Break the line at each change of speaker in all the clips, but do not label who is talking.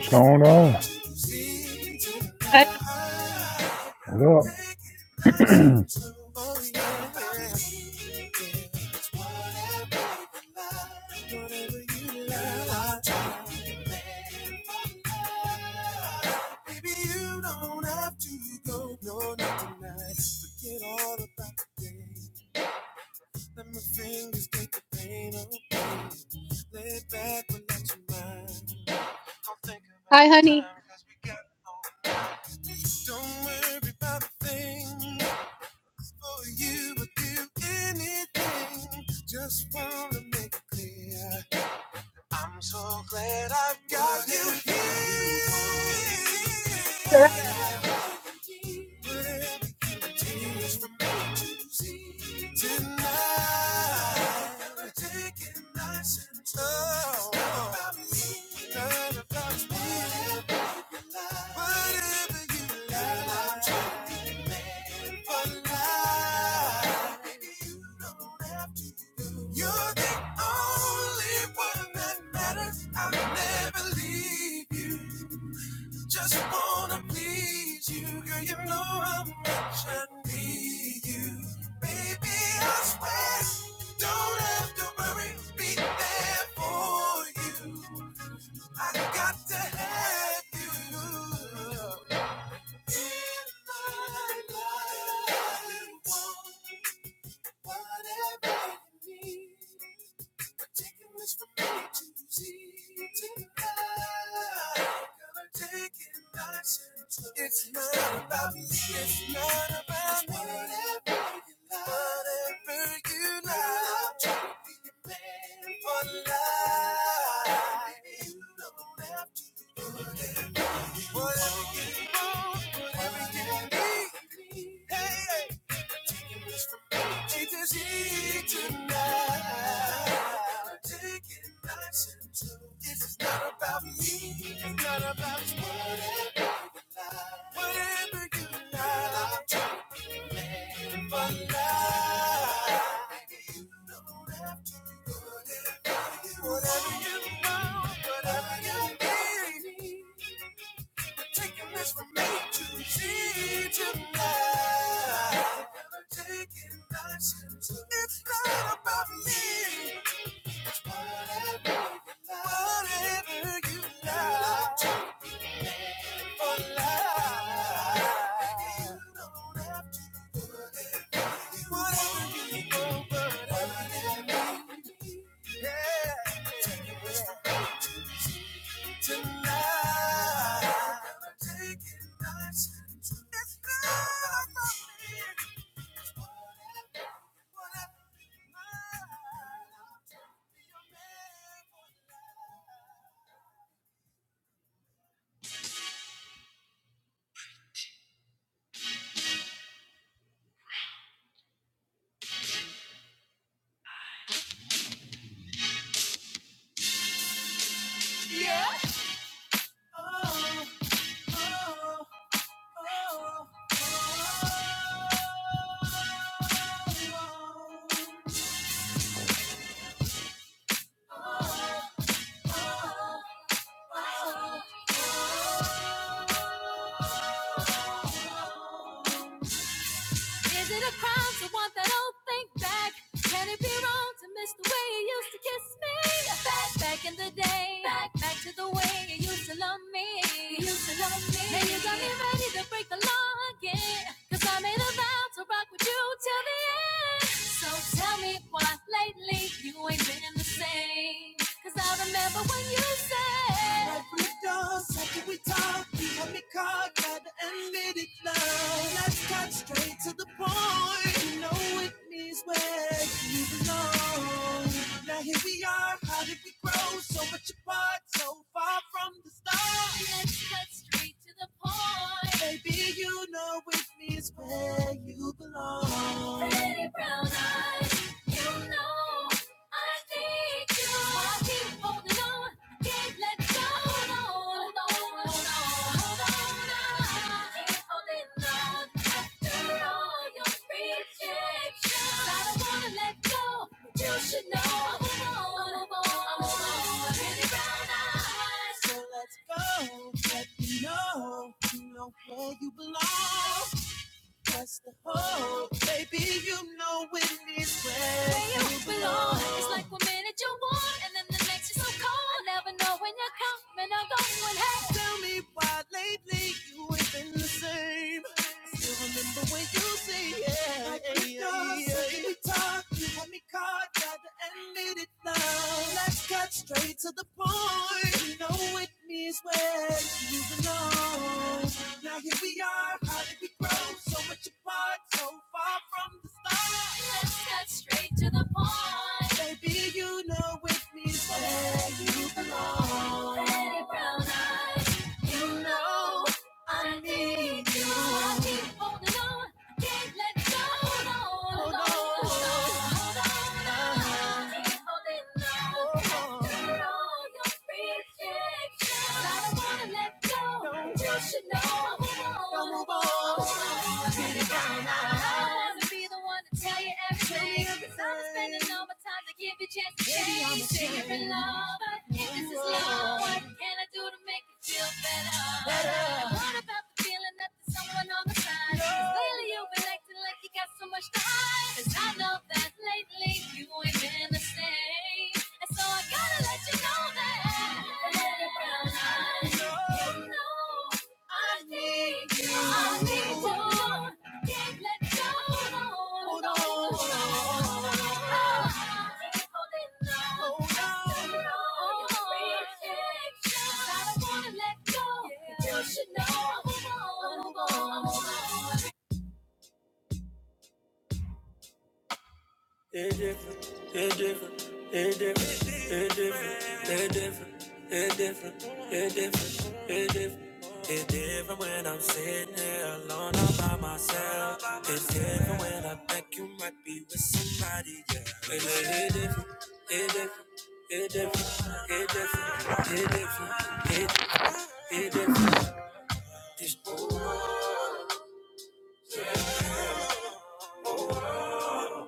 What's going on?
Hi,
What up?
hi, honey.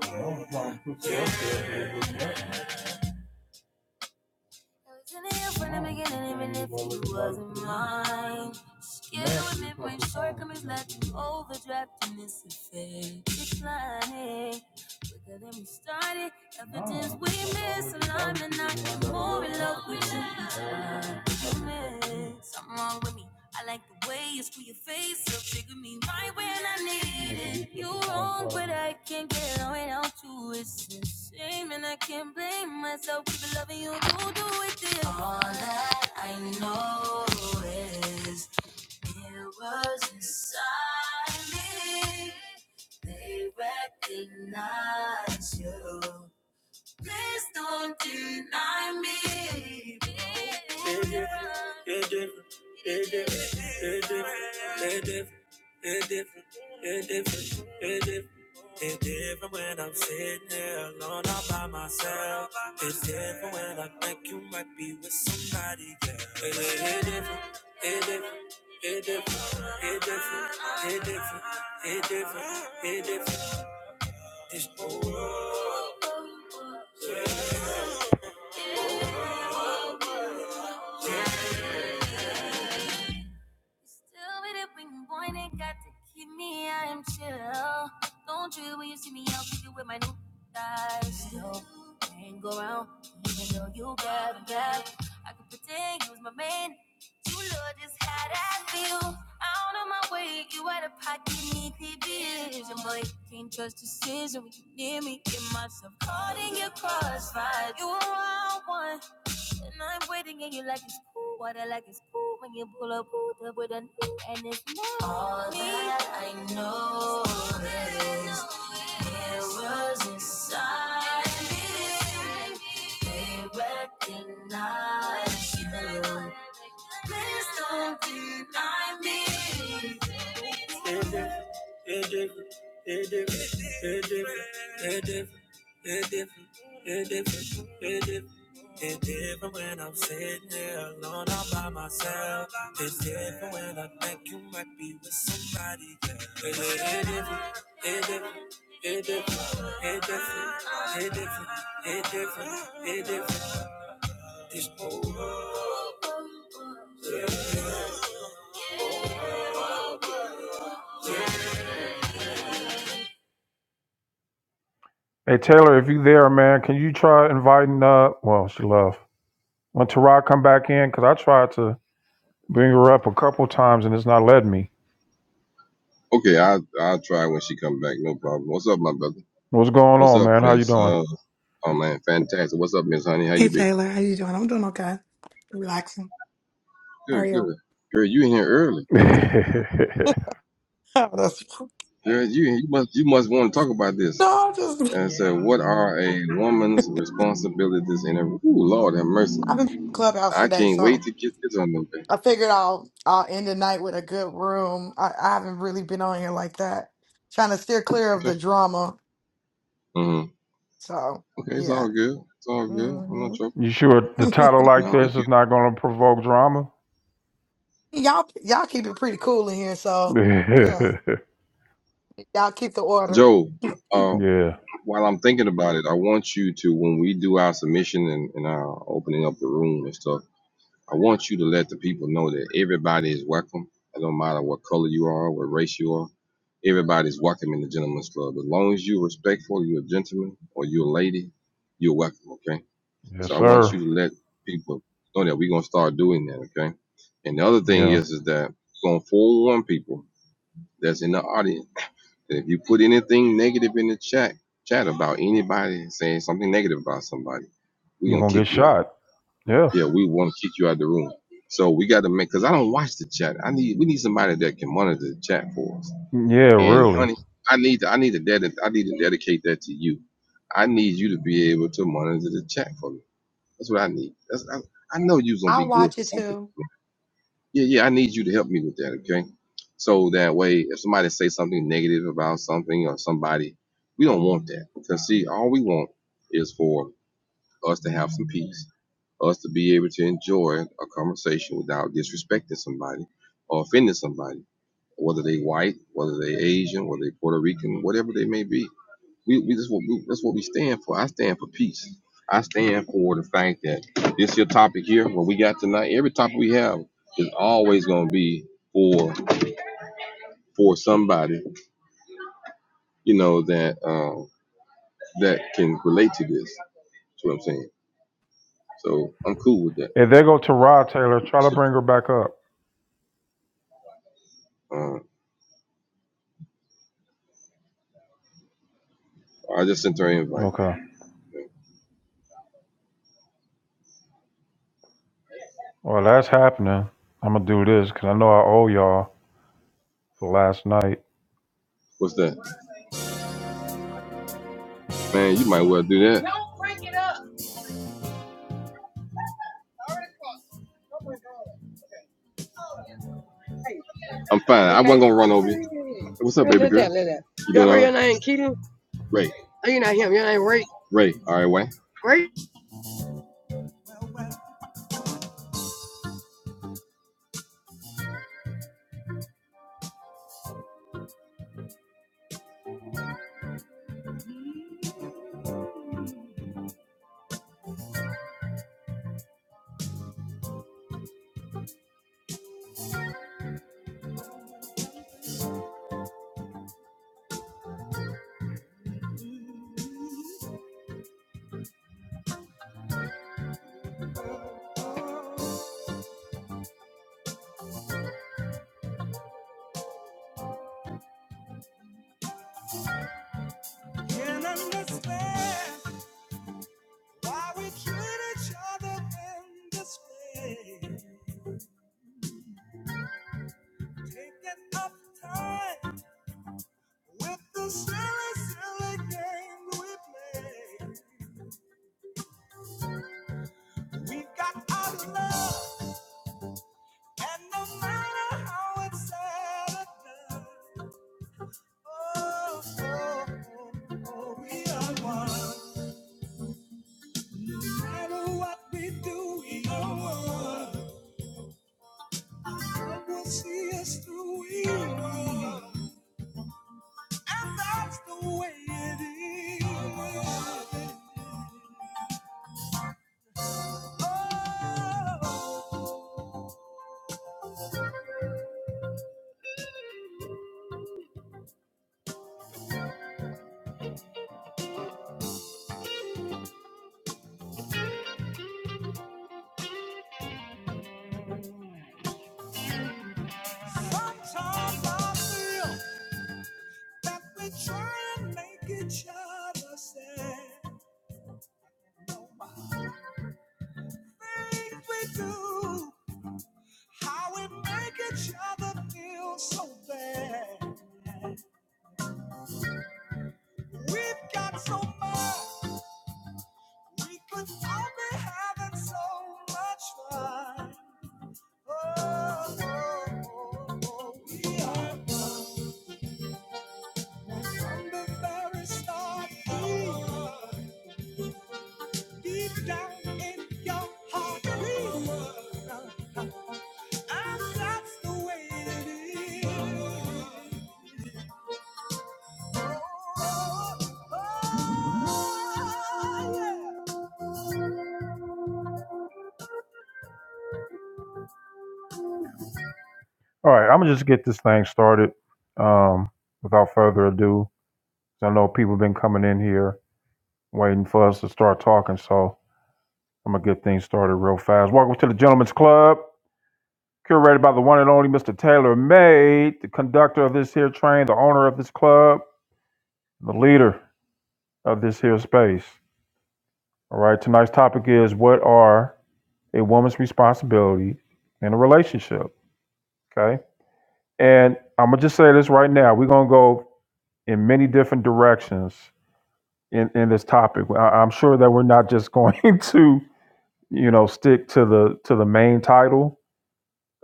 I was in here from the beginning, even if you wasn't mine. are Hey Taylor, if you there, man, can you try inviting uh well she left. When Tara come back in, cause I tried to bring her up a couple times and it's not letting me.
Okay, I'll I'll try when she come back. No problem. What's up, my brother?
What's going
What's
on,
up,
man? How you
Miss?
doing?
Uh, oh man, fantastic. What's up, Miss Honey? How
Hey
you be?
Taylor, how you doing? I'm doing okay. Relaxing. How are
Good,
you?
good. Girl, you in here early.
Oh, That's-
Girl, you you must you must want to talk about this.
no, I just
And I said, what are a woman's responsibilities in a? Ooh, Lord have mercy.
I've been in clubhouse
I
today,
can't wait
so
to get this on them. thing.
I figured I'll I'll end the night with a good room. I, I haven't really been on here like that, trying to steer clear of
Okay.
the drama.
Mm-hmm.
So
Okay, it's
yeah,
all good. It's all good. I'm not
hmm
trouble.
you sure the title like
No,
this
you,
is not gonna provoke drama?
y'all y'all keep it pretty cool in here, so yeah, y'all keep the order.
Joe. Uh,
yeah.
while I'm thinking about it, I want you to when we do our submission and, and our opening up the room and stuff. I want you to let the people know that everybody is welcome. It don't matter what color you are, what race you are. Everybody's welcome in the gentleman's club. As long as you're respectful, you're a gentleman or you're a lady, you're welcome, okay?
Yes,
So I want
sir.
you to let people know that we're gonna start doing that, okay? And the other thing
Yeah.
is is that we're gonna forewarn people that's in the audience that if you put anything negative in the chat chat about anybody saying something negative about somebody, we're
you
gonna
gonna
kick
get
you out.
shot. Yeah.
Yeah, we want to kick you out of the room. So we got to make because I don't watch the chat. I need we need somebody that can monitor the chat for us.
Yeah,
And
really.
honey, I need to I need to ded- I need to dedicate that to you. I need you to be able to monitor the chat for me. That's what I need. That's I, I know you're gonna
I'll
be good
watch
for
it
something.
too.
Yeah, yeah. I need you to help me with that. Okay. So that way, if somebody say something negative about something or somebody, we don't want that. Because see, all we want is for us to have some peace us to be able to enjoy a conversation without disrespecting somebody or offending somebody, whether they white, whether they Asian, whether they Puerto Rican, whatever they may be. We, we, that's, what we that's what we stand for. I stand for peace. I stand for the fact that this here topic here, what we got tonight, every topic we have is always going to be for for somebody, you know, that uh, that can relate to this. That's what I'm saying. So I'm cool with that.
Hey, there go Tara Taylor. Try to
So,
bring her back up.
uh, I just sent her an invite.
Okay. Well, that's happening. I'm gonna do this because I know I owe y'all for last night.
What's that? Man, you might well do that. I'm fine. I wasn't gonna run over you. What's up, baby girl? that? Liz? You Your, doing all right? your name Keaton? Ray. Oh, you're not him. Your name Ray. Ray. All right, Wayne. Ray.
All right, I'm gonna just get this thing started. Um, without further ado, 'cause I know people been coming in here waiting for us to start talking, so I'm gonna get things started real fast. Welcome to the Gentlemen's Club, curated by the one and only Mr. Taylor May, the conductor of this here train, the owner of this club, the leader of this here space. All right, tonight's topic is what are a woman's responsibility in a relationship? Okay. And I'm gonna just say this right now. We're gonna go in many different directions in, in this topic. I, I'm sure that we're not just going to, you know, stick to the to the main title.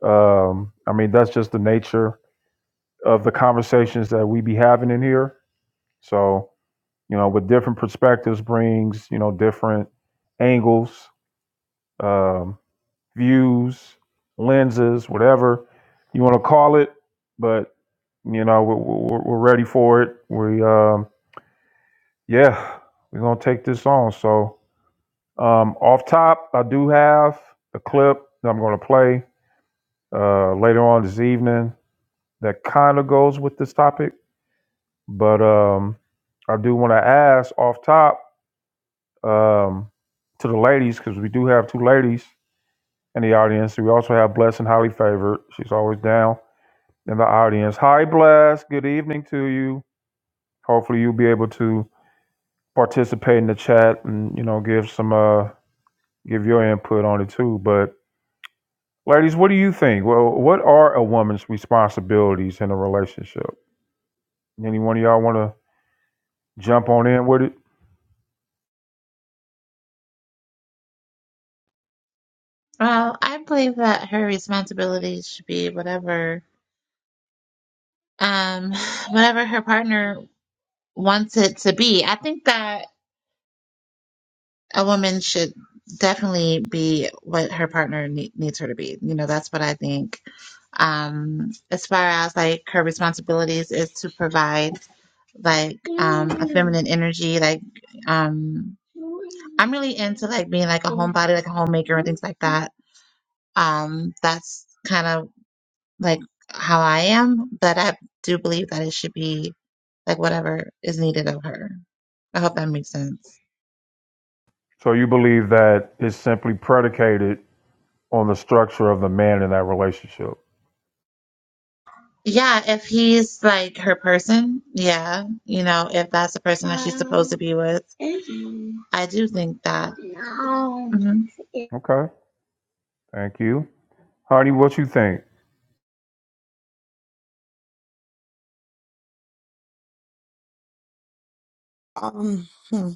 Um, I mean, that's just the nature of the conversations that we be having in here. So, you know, with different perspectives brings, you know, different angles. Um, views, lenses, whatever you want to call it. But you know, we're, we're, we're ready for it. We, um, yeah, we're gonna take this on. So, um, off top, I do have a clip that I'm gonna play uh, later on this evening that kind of goes with this topic. But um, I do want to ask off top um, to the ladies because we do have two ladies in the audience. We also have Blessing highly favored. She's always down. in the audience. Hi, Bless. Good evening to you. Hopefully, you'll be able to participate in the chat and you know give some uh give your input on it too. But ladies, what do you think? Well, what are a woman's responsibilities in a relationship? Any one of y'all want to jump on in with it?
Well, I believe that her responsibilities should be whatever um whatever her partner wants it to be. I think that a woman should definitely be what her partner ne- needs her to be. You know, that's what I think. Um as far as like her responsibilities is to provide like um a feminine energy like um I'm really into like being like a homebody, like a homemaker and things like that. Um that's kind of like how I am, but I do believe that it should be like whatever is needed of her. I hope that makes sense.
So you believe that it's simply predicated on the structure of the man in that relationship.
Yeah, if he's like her person, yeah, you know, if that's the person that she's supposed to be with, I do think that. Mhm.
Okay, thank you, honey. What you think?
Um, hmm,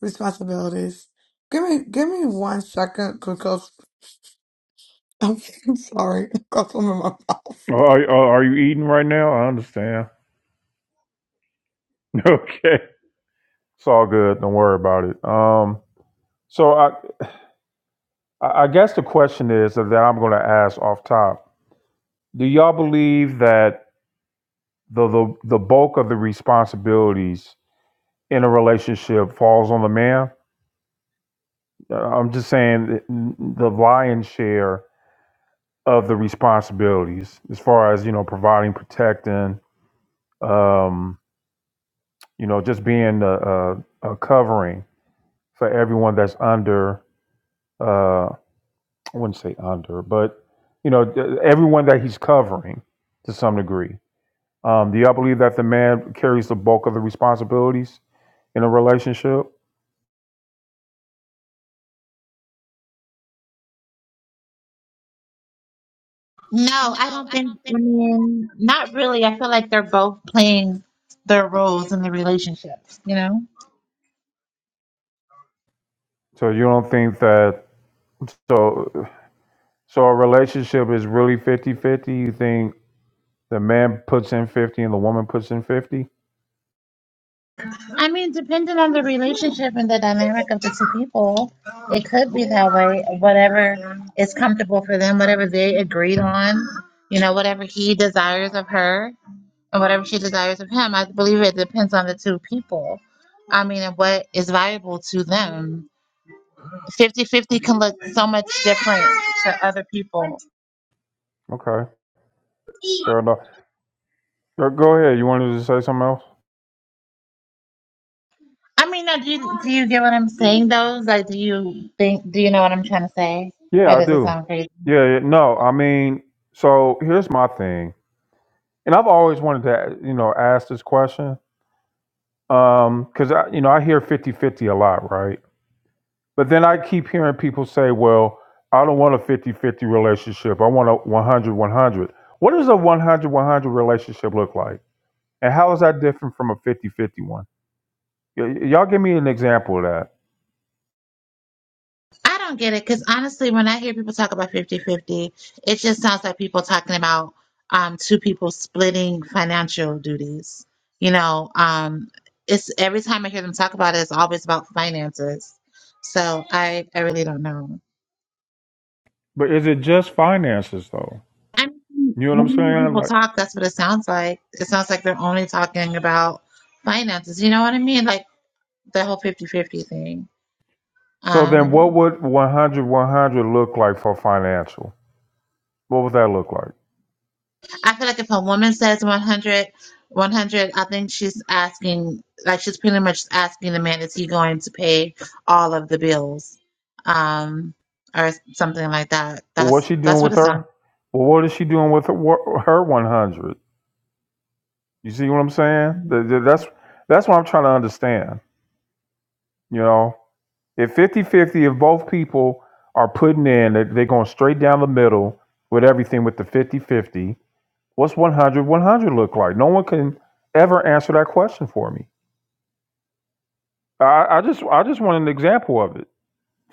responsibilities. Give me give me one second because. I'm sorry, I've got some in my mouth.
Oh, Are, are you eating right now? I understand. Okay, it's all good. Don't worry about it. Um, so I I guess the question is that I'm going to ask off top. Do y'all believe that the the the bulk of the responsibilities in a relationship falls on the man? Uh, I'm just saying the lion's share of the responsibilities as far as you know providing protecting um, you know, just being a, a, a covering for everyone that's under, uh, I wouldn't say under, but, you know, th- everyone that he's covering to some degree. Um, do y'all believe that the man carries the bulk of the responsibilities in a relationship?
No, I don't think. I mean, not really. I feel like they're both playing their roles in the relationship, you know?
So you don't think that, so, so a relationship is really fifty-fifty. You think the man puts in 50 and the woman puts in 50?
I mean, depending on the relationship and the dynamic of the two people, it could be that way. Whatever is comfortable for them, whatever they agreed on, you know, whatever he desires of her and whatever she desires of him, I believe it depends on the two people. I mean, and what is viable to them. Fifty-fifty can look so much different to other people.
Okay, fair enough. Go go ahead. You wanted to say something else?
I mean, now, do you, do you get what I'm saying, though? Like, do you think, do you know what I'm trying to say?
Yeah,
Or
I
does it
do.
sound crazy?
Yeah, yeah, no, I mean, so here's my thing, and I've always wanted to, you know, ask this question, um, because I, you know, I hear fifty-fifty a lot, right? But then I keep hearing people say, well, I don't want a fifty-fifty relationship. I want a one hundred-one hundred. What does a one hundred-one hundred relationship look like? And how is that different from a 50 fifty one? Y- y- y'all give me an example of that.
I don't get it because honestly, when I hear people talk about fifty-fifty, it just sounds like people talking about um, two people splitting financial duties. You know, um, it's every time I hear them talk about it, it's always about finances. So I, I really don't know.
But is it just finances though?
I mean,
You know what I'm
when I hear
saying?
people
Like
talk, that's what it sounds like. It sounds like they're only talking about finances. You know what I mean? Like the whole fifty-fifty 50 thing.
So then what
Um,
would 100 100 look like for financial? What would that look like?
I feel like if a woman says 100, 100, I think she's asking, like, she's pretty much asking the man, is he going to pay all of the bills? Um, or something like that.
Well, what's
That's
she doing
that's what
with
it
her?
sounds.
Well, what is she doing with her, wh- her 100? You see what I'm saying? Th- th- That's that's what I'm trying to understand. You know, if 50 50, if both people are putting in, they- they're going straight down the middle with everything with the 50 50, what's 100 100 look like? No one can ever answer that question for me. I, I just I just want an example of it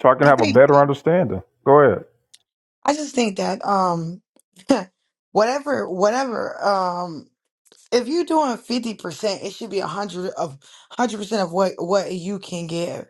so I can
I
have a
think
better understanding. Go ahead.
I just think that um, whatever, whatever. um, If you're doing fifty percent, it should be a hundred of hundred percent of what what you can give.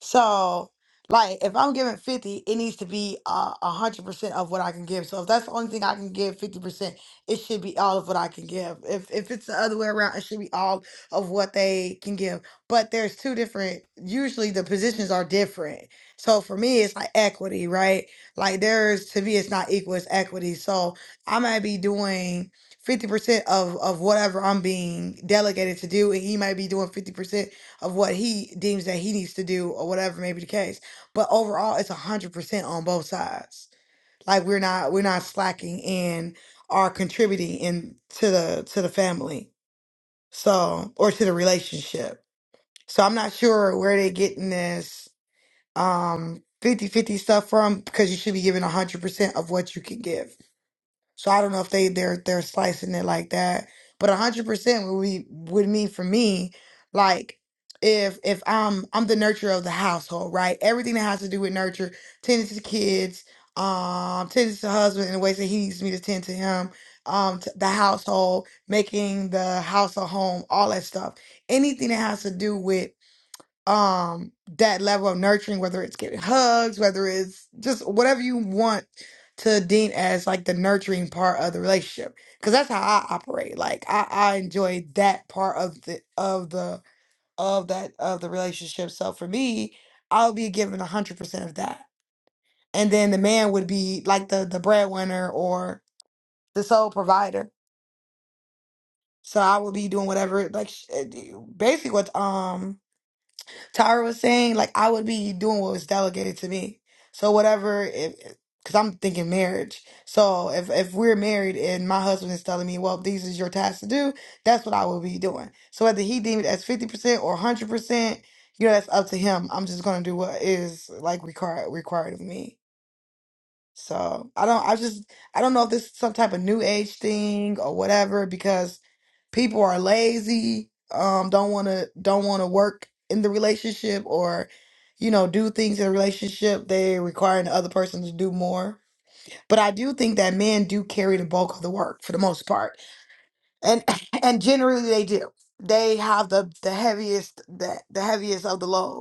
So, like, if I'm giving fifty, it needs to be uh, a hundred percent of what I can give. So, if that's the only thing I can give, fifty percent, it should be all of what I can give. If if it's the other way around, it should be all of what they can give. But there's two different. Usually, the
Mhm.
positions are different. So for me, it's like equity, right? Like there's to me, it's not equal. It's equity. So I might be doing. 50% of of whatever I'm being delegated to do and he might be doing 50% of what he deems that he needs to do or whatever may be the case but overall it's 100% on both sides like we're not we're not slacking and are contributing in to the to the family so or to the relationship so I'm not sure where they're getting this um 50 fifty stuff from because you should be giving 100% of what you can give so I don't know if they they're they're slicing it like that, but a hundred percent would be would mean for me, like if if I'm I'm the nurturer of the household, right? Everything that has to do with nurture, tending to the kids, um, tending to the husband in the ways that he needs me to tend to him, um, t- the household, making the house a home, all that stuff. Anything that has to do with um that level of nurturing whether it's giving hugs whether it's just whatever you want to deem as like the nurturing part of the relationship because that's how i operate like i i enjoy that part of the of the of that of the relationship so for me i'll be given 100% of that and then the man would be like the the breadwinner or the sole provider so i would be doing whatever like sh- eh, basically what um Tara was saying, like I would be doing what was delegated to me. So whatever, if because I'm thinking marriage. So if if we're married and my husband is telling me, well, these is your tasks to do, that's what I will be doing. So whether he deemed it as fifty percent or hundred percent, you know, that's up to him. I'm just gonna do what is like required required of me. So I don't. I just. I don't know if this is some type of new age thing or whatever because people are lazy. Um, don't want to. Don't want to work in the relationship or, you know, do things in a relationship. They requiring the other person to do more. But I do think that men do carry the bulk of the work for the most part, and and generally they do. They have the the heaviest the the heaviest of the load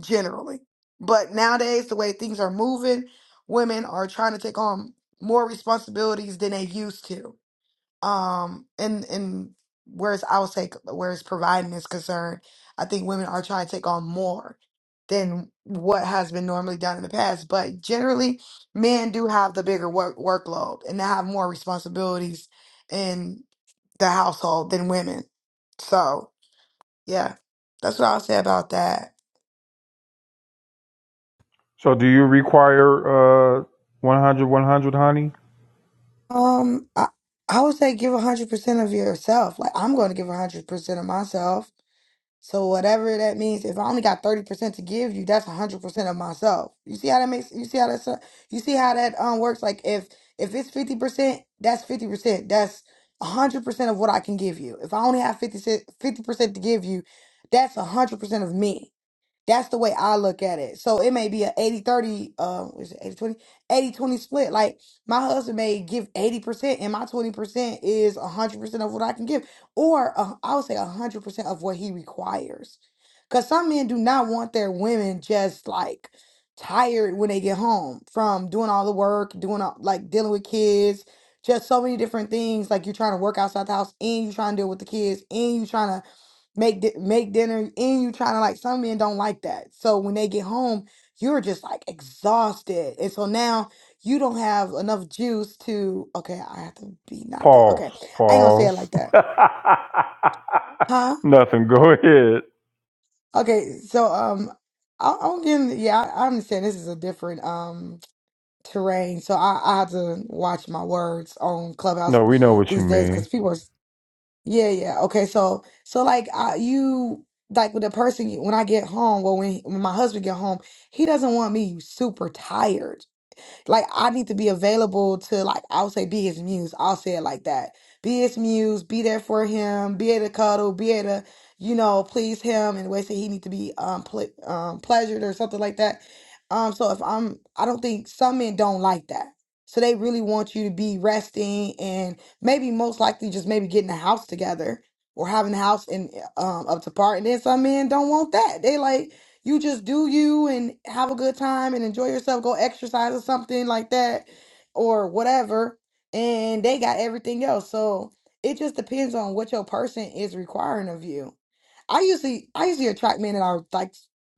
generally. But nowadays, the way things are moving, women are trying to take on more responsibilities than they used to. Um, and and whereas I would say whereas providing is concerned, I think women are trying to take on more than what has been normally done in the past. But generally, men do have the bigger work workload and they have more responsibilities in the household than women. So yeah, that's what I'll say about that.
So do you require uh 100, 100, honey?
Um, I, I would say give 100% of yourself. Like, I'm going to give 100% of myself. So, whatever that means, if I only got 30% to give you, that's 100% of myself. You see how that makes, you see how that's, you see how that um works? Like, if, if it's 50%, that's 50%. That's 100% of what I can give you. If I only have 50, percent to give you, that's 100% of me. That's the way I look at it. So it may be a eighty thirty, 30, uh, what is it 80 20? split. Like my husband may give 80%, and my 20% is 100% of what I can give, or uh, I would say 100% of what he requires. Because some men do not want their women just like tired when they get home from doing all the work, doing all, like dealing with kids, just so many different things. Like you're trying to work outside the house, and you're trying to deal with the kids, and you're trying to make di- make dinner and you trying to like some men don't like that so when they get home you're just like exhausted and so now you don't have enough juice to okay i have to be not that okay
Pause.
i ain't gonna say it
Pause.
like that huh
Nothing. Go ahead.
okay so um I, i'm getting yeah I, i'm saying this is a different um terrain so i i have to watch my words on clubhouse
No, we know what you
these days because
mean.
people are Yeah, yeah. Okay, so so like I, you like with the person you- when I get home, well when, when my husband get home, he doesn't want me super tired. Like I need to be available to like I'll say be his muse. I'll say it like that. Be his muse, be there for him, be able to cuddle, be able to, you know, please him in ways that he need to be um, ple- um pleasured or something like that. Um so if I'm I don't think some men don't like that. So they really want you to be resting and maybe most likely just maybe getting a house together or having a house in um up to par. And then some men don't want that. They like you just do you and have a good time and enjoy yourself, go exercise or something like that or whatever. And they got everything else. So it just depends on what your person is requiring of you. I usually I usually attract men that are like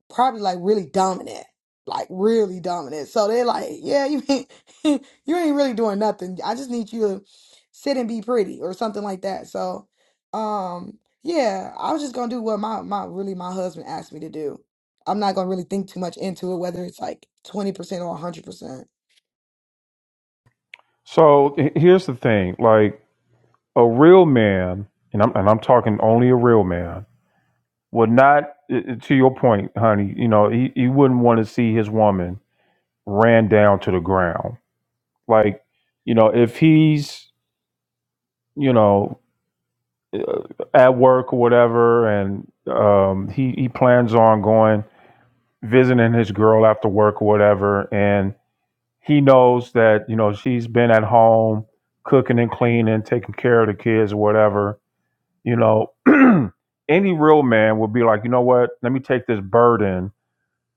probably like really dominant. Like really dominant. So they're like, yeah, you ain't you ain't really doing nothing. I just need you to sit and be pretty or something like that. So um yeah, I was just gonna do what my my really my husband asked me to do. I'm not gonna really think too much into it, whether it's like 20% or 100%.
So h- here's the thing, like a real man, and I'm and I'm talking only a real man, would not i- i- to your point, honey, you know, he, he wouldn't want to see his woman ran down to the ground. Like, you know, if he's, you know, uh, at work or whatever, and um, he he plans on going visiting his girl after work or whatever, and he knows that you know she's been at home cooking and cleaning, taking care of the kids or whatever. You know, any real man would be like, you know what? Let me take this burden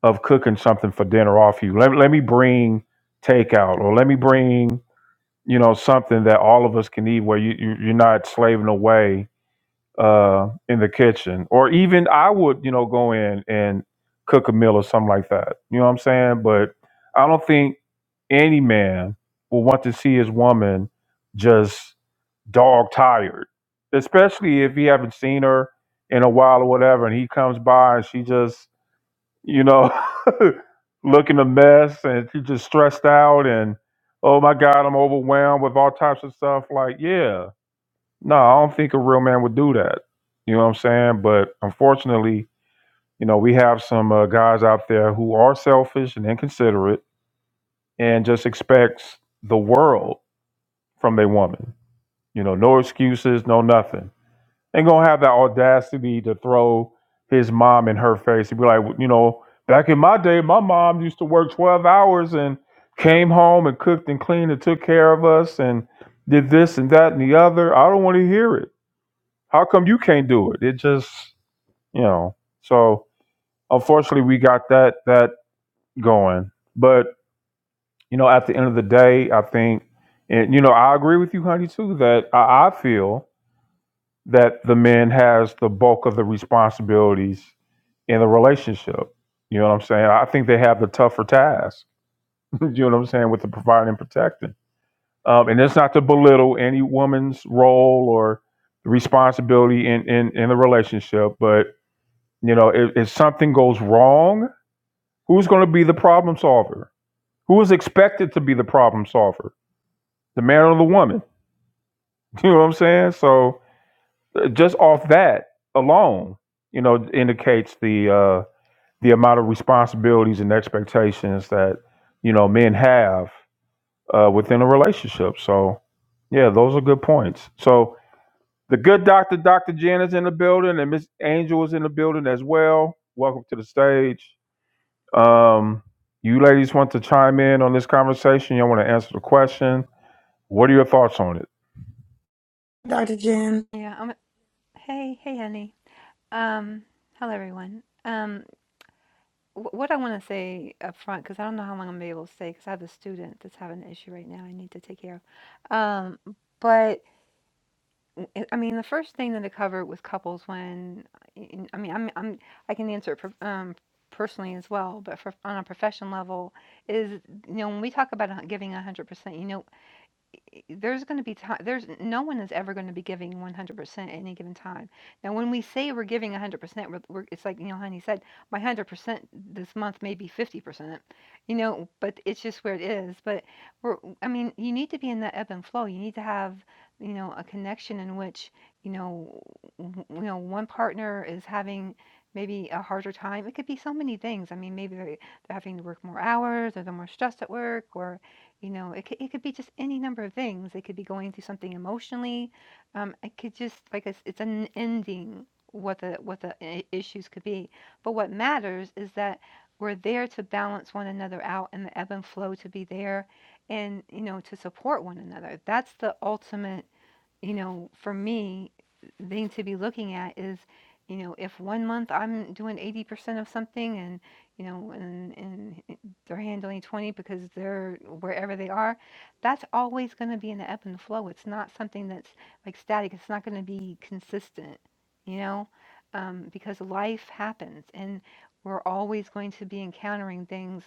of cooking something for dinner off you. Let let me bring takeout or let me bring you know something that all of us can eat where you, you you're not slaving away uh, in the kitchen, or even I would, you know, go in and cook a meal or something like that. You know what I'm saying? But I don't think any man will want to see his woman just dog tired, especially if he haven't seen her in a while or whatever, and he comes by and she just, you know, looking a mess and she just stressed out and oh my god, I'm overwhelmed with all types of stuff. Like, yeah no, I don't think a real man would do that. You know what I'm saying? But unfortunately, you know, we have some uh, guys out there who are selfish and inconsiderate and just expects the world from their woman. You know, no excuses, no nothing. Ain't gonna have that audacity to throw his mom in her face and be like, you know, back in my day, my mom used to work 12 hours and came home and cooked and cleaned and took care of us and did this and that and the other. I don't want to hear it. How come you can't do it? It just, you know. So unfortunately, we got that that going. But you know, at the end of the day, I think, and you know, I agree with you, honey, too. That I, I feel that the men has the bulk of the responsibilities in the relationship. You know what I'm saying? I think they have the tougher task. you know what I'm saying with the providing and protecting. Um, and it's not to belittle any woman's role or responsibility in in, in the relationship, but You know, if, if something goes wrong, who's going to be the problem solver? Who is expected to be the problem solver? The man or the woman? You know what I'm saying? So uh, just off that alone, you know, indicates the uh, the amount of responsibilities and expectations that you know men have uh, within a relationship. So yeah, those are good points. So the good doctor, Dr. Jen, is in the building, and Miss Angel is in the building as well. Welcome to the stage. Um, you ladies want to chime in on this conversation? Y'all want to answer the question? What are your thoughts on it?
Dr. Jen.
Yeah. Um, hey, hey, honey. Um, hello, everyone. Um, wh- what I want to say up front, because I don't know how long I'm gonna be able to stay, because I have a student that's having an issue right now. I need to take care of. Um, but w- I I mean, the first thing that it covered was couples. When in- I mean, I'm, I'm I can answer it per- um, personally as well, but for, on a profession level, is you know when we talk about a hun- giving 100%, you know there's going to be time there's no one is ever going to be giving 100% at any given time now when we say we're giving 100% we're, we're, it's like Neil know honey said my 100% this month may be 50% you know but it's just where it is but we're i mean you need to be in that ebb and flow you need to have you know a connection in which you know w- you know one partner is having maybe a harder time it could be so many things i mean maybe they they're having to work more hours or they're more stressed at work or you know, it could, it could be just any number of things. They could be going through something emotionally. Um, it could just like it's, it's unending what the what the i- issues could be. But what matters is that we're there to balance one another out and the ebb and flow to be there and you know to support one another. That's the ultimate you know, for me, thing to be looking at is, you know, if one month I'm doing 80% of something and, you know, and, and they're handling 20 because they're wherever they are, that's always going to be in the ebb and flow. It's not something that's like static. It's not going to be consistent, you know, um, because life happens and we're always going to be encountering things.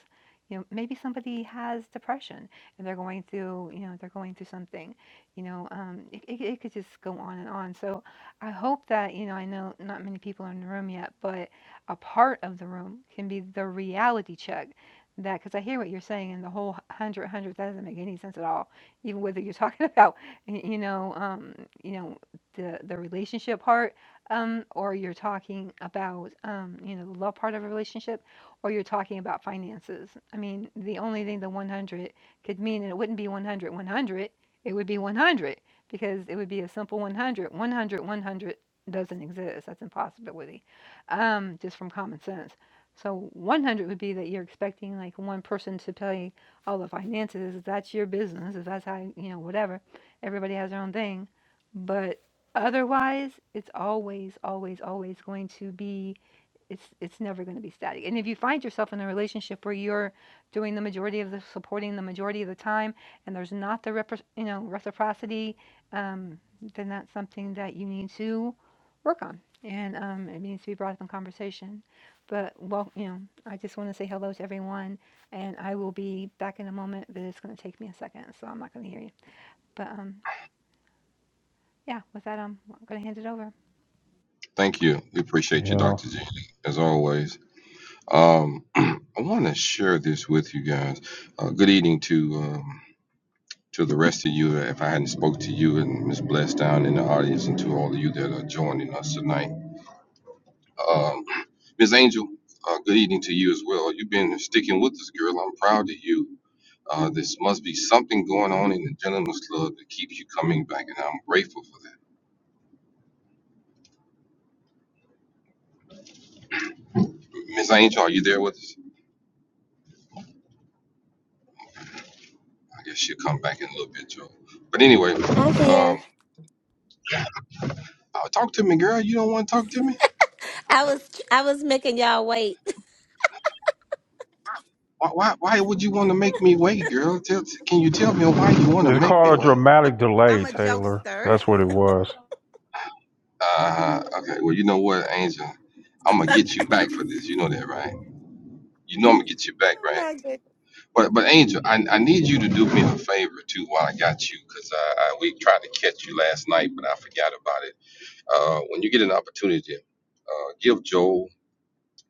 You know, maybe somebody has depression and they're going through, you know, they're going through something you know, um, it, it, it could just go on and on. So I hope that, you know, I know not many people are in the room yet, but a part of the room can be the reality check. That because I hear what you're saying, and the whole hundred hundred that doesn't make any sense at all. Even whether you're talking about, y- you know, um, you know, the the relationship part, um, or you're talking about, um, you know, the love part of a relationship, or you're talking about finances. I mean, the only thing the 100 could mean, and it wouldn't be 100 100 it would be 100 because it would be a simple 100. 100, 100 doesn't exist. That's an impossibility, um, just from common sense. So 100 would be that you're expecting like one person to pay all the finances. If that's your business, if that's how you know whatever, everybody has their own thing. But otherwise, it's always, always, always going to be it's it's never going to be static. And if you find yourself in a relationship where you're doing the majority of the supporting the majority of the time, and there's not the repro- you know reciprocity, um, then that's something that you need to work on, and um, it needs to be brought up in conversation. But well, you know, I just want to say hello to everyone, and I will be back in a moment, but it's going to take me a second, so I'm not going to hear you. But um, yeah, with that, I'm going to hand it over.
Thank you. We appreciate you,
Yeah.
Dr. G, as always. Um, I want to share this with you guys. Uh, good evening to um, to the rest of you. If I hadn't spoke to you and Miss Bless down in the audience, and to all of you that are joining us tonight. Um, Ms. Angel, uh, good evening to you as well. You've been sticking with us, girl. I'm proud of you. Uh, this must be something going on in the gentleman's Club that keeps you coming back, and I'm grateful for that. Miss Angel, are you there with us? I guess she'll come back in a little bit, Joe. But anyway,
I'm
um,
here.
oh, talk to me, girl. You don't want to talk to me?
I was I was making y'all wait.
Why, why, why would you want to make me wait, girl? Tell, can you tell me why you want to
It's
make me
called a
wait?
I,
dramatic
I'm
delay,
a
Taylor.
jokester.
That's what it was.
Uh, okay, well, you know what, Angel? I'm going to get you back for this. You know that, right? You know I'm going to get you back,
Oh
right?
my goodness.
But but Angel, I, I need you to do me a favor too while I got you, because I, I we tried to catch you last night, but I forgot about it. Uh, when you get an opportunity, uh, give Joel,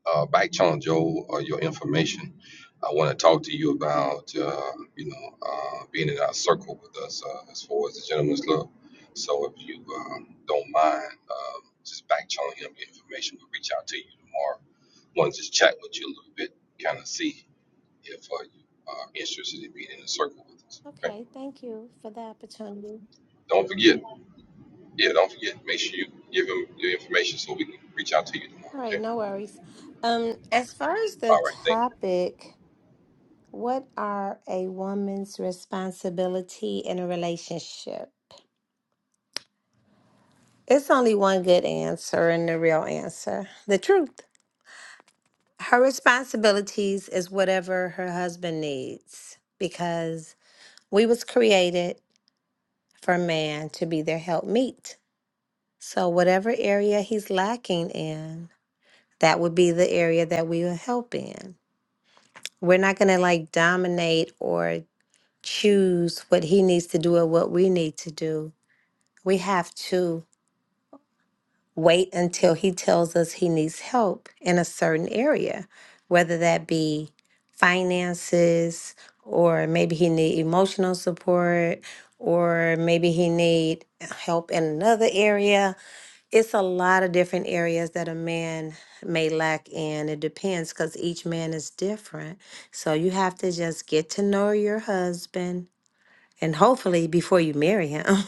uh, back channel Joel, uh, your information. I want to talk to you about uh, you know uh, being in our circle with us uh, as far as the gentleman's club. So if you um, don't mind, um, just back channeling him your information. We'll reach out to you tomorrow. Want to just chat with you a little bit, kind of see if uh, you are interested in being in the circle with us. Okay.
Okay, thank you for the opportunity.
Don't forget. Yeah, don't forget. Make sure you give him your information so we can reach out to you tomorrow.
All right,
Okay.
no worries. Um, as far as the
All right. Thank you.
topic, what are a woman's responsibility in a relationship? It's only one good answer and the real answer, the truth. Her responsibilities is whatever her husband needs because we was created for man to be their helpmeet. So, whatever area he's lacking in, that would be the area that we will help in. We're not going to like dominate or choose what he needs to do or what we need to do. We have to wait until he tells us he needs help in a certain area, whether that be finances or maybe he need emotional support or maybe he need help in another area It's a lot of different areas that a man may lack in. It depends because each man is different. So you have to just get to know your husband and hopefully before you marry him.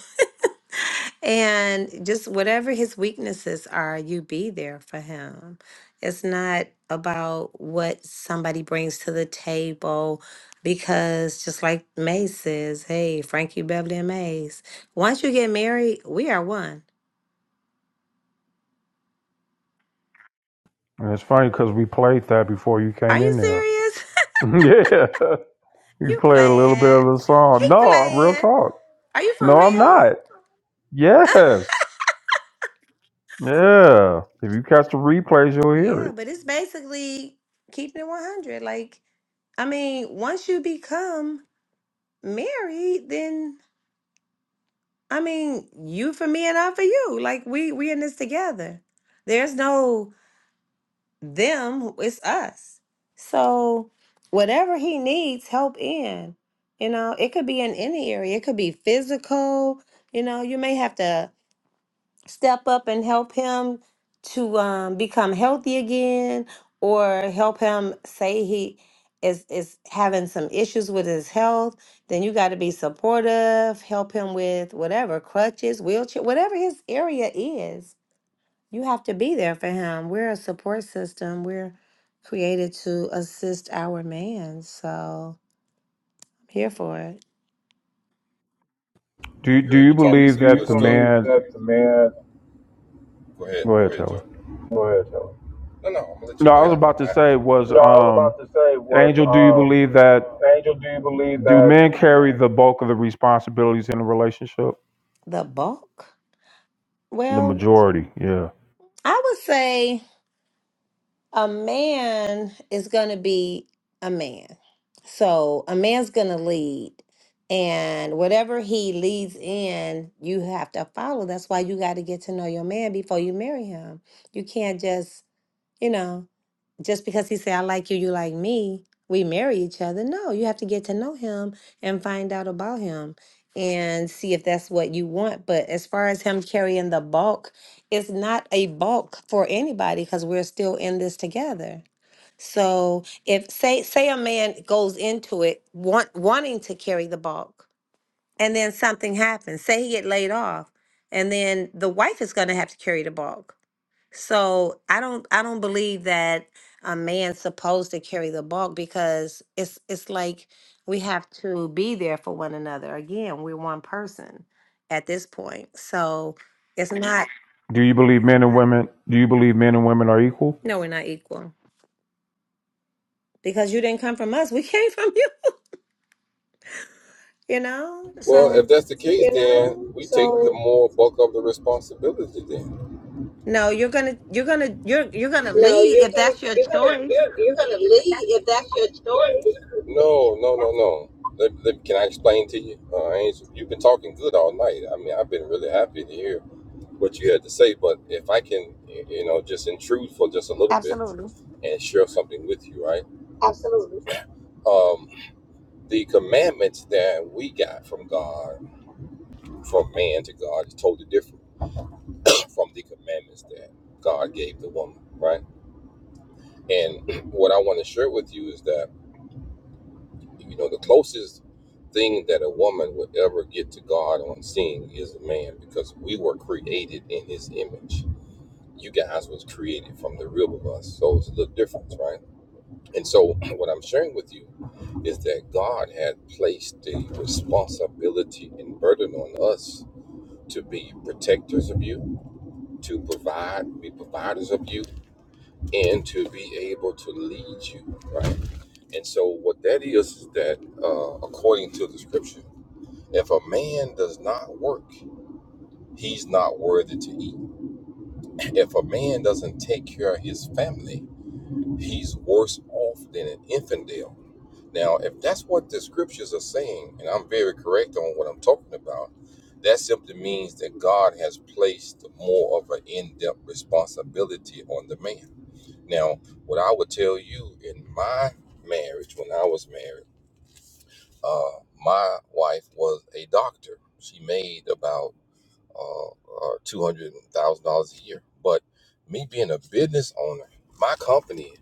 And just whatever his weaknesses are, you be there for him. It's not about what somebody brings to the table because just like May says, hey, Frankie Beverly and Mays, once you get married, we are one.
And it's funny because we played that before you
Are
came
you
in there.
serious?
yeah. You
You
played a little bit
playing.
of the
He
song. No, real
playing.
talk.
Are you for
No, I'm
real?
not. Yes. Yeah. If you catch the replays, you'll hear
Yeah,
it.
but it's basically keeping it 100. Like, I mean, once you become married, then I mean, you for me and I for you. Like we we in this together. There's no them, it's us. So whatever he needs help in, you know, it could be in any area. It could be physical, you know, you may have to step up and help him to um, become healthy again or help him say he is is having some issues with his health then you got to be supportive help him with whatever crutches wheelchair whatever his area is you have to be there for him we're a support system we're created to assist our man so i'm here for it
Do you, do
Girl, you
you
Do talking
believe
some do some you good
that the
stuff. believe
man?
that the man? Go ahead.
Go
Go
ahead,
ahead,
Taylor.
Joe. Go ahead, tell me. No, no. I'm gonna let you
No,
go
I was
ahead. I come
about to
behind you.
say was
No, I was
um
about to say was,
Angel, do you
um,
believe that
Angel, do you believe
do
that?
men carry the bulk of the responsibilities in a relationship?
the bulk
The
well
majority, yeah.
i would say a man is going to be a man. So a man's going to lead. And whatever he leads in, you have to follow. That's why you got to get to know your man before you marry him. You can't just, you know just because he say I like you, you like me, we marry each other. No, you have to get to know him and find out about him and see if that's what you want. But as far as him carrying the bulk, it's not a bulk for anybody because we're still in this together. So if say say a man goes into it want wanting to carry the bulk and then something happens, say he get laid off, and then the wife is gonna have to carry the bulk so I don't I don't believe that a man's supposed to carry the bulk because it's it's like we have to be there for one another. Again, we're one person at this point. So it's not
Do you believe men and women? Do you believe men and women are equal?
no, we're not equal. Because you didn't come from us. We came from you, you know?
Well, if
So
that's the case, then we take the more bulk of the responsibility. Then.
no, you're gonna you're gonna you're you're gonna
No,
lead
you're
if
gonna
that's your
you're gonna
choice.
you're you're gonna leave if that's your story. No, no, no, no. Let, let, can I explain to you, uh, Angel? You've been talking good all night. I mean, I've been really happy to hear what you had to say. But if I can, y- you know, just intrude for just a little bit
Absolutely.
and share something with you, right? Absolutely. Um, the commandments that we got from God, from man to God, is totally different from the commandments that God gave the woman, right? And what I want to share with you is that You know, the closest thing that a woman would ever get to God on seeing is a man because we were created in his image. You guys was created from the rib of us. So it's a little difference, right? And so what I'm sharing with you is that God had placed the responsibility and burden on us to be protectors of you, to provide, be providers of you, and to be able to lead you, right? And so, what that is, is that uh, according to the scripture, if a man does not work, he's not worthy to eat. If a man doesn't take care of his family, he's worse off than an infidel. Now, if that's what the scriptures are saying, and I'm very correct on what I'm talking about, that simply means that God has placed more of an in depth responsibility on the man now, what I would tell you in my marriage, when I was married, uh, my wife was a doctor. She made about uh, uh, two hundred thousand dollars a year. But me being a business owner, my company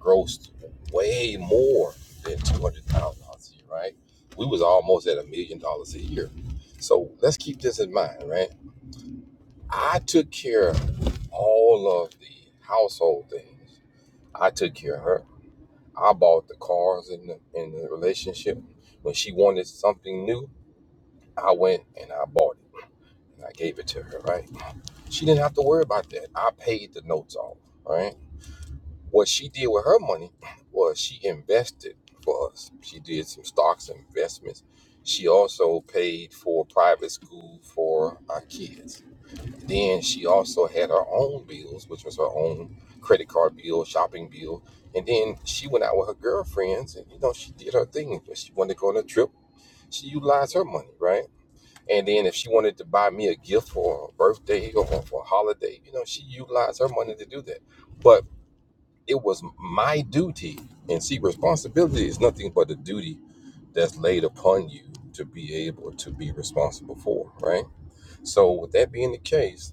grossed way more than two hundred thousand dollars a year. Right? We was almost at a million dollars a year. So let's keep this in mind, right? I took care of all of the household things. I took care of her. I bought the cars in the in the relationship. When she wanted something new, I went and I bought it and I gave it to her. Right? She didn't have to worry about that. I paid the notes off. All right. What she did with her money was she invested for us. She did some stocks and investments. She also paid for private school for our kids then she also had her own bills, which was her own credit card bill, shopping bill. And then she went out with her girlfriends and, you know, she did her thing. If she wanted to go on a trip, she utilized her money, right? And then if she wanted to buy me a gift for a birthday or for a holiday, you know, she utilized her money to do that. But it was my duty. And see, responsibility is nothing but a duty that's laid upon you to be able to be responsible for, right? So, with that being the case,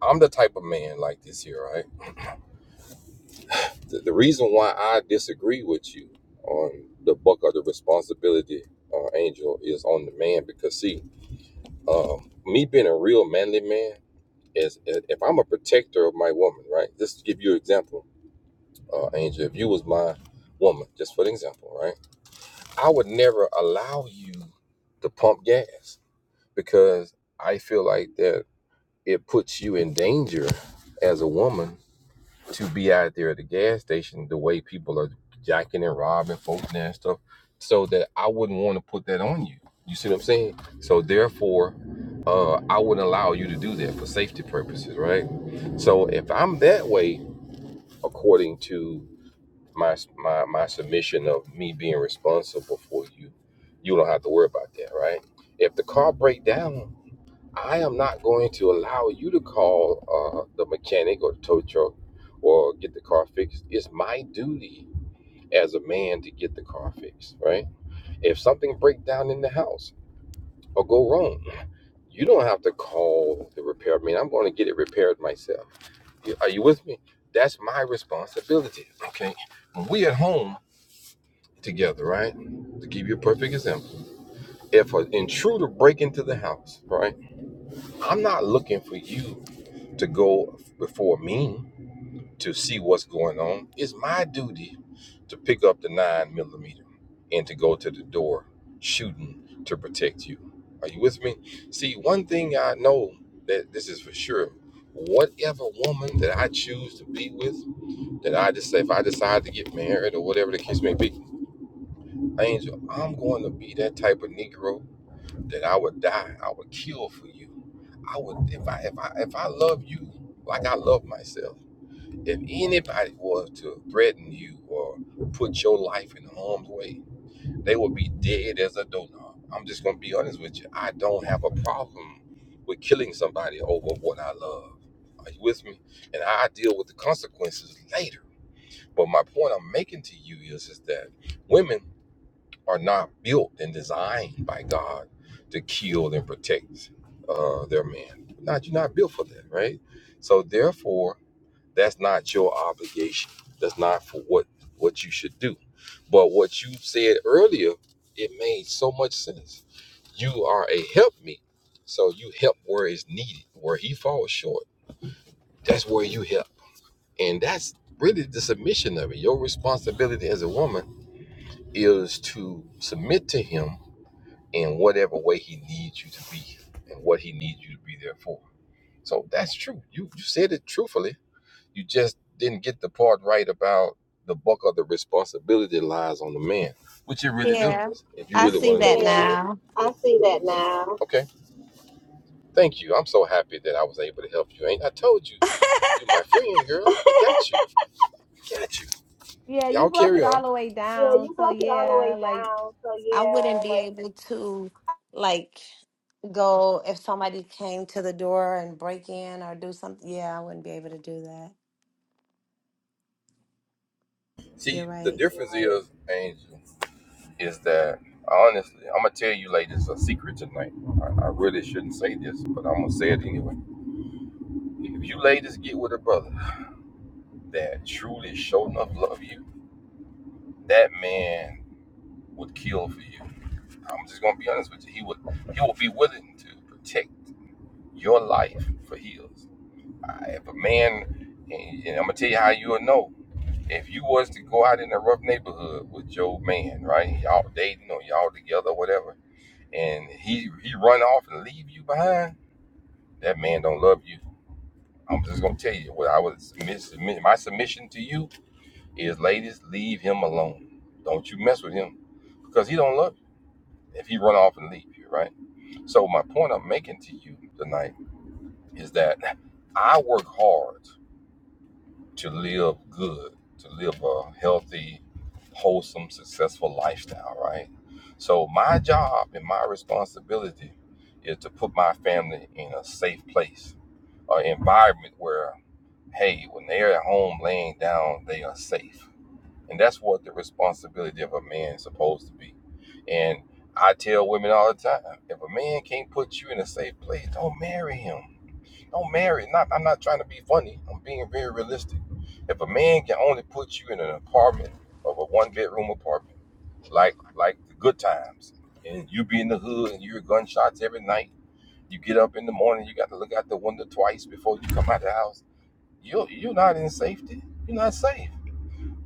I'm the type of man like this here, right? The, the reason why I disagree with you on the buck of the responsibility, uh, Angel, is on the man because see, um, me being a real manly man is i- if I'm a protector of my woman, right? Just to give you an example, uh, Angel, if you was my woman, just for an example, right? I would never allow you to pump gas because I feel like that it puts you in danger as a woman to be out there at the gas station the way people are jacking and robbing folks and stuff so that i wouldn't want to put that on you you see what i'm saying so therefore uh, i wouldn't allow you to do that for safety purposes right so if i'm that way according to my my, my submission of me being responsible for you you don't have to worry about that right if the car break down I am not going to allow you to call uh, the mechanic or the tow truck or get the car fixed. It's my duty as a man to get the car fixed, right? If something breaks down in the house or go wrong, you don't have to call the repairman. I'm going to get it repaired myself. You- Are you with me? That's my responsibility. Okay. When we at home together, right? To give you a perfect example, if an intruder break into the house, right? I'm not looking for you to go before me to see what's going on, it's my duty to pick up the nine millimeter and to go to the door shooting to protect you. Are you with me? See, one thing I know that this is for sure. Whatever woman that I choose to be with, that I just say if I decide to get married or whatever the case may be, Angel, I'm going to be that type of Negro that I would die, I would kill for you. I would if I if I if I love you like I love myself. If anybody was to threaten you or put your life in harm's way, they would be dead as a doorknob. I'm just going to be honest with you. I don't have a problem with killing somebody over what I love. Are you with me? And I deal with the consequences later. But my point I'm making to you is, is that women are not built and designed by God to kill and protect uh, their man. Not you're not built for that, right? So therefore, that's not your obligation. That's not for what what you should do. But what you said earlier, it made so much sense. You are a help me. So you help where it's needed. Where he falls short, that's where you help. And that's really the submission of it. Your responsibility as a woman is to submit to him in whatever way he needs you to be and what he needs you to be there for. So that's true. You you said it truthfully You just didn't get the part right about the buck of the responsibility lies on the man, which it really
Yeah.
does. If you
I
really
see
want to know
that
yeah, the Yeah, truth.
now.
I see that now. Okay. Thank you. I'm so happy that I was able to help you. Ain't I told you, you my friend, girl. I Got you. Got you.
Yeah, you
Y'all
broke
carry
it
on.
all the way
Yeah, you
down. So
broke it all the
yeah,
way
like
down. So
I wouldn't
yeah,
be
like
able to like go if somebody came to the door and break in or do something. Yeah, I wouldn't be able to do that.
See,
You're
the
right.
difference right. is, Angel, is that honestly, I'm gonna tell you ladies a secret tonight. I, I really shouldn't say this, but I'm gonna say it anyway. If you ladies get with a brother that truly show enough love you, that man would kill for you. I'm just gonna be honest with you. He would he will be willing to protect your life for his. I- If a man, and, and I'm gonna tell you how you'll know. If you was to go out in a rough neighborhood with your man, right? Y'all dating or y'all together, whatever, and he he run off and leave you behind. That man don't love you. I'm just gonna tell you what I was my submission to you is ladies, leave him alone. Don't you mess with him because he don't love you if he run off and leave you, right? So my point I'm making to you tonight is that I work hard to live good, to live a healthy, wholesome, successful lifestyle, right? So my job and my responsibility is to put my family in a safe place, an environment where, hey, when they're at home laying down, they are safe And that's what the responsibility of a man is supposed to be. And I tell women all the time, if a man can't put you in a safe place, don't marry him. Don't marry. Not I'm not trying to be funny. I'm being very realistic. If a man can only put you in an apartment of a one bedroom apartment, like like the good times, and you be in the hood and you hear gunshots every night, you get up in the morning, you got to look out the window twice before you come out the house, you you're not in safety. You're not safe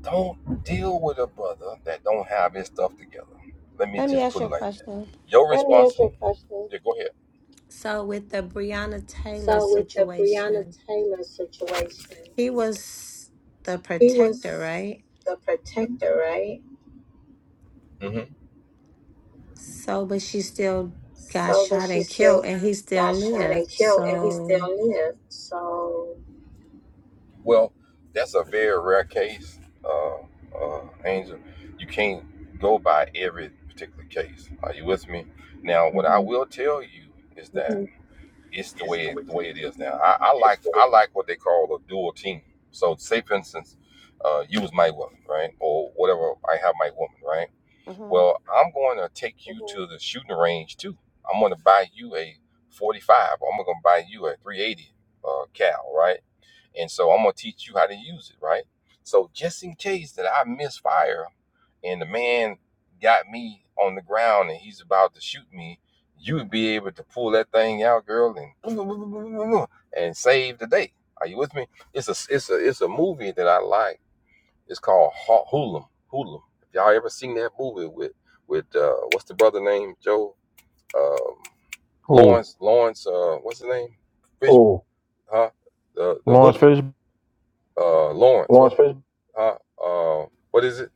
don't deal with a brother that don't have his stuff together. Let me
Let me
just
ask
put
you
it
a
like that.
question.
Your Let me ask you a responsibility. question. Yeah, go ahead.
So with the Breonna Taylor
So with the Breonna
situation,
Taylor situation,
he was the
he
protector,
was
right?
the protector, right? Mm-hmm.
So but she still got
So, but
shot
she
and killed
still
and he still
got shot and
lived.
killed, and he
So
still lived. So, Well, that's a very rare case, uh, uh, Angel. You can't go by every particular case. Are you with me? Now, what I
Mhm.
will tell you is that it's the way the way it is now. I, I like I like what they call a dual team. So say for instance, uh, you was my woman, right, or whatever I have my woman, right
Mhm.
well, I'm going to take you to the shooting range too. I'm going to buy you a 45. I'm going to buy you a 380 uh, cal, right? And so I'm going to teach you how to use it, right? So just in case that I misfire and the man got me on the ground and he's about to shoot me, you would be able to pull that thing out, girl, and and save the day. Are you with me? It's a it's a it's a movie that I like it's called Ho- Hoolum. Hoolum. If y'all ever seen that movie with with uh, what's the brother name? Joe um,
Who?
Lawrence Lawrence. Uh, what's his name? Fish. Oh, Huh? The the
Lawrence
hoodlum.
Fish,
Uh, Lawrence. Lawrence What? Fishburne. Huh? Uh, what is it?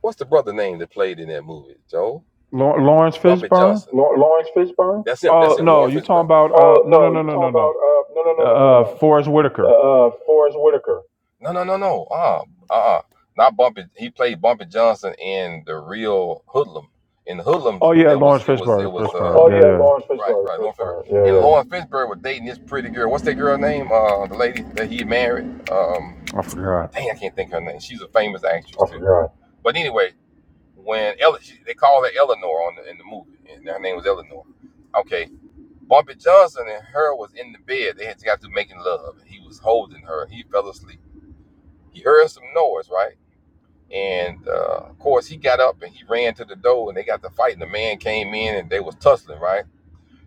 What's the brother name that played in that movie? Joe
Law- Lawrence
Bumpy
Fishburne.
Johnson. Law- Lawrence Fishburne. That's him. That's
Oh
him.
no,
Lawrence
you talking
Fishburne.
about uh
Oh
no no
no,
no
you
no no
talking about?
no.
Uh, no, no, no, no, no,
Uh
no.
Forrest Whitaker.
Uh, Forrest Whitaker. No, no, no, no. Uh, uh, not Bumpy. He played Bumpy Johnson in the real Hoodlum. In the Hoodlums,
Oh yeah,
it was,
Lawrence
it was,
Fishburne.
it was. Uh, Oh
Fishburne.
Uh,
Yeah,
yeah, Lawrence
yeah.
right, Fishburne. right. right, Lawrence Fishburne. Fishburne. Yeah, And yeah. Lauren Fishburne was dating this pretty girl. What's that girl name? Uh, the lady that he married. Um,
I forgot.
dang, I can't think of her name. She's a famous actress I too. forgot. But anyway, when Ele- she, they call her Eleanor on the, in the movie, and her name was Eleanor. Okay, Bumpy Johnson and her was in the bed. They had got to making love. He was holding her. He fell asleep. He heard some noise, right? And uh, of course, he got up and he ran to the door, and they got to fighting. The man came in, and they was tussling, right?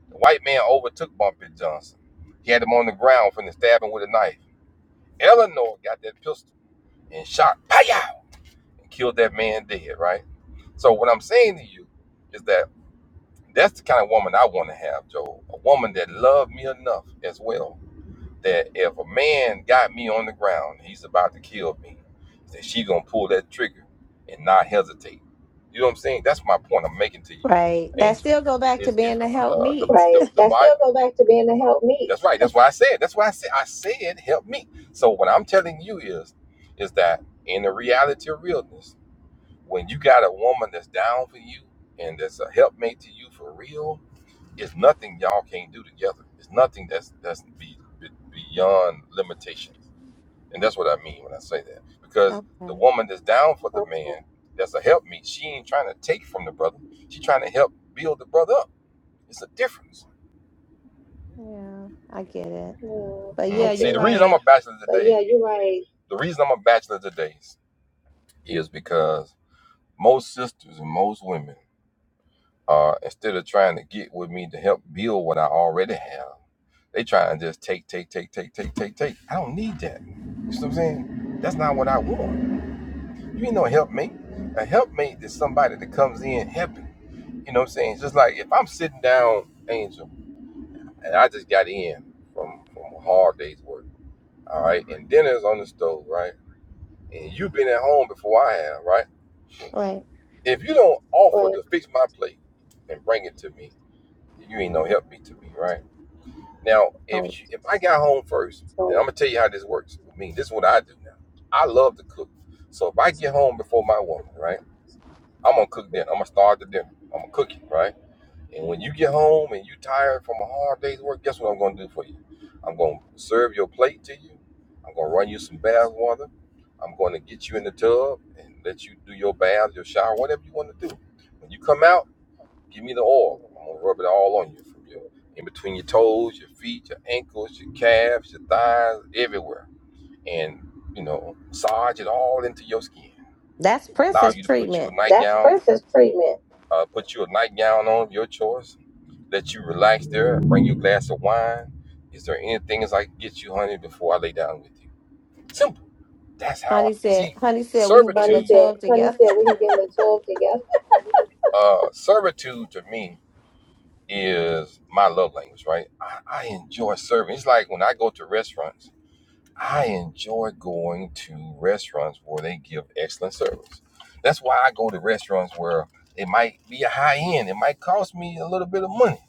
The white man overtook Bumpy Johnson. He had him on the ground from the stabbing with a knife. Eleanor got that pistol and shot, pow, and killed that man dead, right? So what I'm saying to you is that that's the kind of woman I want to have, Joe. A woman that loved me enough as well that if a man got me on the ground, he's about to kill me, that she gonna pull that trigger and not hesitate. You know what I'm saying? That's my point I'm making to you,
right. That
Angel.
still go back to
Is is
being the help
uh, the
meet.
Right. the, the That Bible? still go back to being a help me. That's right. That's why I said. That's why I said. I said, help me. So what I'm telling you is, is that in the reality of realness, when you got a woman that's down for you and that's a helpmate to you for real, it's nothing y'all can't do together. It's nothing that's that's be, be, beyond limitations, and that's what I mean when I say that. Because
Okay.
the woman that's down for the man, that's a help me. She ain't trying to take from the brother. She trying to help build the brother up. It's a difference.
Yeah, I get it.
Mm,
But yeah,
Mm, see,
you're
the reason I'm
right.
a bachelor today yeah, you're right. the reason I'm a bachelor today is because most sisters and most women uh, instead of trying to get with me to help build what I already have, they try and just take, take, take, take, take, take, take. I don't need that. You see what I'm saying? That's not what I want. You ain't no helpmate. A helpmate is somebody that comes in helping. You know what I'm saying? Just like if I'm sitting down, Angel, and I just got in from from a hard day's work, all right, and dinner's on the stove, right, and you've been at home before I have, right?
Right.
If you don't offer to fix my plate and bring it to me, you ain't no help me to me, right? Now,
Right.
if you, if I got home first, and I'm gonna tell you how this works with me. This is what I do now. I love to cook, so if I get home before my woman, right, I'm gonna cook dinner. I'm gonna start the dinner. I'm gonna cook it, right. And when you get home and you tired from a hard day's work, guess what I'm gonna do for you? I'm gonna serve your plate to you. I'm gonna run you some bath water. I'm gonna get you in the tub and let you do your bath, your shower, whatever you want to do. When you come out. Give me the oil. I'm gonna rub it all on you from your in between your toes, your feet, your ankles, your calves, your thighs, everywhere. And you know, massage it all into your skin.
That's
Allow
princess
you to put you a
treatment.
That's nightgown, That's princess treatment. uh, put you a nightgown on your choice. Let you relax there. Bring you a glass of wine. Is there anything as I can get you, honey, before I lay down with you? Simple. That's how I
Honey said,
see
honey said we can
servitude.
get
Honey
in the
said,
tub
honey
together.
said we can get in the tub together. Uh, servitude to me is my love language, right? I, I enjoy serving. It's like when I go to restaurants, I enjoy going to restaurants where they give excellent service. That's why I go to restaurants where it might be a high end, it might cost me a little bit of money,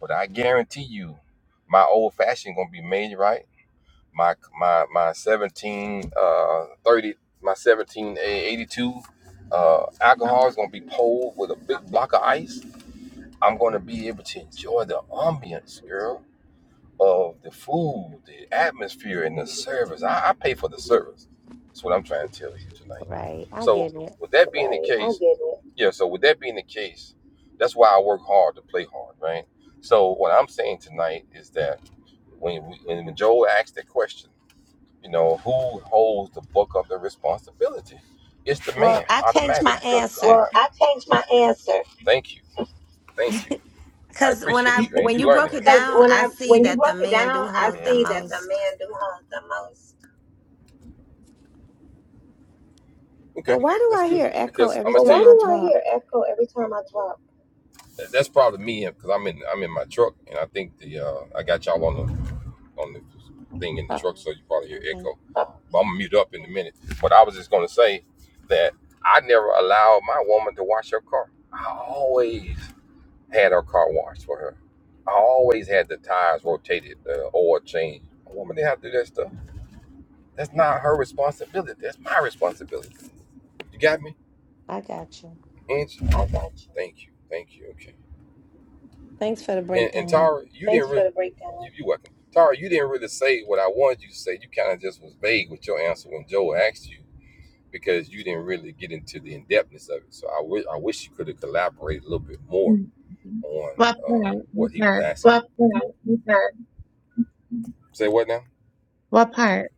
but I guarantee you, my old fashioned gonna be made right. My my my seventeen uh thirty my seventeen eighty two uh alcohol is gonna be pulled with a big block of ice I'm gonna be able to enjoy the ambience, girl, of the food, the atmosphere, and the service. I, I pay for the service. That's what I'm trying to tell you tonight.
Right. I
So
get it.
with that being the Right. I case, get it. yeah. So with that being the case, that's why I work hard to play hard, right? So what I'm saying tonight is that when we, when Joel asked the question, you know, who holds the book of the responsibility? It's the
Well,
man
I changed
automatically
my
because
answer
Well, God. I changed my answer. Thank you, thank you. I
because when
appreciate
I
you, and
when
you
you
learning,
broke
ain't
it
Because
down,
when
I
I
see
when you
that the
broke it
man do
down, I
hold
you?
the
see that the
most.
man do harm the most. hmm
But
Okay,
why do
that's
I
good
hear echo
because I'm
every
gonna But tell why
time I
you Why do I
talk?
hear echo every time I talk? that- that's probably me because I'm in I'm in my truck, and I think the uh, I got y'all on the on the thing in the
Oh,
truck, so you probably hear
okay.
echo. Oh, But I'm gonna mute up in a minute. But I was just gonna say that I never allow my woman to wash her car. I always had her car washed for her. I always had the tires rotated, the oil changed. A woman didn't have to do that stuff. That's not her responsibility. That's my responsibility. You got me?
I got you.
And she, oh, wow. thank you, thank you. Okay.
Thanks for the
And, and
breakdown.
Tara, you Thanks didn't really. For the breakdown. You, you're welcome. Tara, you didn't really say what I wanted you to say. You kind of just was vague with your answer when Joe asked you because you didn't really get into the in depthness of it. So I wish I wish you could have collaborated a little bit more on
What part?
uh, what
What
he was
part?
asking. Well, you know, you can- Say what now?
What part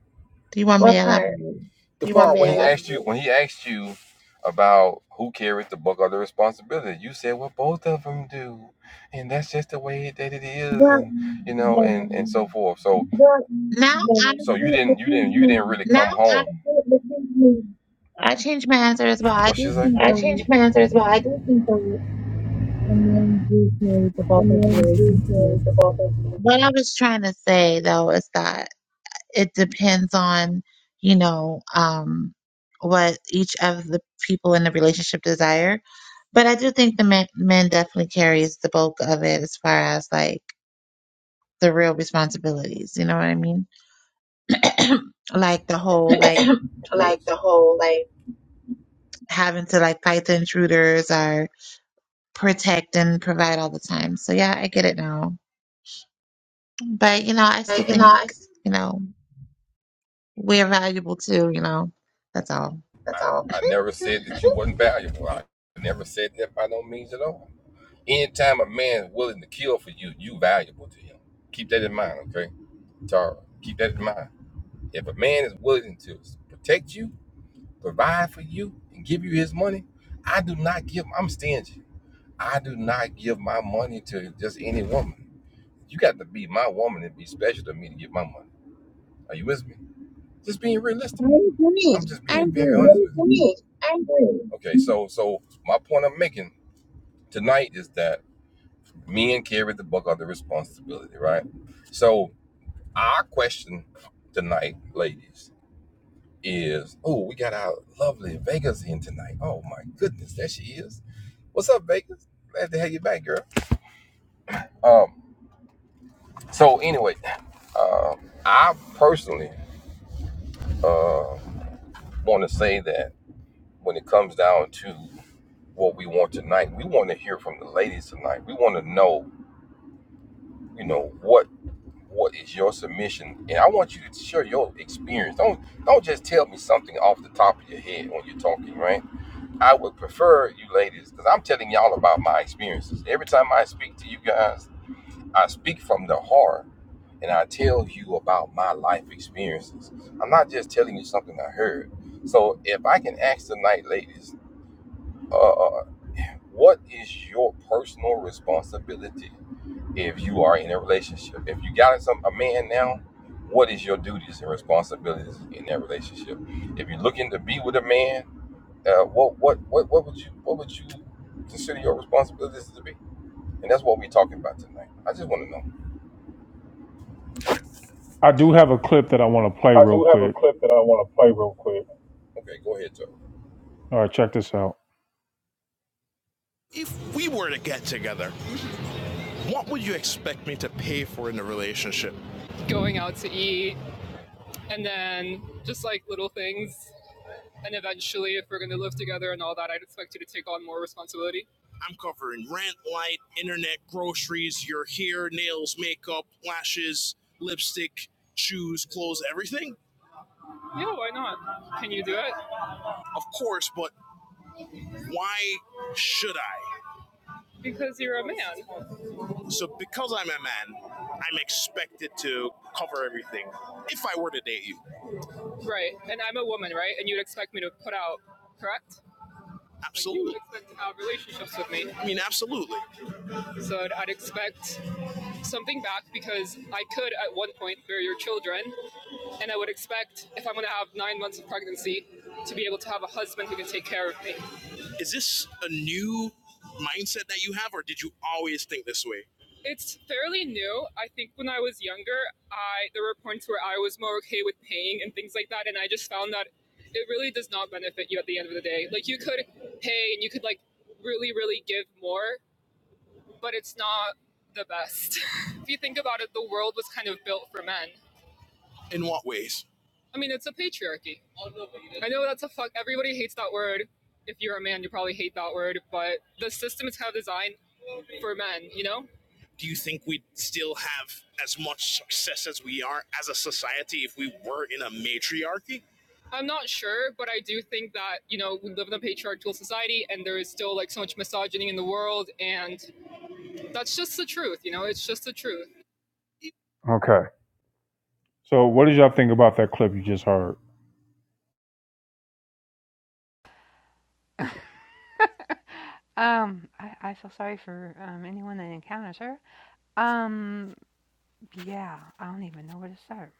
do you want me
What
to
part?
elaborate?
The You part when he asked you when he asked you about who carries the bulk of the responsibility, you said well both of them do, and that's just the way that it is,
Well,
and you know,
yeah.
and and so forth. So What?
now
so you
honestly, I
didn't you
changed
didn't you
my
didn't really Now come Now I home. feel the
I changed my answer as well. I
What she
do
say?
think
I changed
that
my answer as well. I do think the
the men do carry the
the
bulk of the
men do
relationship.
carry the bulk of
What I was trying to say though is that it depends on, you know, um, what each of the people in the relationship desire. But I do think the men, men definitely carries the bulk of it as far as like the real responsibilities. You know what I mean? like the whole like
it. like the whole like
having to like fight the intruders or protect and provide all the time. So yeah, I get it now. But you know, I still
like, you know.
think
I,
you know we're valuable too. You know, that's all.
that's all. I never said that you wasn't valuable. I never said that by no means at all. Anytime a man is willing to kill for you, you valuable to him. Keep that in mind, okay? Tara, keep that in mind. If a man is willing to protect you, provide for you, and give you his money, I do not give, I'm stingy. I do not give my money to just any woman. You got to be my woman and be special to me to get my money. Are you with me? Just being realistic.
I agree.
I'm just
I
being very honest with
agree.
you. Yes, I agree. Okay, so so my point I'm making tonight is that Men carry the buck of the responsibility, right? So our question tonight, ladies, is oh, we got our lovely Vegas in tonight. Oh my goodness, there she is. What's up, Vegas? Glad to have you back, girl. Um, so anyway, uh, I personally uh, want to say that when it comes down to what we want tonight, we want to hear from the ladies tonight. We want to know, you know, what what is your submission and i want you to share your experience don't don't just tell me something off the top of your head when you're talking right i would prefer you ladies because i'm telling y'all about my experiences every time i speak to you guys i speak from the heart and i tell you about my life experiences i'm not just telling you something i heard so if i can ask tonight ladies uh, uh, what is your personal responsibility if you are in a relationship. If you got some a man now, what is your duties and responsibilities in that relationship? If you're looking to be with a man, uh, what what what what would you what would you consider your responsibilities to be? And that's what we're talking about tonight. I just want to know.
I do have a clip that I want to play
I
real
do have a
quick.
clip that I want to play real quick. Okay, go ahead, Joe.
All right, check this out. Okay. So, what did y'all think about that clip you just heard?
Um, I, I feel sorry for um, anyone that encounters her. Um, Yeah, I don't even know where to start.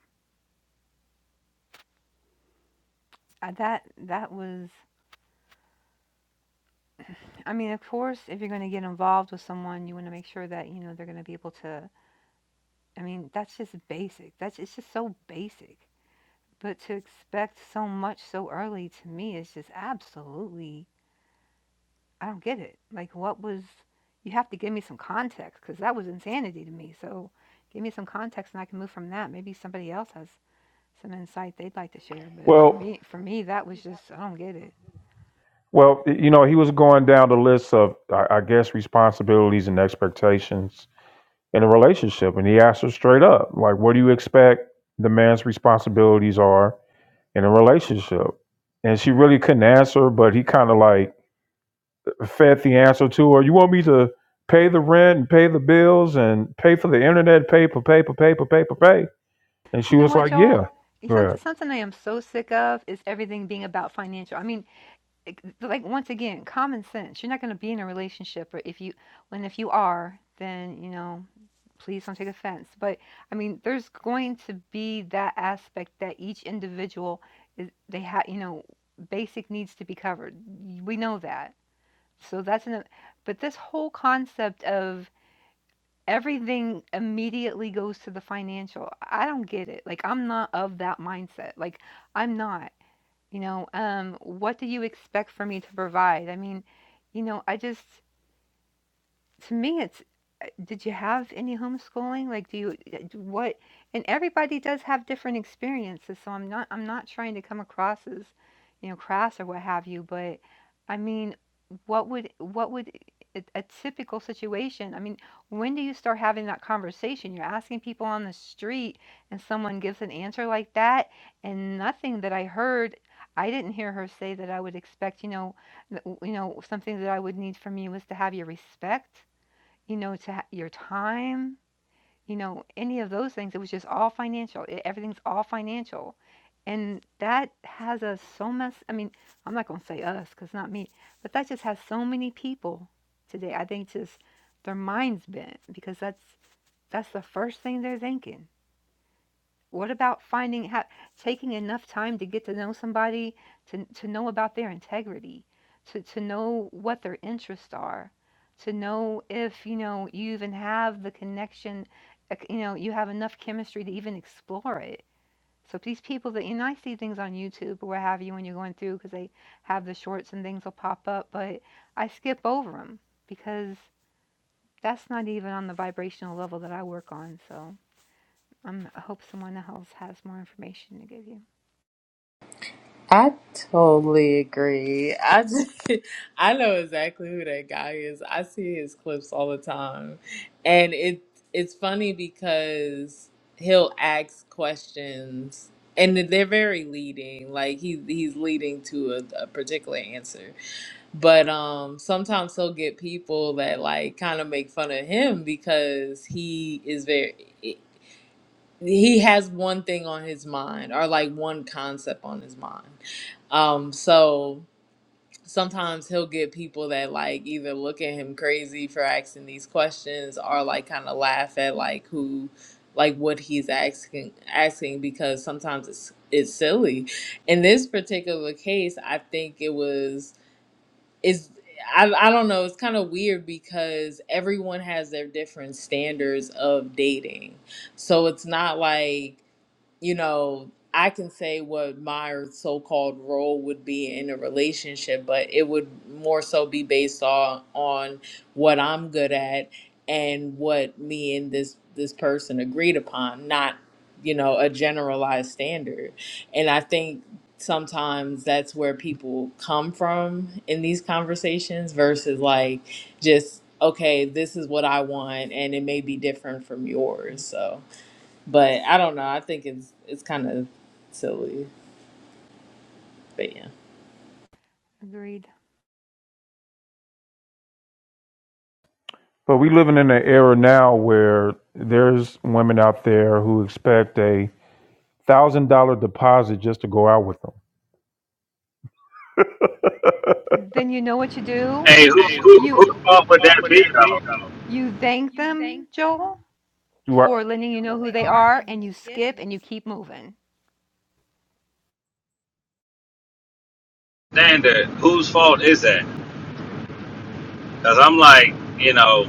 Uh, that that was I mean, of course, if you're going to get involved with someone, you want to make sure that, you know, they're going to be able to I mean, that's just basic. That's it's just so basic. But to expect so much so early to me is just absolutely I don't get it. Like what was you have to give me some context cuz that was insanity to me. So, give me some context and I can move from that. Maybe somebody else has some insight they'd like to share, but for
Well,
me for me that was just I don't get it.
well, you know, he was going down the list of, I, I guess, responsibilities and expectations in a relationship, and he asked her straight up, like, "What do you expect the man's responsibilities are in a relationship?" And she really couldn't answer, but he kind of like fed the answer to her. You want me to pay the rent and pay the bills and pay for the internet, pay for pay for pay for pay for pay. And she
You know
was
what,
like,
Joel?
yeah,
Something,
grab.
something I am so sick of is everything being about financial. I mean, like like, once again, common sense. You're not going to be in a relationship, or if you, when if you are, then you know, please don't take offense. But I mean, there's going to be that aspect that each individual is they have, you know, basic needs to be covered. We know that. So that's an. But this whole concept of everything immediately goes to the financial. I don't get it. Like I'm not of that mindset. Like I'm not. You know, um, what do you expect for me to provide? I mean, you know, I just to me it's uh, did you have any homeschooling like do you uh, d- what and everybody does have different experiences so i'm not i'm not trying to come across as you know crass or what have you but i mean what would what would a, a typical situation i mean when do you start having that conversation you're asking people on the street and someone gives an answer like that and nothing that i heard i didn't hear her say that i would expect you know th- you know something that i would need from you was to have your respect you know, to ha- your time, you know, any of those things. It was just all financial. It, everything's all financial. And that has us so much. I mean, I'm not going to say us because not me, but that just has so many people today. I think just their minds bent because that's that's the first thing they're thinking. What about finding how taking enough time to get to know somebody, to to know about their integrity, to to know what their interests are, to know if, you know, you even have the connection, like, you know, you have enough chemistry to even explore it. So these people that, you know, I see things on YouTube or what have you when you're going through because they have the shorts and things will pop up, but I skip over them because that's not even on the vibrational level that I work on. So. I'm, I hope someone else has more information to give you.
I totally agree. I just I know exactly who that guy is. I see his clips all the time. And it it's funny because he'll ask questions and they're very leading. Like he he's leading to a, a particular answer. But um sometimes he'll get people that like kind of make fun of him because he is very he has one thing on his mind or like one concept on his mind. Um, so sometimes he'll get people that like either look at him crazy for asking these questions or like kind of laugh at like who like what he's asking asking because sometimes it's it's silly. In this particular case, I think it was is I, I don't know, it's kind of weird because everyone has their different standards of dating. So it's not like you know, I can say what my so called role would be in a relationship, but it would more so be based on on what I'm good at and what me and this this person agreed upon, not, you know, a generalized standard. And I think sometimes that's where people come from in these conversations versus like just okay, this is what I want and it may be different from yours. So but I don't know. I think it's it's kind of silly. But yeah.
Agreed.
But we living in an era now where there's women out there who expect a thousand dollar deposit just to go out with them.
Then you know what you do.
Hey, who, who
You
whose fault would that be though?
you thank them, Joel,
Do I,
for
And then you
letting you
know who
know who
they
they
are,
are,
and you
and you
skip,
skip
and you.
and you keep moving.
Standard, whose fault is that? Because I'm like, you know,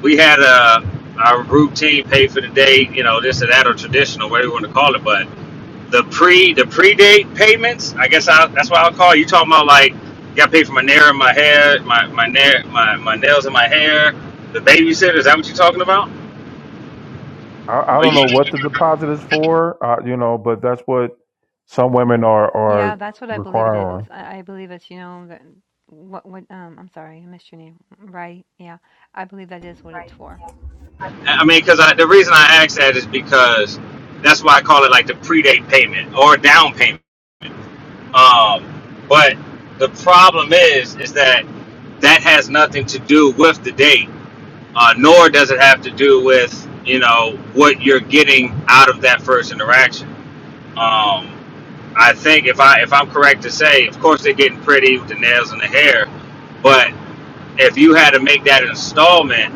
we had a our routine pay for the day, you know, this or that or traditional, whatever you want to call it, but the pre the pre date payments, I guess I, that's what I'll call it. you talking about like got paid for my nair and my hair, my my nail my my nails and my hair, the babysitter. Is that what you're talking about?
I, I
Or
don't
you,
know what the deposit is for, uh, you know, but that's what some women are are
Yeah, that's what I believe it is.
requiring.
I, I believe it's you know that what what um I'm sorry, I missed your name. Right? Yeah, I believe that is what it's for.
I mean, because I, the reason I ask that is because that's why I call it like the pre date payment or down payment Um, but the problem is, is that that has nothing to do with the date, uh, nor does it have to do with you know what you're getting out of that first interaction. Um, I think if I if I'm correct to say, of course they're getting pretty with the nails and the hair, but if you had to make that installment,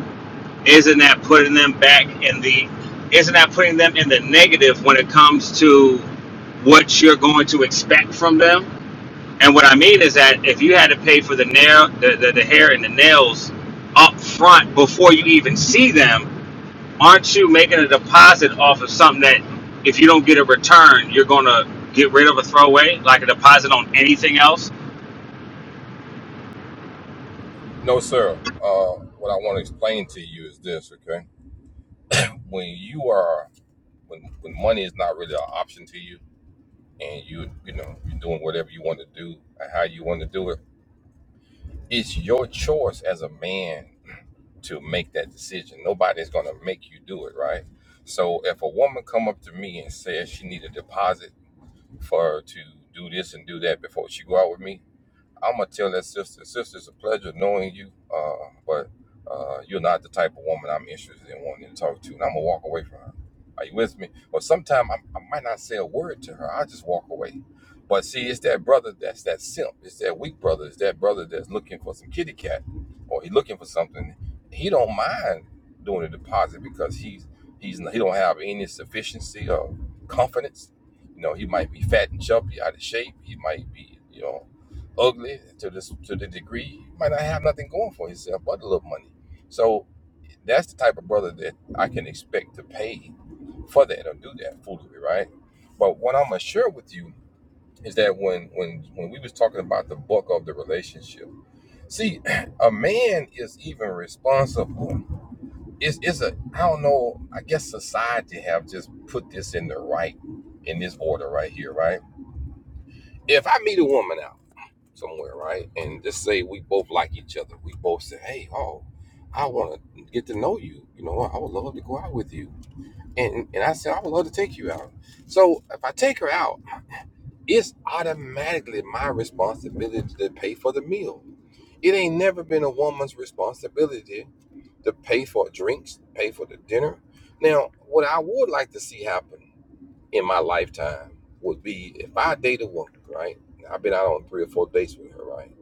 isn't that putting them back in the isn't that putting them in the negative when it comes to what you're going to expect from them? And what I mean is that if you had to pay for the nail, the, the, the hair and the nails up front before you even see them, aren't you making a deposit off of something that if you don't get a return, you're going to get rid of a throwaway, like a deposit on anything else?
No, sir. Uh, what I want to explain to you is this. Okay, when you are when when money is not really an option to you. and you you know you're doing whatever you want to do or how you want to do it it's your choice as a man to make that decision nobody's going to make you do it right so if a woman come up to me and says she need a deposit for her to do this and do that before she go out with me I'm gonna tell that sister, sister, it's a pleasure knowing you, uh, but uh, you're not the type of woman I'm interested in wanting to talk to, and I'm gonna walk away from her. Are you with me? Or sometimes I, I might not say a word to her. I just walk away. But see, it's that brother that's that simp. It's that weak brother. It's that brother that's looking for some kitty cat, or he looking for something. He don't mind doing a deposit because he's he's he don't have any sufficiency or confidence. You know, he might be fat and chubby, out of shape. He might be, you know, ugly to this to the degree he might not have nothing going for himself but a little money. So that's the type of brother that I can expect to pay for that or do that foolery, right? But what I'm gonna share with you is that when when when we was talking about the book of the relationship, see, a man is even responsible. It's it's a I don't know. I guess society have just put this in the right in this order right here, right? If I meet a woman out somewhere, right? And just say we both like each other. We both say, "Hey, oh, I want to get to know you. You know, I would love to go out with you." And and I said, "I would love to take you out." So if I take her out, it's automatically my responsibility to pay for the meal. It ain't never been a woman's responsibility to pay for drinks, pay for the dinner. Now, what I would like to see happen in my lifetime would be if I date a woman, right? I've been out on three or four dates with her, right?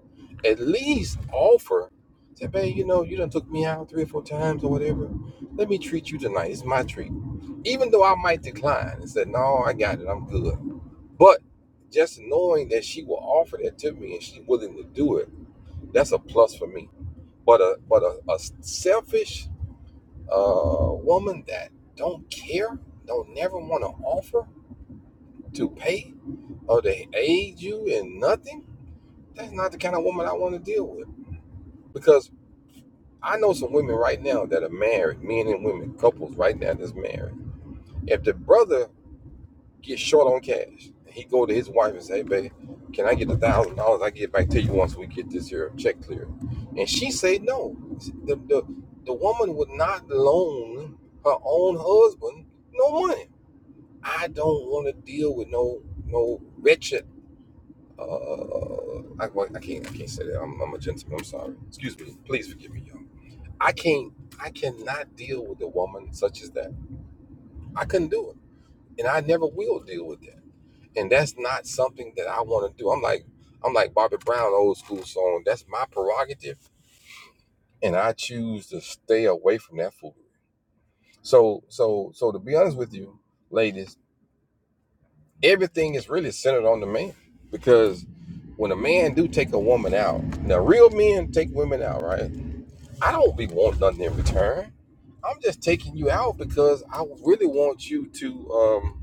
At least offer, say, babe, you know, you done took me out three or four times or whatever. Let me treat you tonight. It's my treat. Even though I might decline and say, no, I got it. I'm good. But just knowing that she will offer that to me and she's willing to do it, that's a plus for me. But a but a, a selfish uh, woman that don't care, don't never want to offer to pay Oh, they aid you in nothing? That's not the kind of woman I want to deal with. Because I know some women right now that are married, men and women, couples right now that's married. If the brother gets short on cash, he go to his wife and say, hey, babe, can I get a thousand dollars? I get back to you once we get this here check cleared." And she said no. The, the, the woman would not loan her own husband no money. I don't want to deal with no no wretched uh, I, well, I can't, I can't say that. I'm, I'm a gentleman. I'm sorry. Excuse me. Please forgive me, y'all. I can't, I cannot deal with a woman such as that. I couldn't do it, and I never will deal with that. And that's not something that I want to do. I'm like, I'm like Bobby Brown, old school song. That's my prerogative, and I choose to stay away from that foolery. So, so, so to be honest with you, ladies, everything is really centered on the man because when a man do take a woman out now real men take women out right i don't be wanting nothing in return i'm just taking you out because i really want you to um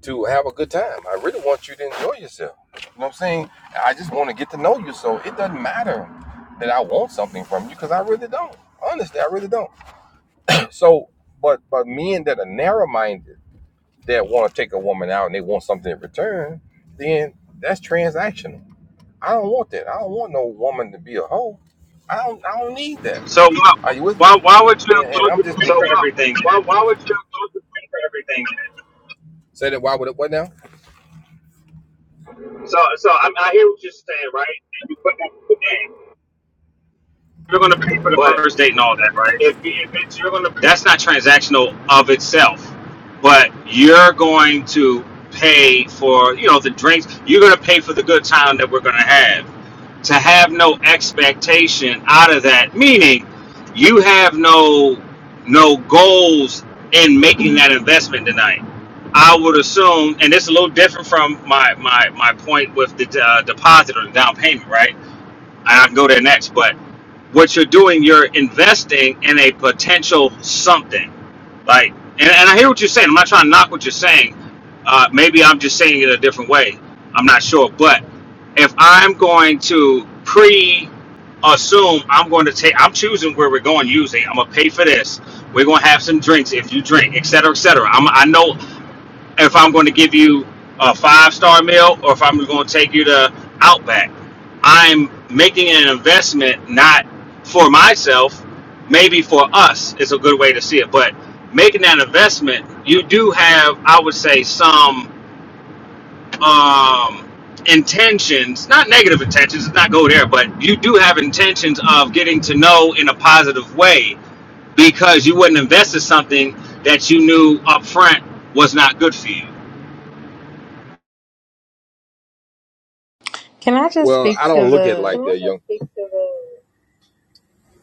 to have a good time i really want you to enjoy yourself you know what i'm saying i just want to get to know you so it doesn't matter that i want something from you because i really don't honestly i really don't so but but men that are narrow-minded that want to take a woman out and they want something in return, then that's transactional. I don't want that. I don't want no woman to be a hoe. I don't. I don't need that.
So
Are
why,
you with me?
why, why would you
And,
why
and
would
I'm
you
just
pay
So
for
why,
everything?
why, why would you go to pay for everything? Say that. Why would it? What now? So, so I, I hear what you're saying, right? And you put that in
You're going to pay
the
for
game,
the first
but
date and all that, right?
if if it's, you're gonna pay,
that's not transactional of itself but you're going to pay for you know the drinks you're going to pay for the good time that we're going to have to have no expectation out of that meaning you have no no goals in making that investment tonight i would assume and it's a little different from my my my point with the uh, deposit or the down payment right and I can go there next. But what you're doing, you're investing in a potential something. Like, and, and I hear what you're saying. I'm not trying to knock what you're saying. Uh, maybe I'm just saying it a different way. I'm not sure. But if I'm going to pre assume I'm going to take, I'm choosing where we're going using, I'm going to pay for this. We're going to have some drinks if you drink, et cetera, et cetera. I'm, I know if I'm going to give you a five star meal or if I'm going to take you to Outback. I'm making an investment not for myself, maybe for us is a good way to see it. But making that investment, you do have, I would say, some um, intentions, not negative intentions, let's not go there, but you do have intentions of getting to know in a positive way because you wouldn't invest in something that you knew up front was not good for you.
Can I just
Well,
speak
I
to
don't look at it like
the
that, young.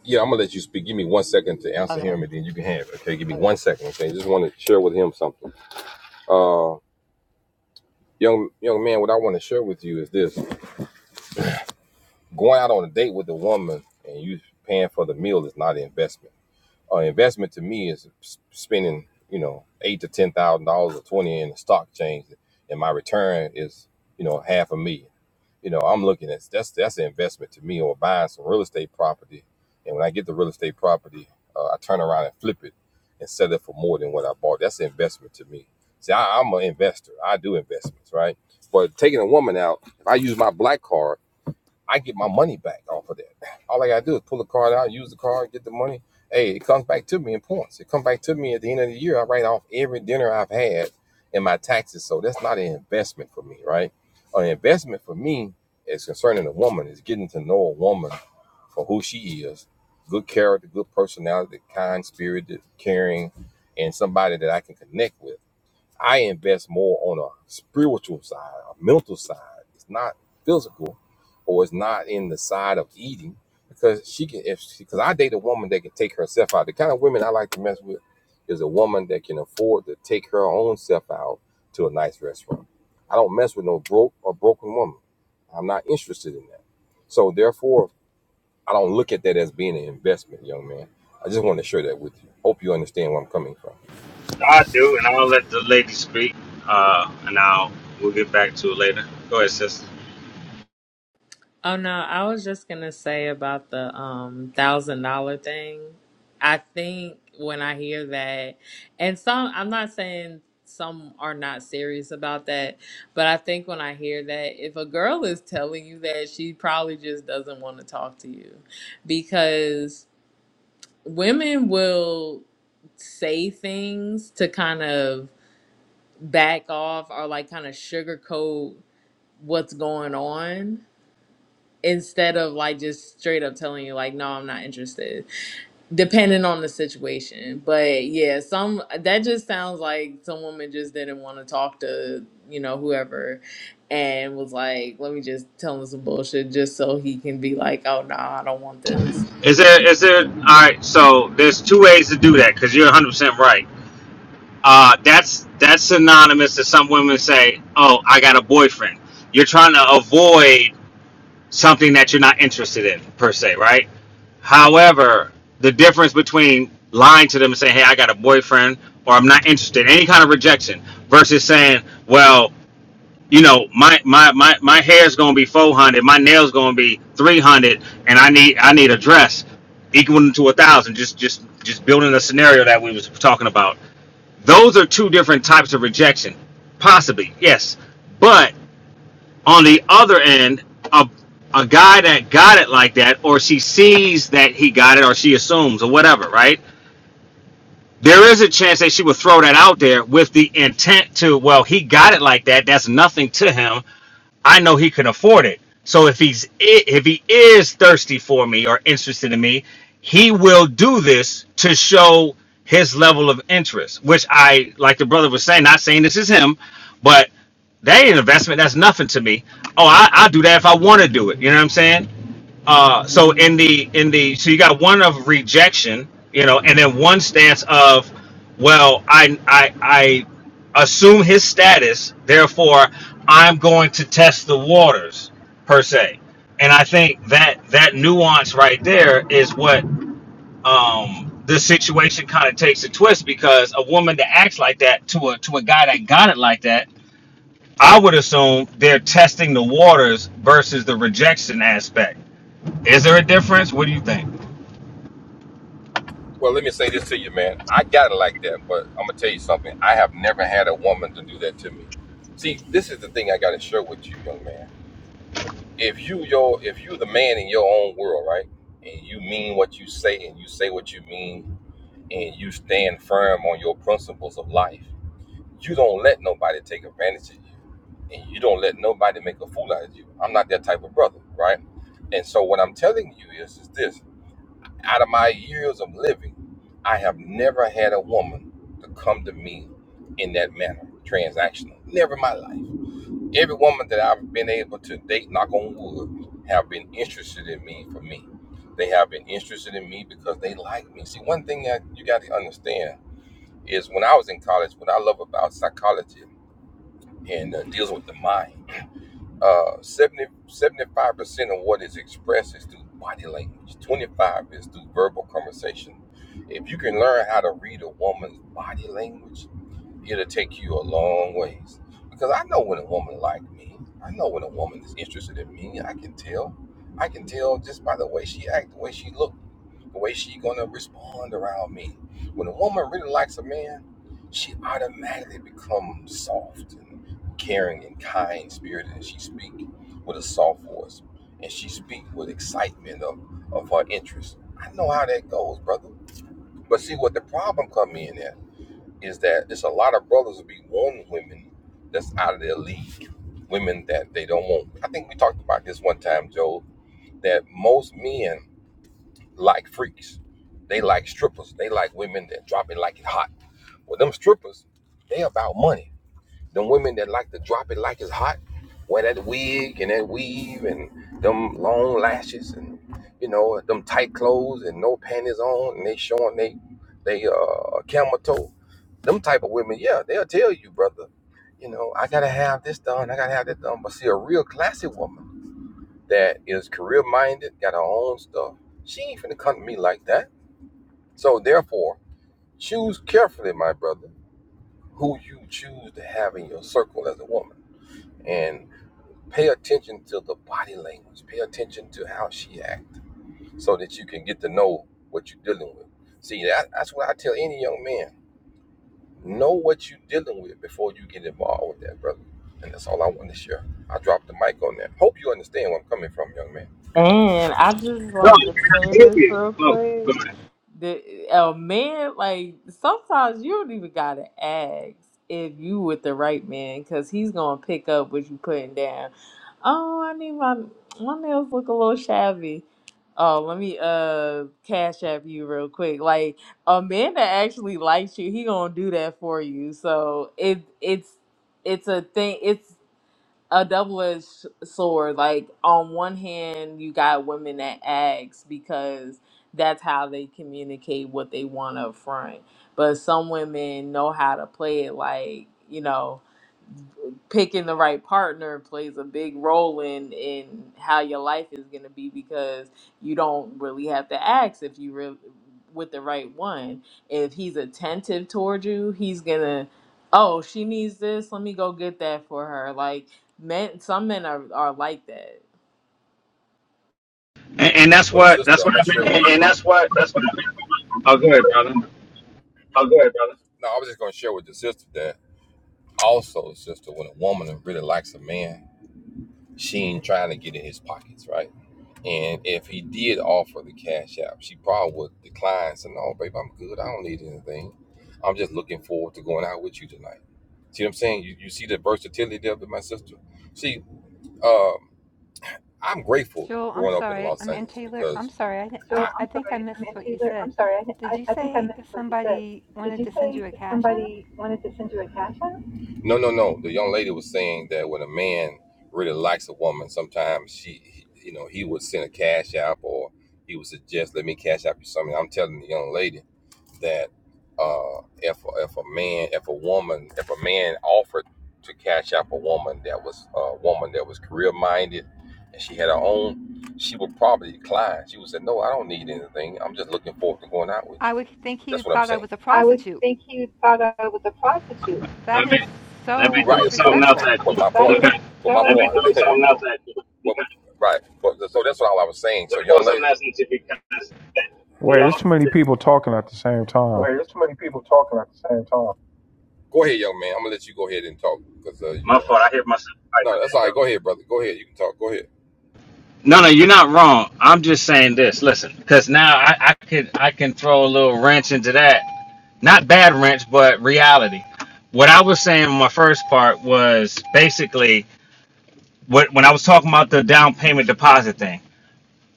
Yeah, I'm gonna let you speak. Give me one second to answer
okay?
him, and then you can have it. Okay, give me one second. Okay, just want to share with him something. Uh, young young man, what I want to share with you is this: going out on a date with a woman and you paying for the meal is not an investment. An investment to me is s- spending, you know, eight to ten thousand dollars or twenty in the stock change, and my return is, you know, half a million. you know, I'm looking at that's that's an investment to me or buying some real estate property. And when I get the real estate property, uh, I turn around and flip it and sell it for more than what I bought. That's an investment to me. See, I, I'm an investor. I do investments, right? But taking a woman out, if I use my black card. I get my money back off of that. All I gotta do is pull the card out, use the card, get the money. Hey, it comes back to me in points. It comes back to me at the end of the year. I write off every dinner I've had and my taxes. So that's not an investment for me, right? An investment for me is concerning a woman, is getting to know a woman for who she is. Good character, good personality, kind spirited, caring, and somebody that I can connect with I invest more on a spiritual side, a mental side. It's not physical, or it's not in the side of eating because she can. If because I date a woman that can take herself out. The kind of women I like to mess with is a woman that can afford to take her own self out to a nice restaurant. I don't mess with no broke or broken woman. I'm not interested in that. So therefore, I don't look at that as being an investment, young man. I just want to share that with you. Hope you understand where I'm coming from.
I do, and I'm gonna let the lady speak, uh, and I'll we'll get back to it later. Go ahead, sister.
Oh no, I was just gonna say about the um thousand dollar thing. I think when I hear that, and some, I'm not saying some are not serious about that, but I think when I hear that, if a girl is telling you that, she probably just doesn't want to talk to you because women will say things to kind of back off or like kind of sugarcoat what's going on instead of like just straight up telling you like no I'm not interested depending on the situation but yeah some that just sounds like some woman just didn't want to talk to you know whoever and was like let me just tell him some bullshit just so he can be like oh no I don't want this
Is there is there all right? So there's two ways to do that because you're 100 percent right. Uh, that's that's synonymous to some women say, "Oh, I got a boyfriend." You're trying to avoid something that you're not interested in per se, right? However, the difference between lying to them and saying, "Hey, I got a boyfriend," or "I'm not interested," any kind of rejection, versus saying, "Well." you know, my my my my hair's gonna be four hundred, my nails gonna be three hundred, and I need I need a dress equaling to a thousand. Just just just building a scenario that we was talking about. Those are two different types of rejection, possibly yes, but on the other end, a a guy that got it like that, or she sees that he got it, or she assumes, or whatever, right? there is a chance that she would throw that out there with the intent to, well, he got it like that. That's nothing to him. I know he can afford it. So if he's if he is thirsty for me or interested in me, he will do this to show his level of interest. Which I, like the brother was saying, not saying this is him, but that ain't an investment. That's nothing to me. Oh, I, I'll do that if I want to do it. You know what I'm saying? Uh, so in the in the so you got one of rejection, you know, and then one stance of, well, I I I assume his status, therefore I'm going to test the waters per se, and I think that that nuance right there is what um the situation kind of takes a twist because a woman that acts like that to a to a guy that got it like that, I would assume they're testing the waters versus the rejection aspect is there a difference? What do you think?
Well, let me say this to you, man. I got it like that, but I'm gonna tell you something. I have never had a woman to do that to me. See, this is the thing I gotta share with you, young man. If you your if you the man in your own world, right, and you mean what you say and you say what you mean and you stand firm on your principles of life, you don't let nobody take advantage of you, and you don't let nobody make a fool out of you. I'm not that type of brother, right? And so what I'm telling you is, is this out of my years of living, I have never had a woman to come to me in that manner, transactional. Never in my life. Every woman that I've been able to date, knock on wood, have been interested in me for me. They have been interested in me because they like me. See, one thing that you got to understand is when I was in college, what I love about psychology and uh, deals with the mind. Uh, 70, 75% of what is expressed is through body language. 25 is through verbal conversation. If you can learn how to read a woman's body language, it'll take you a long ways. Because I know when a woman like me, I know when a woman is interested in me. I can tell. I can tell just by the way she act, the way she look, the way she gonna respond around me. When a woman really likes a man, she automatically becomes soft and caring and kind spirited, and she speak with a soft voice, and she speak with excitement of of her interest. I know how that goes, brother. But see what the problem come in at is that it's a lot of brothers that be wanting women that's out of their league, women that they don't want. I think we talked about this one time, Joe, that most men like freaks. They like strippers. They like women that drop it like it hot. Well, them strippers, they about money. Them women that like to drop it like it's hot, wear that wig and that weave and them long lashes and you know them tight clothes and no panties on and they showing they they uh camel toe. Them type of women, yeah, they'll tell you, brother. You know, I gotta have this done, I gotta have that done. But see, a real classy woman that is career minded, got her own stuff. She ain't finna come to me like that. So therefore, choose carefully, my brother, who you choose to have in your circle as a woman. And Pay attention to the body language. Pay attention to how she acts so that you can get to know what you're dealing with. See, that, that's what I tell any young man. Know what you're dealing with before you get involved with that, brother. And that's all I want to share. I dropped the mic on that. Hope you understand where I'm coming from, young man.
And I just
No,
wanted to
you're
say
not
this
Indian.
real
No, go
quick.
ahead.
The uh, a man like sometimes you don't even gotta ask if you with the right man because he's gonna pick up what you putting down. Oh, I need my my nails look a little shabby. Oh, let me uh cash app you real quick. Like a man that actually likes you, he gonna do that for you. So it it's it's a thing. It's a double-edged sword. Like on one hand, you got women that ask because that's how they communicate what they want up front. But some women know how to play it. Like you know, picking the right partner plays a big role in in how your life is going to be because you don't really have to ask if you really with the right one if he's attentive toward you, he's gonna, oh, she needs this. Let me go get that for her. Like men, some men are are like that.
And, and that's
Well,
what
sister,
that's
I'm
what I
not sure
meant
And,
by
what. and that's what that's what
my.
I've
Oh, go ahead, brother.
Oh, go ahead, brother. No, I was just going to share with the sister that also, sister, when a woman really likes a man, She ain't trying to get in his pockets, right? And if he did offer the cash app, she probably would decline. So no, babe, I'm good. I don't need anything. I'm just looking forward to going out with you tonight. See what I'm saying? You, you see the versatility there with my sister. See, um, I'm grateful
Joel, I'm
growing up in
sorry. I
Los
mean
Angeles
Taylor, I'm
because
sorry. I thi- I, I think I missed what you said. Did you say somebody wanted to send you a cash app?
no, no, no. The young lady was saying that when a man really likes a woman, sometimes she, he- you know, he would send a cash app or he would suggest, "Let me cash app you something." I'm telling the young lady that uh, if if a man, if a woman, if a man offered to cash up a woman that was a woman that was career minded and she had her own, she would probably decline. She would say, "No, I don't need anything. I'm just looking forward to going out with you."
I would think he
That's what I'm
thought I
saying.
was a prostitute. That
Let me
is
let me
so
Right,
throw
of
something
course.
else
disrespectful.
at
But
you
my
because
Thank you, right. But, so that's what I was saying. So
Wait, there's
Y'all,
too many people talking at the same time.
Wait, there's too many people talking at the same time. Go ahead, young man. I'm gonna let you go ahead and talk because uh, My fault. I hear myself. right, No, that's all right. Go ahead, brother. Go ahead. You can talk. Go ahead.
no, no, you're not wrong. I'm just saying this. Listen, because now I, I could I can throw a little wrench into that. Not bad wrench, but reality. What I was saying in my first part was basically what when I was talking about the down payment deposit thing.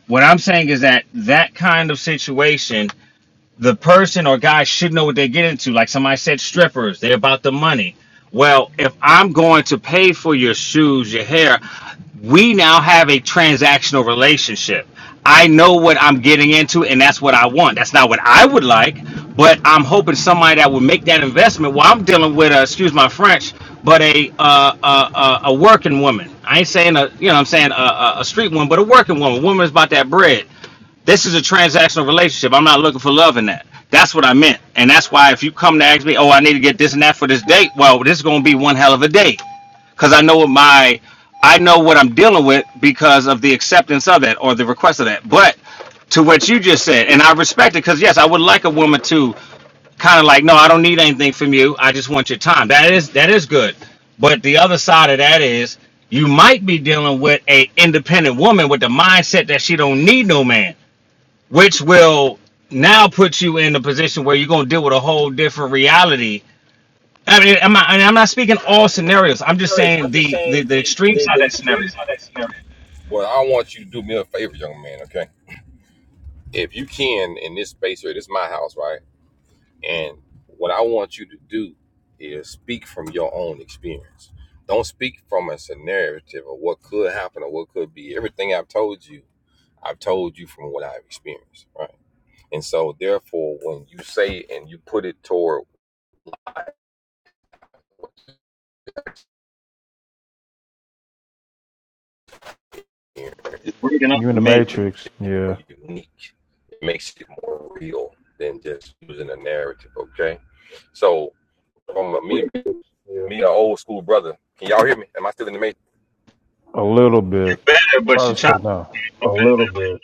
What I'm saying is that that kind of situation the person or guy should know what they get into. Like somebody said, strippers, they're about the money. Well, if I'm going to pay for your shoes, your hair, we now have a transactional relationship. I know what I'm getting into, and that's what I want. That's not what I would like, but I'm hoping somebody that would make that investment. Well, I'm dealing with, a, excuse my French, but a uh, uh, a a working woman. I ain't saying a, you know, what I'm saying a, a street woman, but a working woman. Woman's about that bread. This is a transactional relationship. I'm not looking for love in that. That's what I meant. And that's why if you come to ask me, oh, I need to get this and that for this date, well, this is going to be one hell of a date. Because I know what my, I know what I'm dealing with because of the acceptance of that or the request of that. But to what you just said, and I respect it because, yes, I would like a woman to kind of like, no, I don't need anything from you. I just want your time. That is that is good. But the other side of that is you might be dealing with a independent woman with the mindset that she don't need no man which will now put you in a position where you're going to deal with a whole different reality. I mean, I'm not, and I'm not speaking all scenarios. I'm just
I'm
saying
just
the, the,
saying
the
the,
extreme
the,
side of
the
that
extreme
scenario
side of that scenario. Well, I want you to do me a favor, young man. Okay, if you can, in this space here, this is my house, right? And what I want you to do is speak from your own experience. Don't speak from a narrative of what could happen or what could be. Everything I've told you, I've told you from what I've experienced, right? And so, therefore, when you say and you put it toward experience.
is breaking up
You in
for
the
me.
It
matrix?
makes it more
Yeah,
unique. It makes it more real than just using a narrative. Okay. So from a, me, Yeah, me, an old school brother. Can y'all hear me? Am I still in the matrix?
a little bit.
But
Try
you
to slow
chop
down.
a little bit.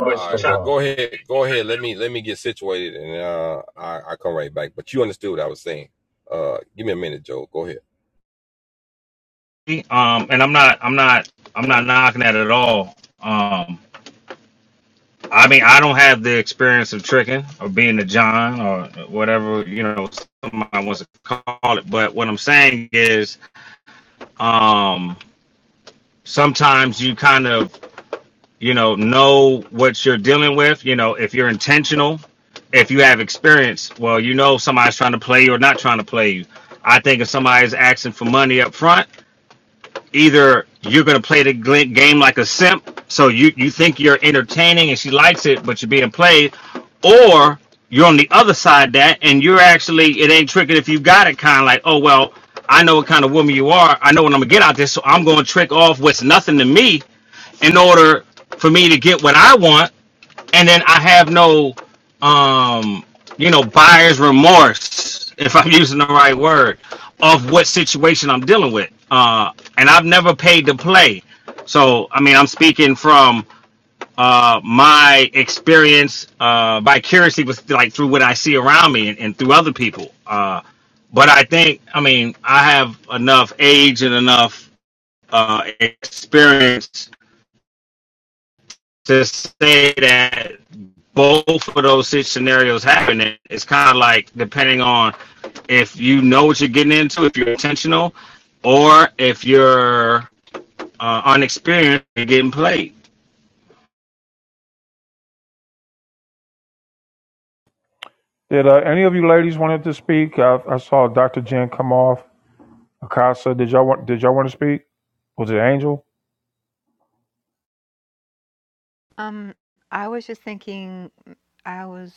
All Just right. Well, go ahead. Go ahead. Let me let me get situated, and uh, I I come right back. But you understood what I was saying. Uh, give me a minute, Joe. Go ahead.
me, um, and I'm not, I'm not, I'm not knocking that at all. Um, I mean, I don't have the experience of tricking or being a John or whatever you know somebody wants to call it. But what I'm saying is, um, sometimes you kind of you know know what you're dealing with you know if you're intentional if you have experience well you know somebody's trying to play you or not trying to play you i think if somebody's asking for money up front either you're going to play the gl- game like a simp so you you think you're entertaining and she likes it but you're being played or you're on the other side of that and you're actually it ain't tricking if you got it kind of like oh well i know what kind of woman you are i know what i'm gonna get out there, so i'm gonna trick off what's nothing to me in order for me to get what I want, and then I have no, um, you know, buyer's remorse, if I'm using the right word, of what situation I'm dealing with. Uh, and I've never paid to play, so I mean, I'm speaking from uh my experience uh vicariously with like through what I see around me and, and through other people. Uh, but I think I mean I have enough age and enough uh experience to say that both of those six scenarios happen, it's kind of like depending on if you know what you're getting into, if you're intentional, or if you're uh, unexperienced and getting played.
Did uh, any of you ladies wanted to speak? I, I saw Dr. Jen come off. Akasa, did y'all want did y'all want to speak? Was it Angel?
Um, I was just thinking, I was,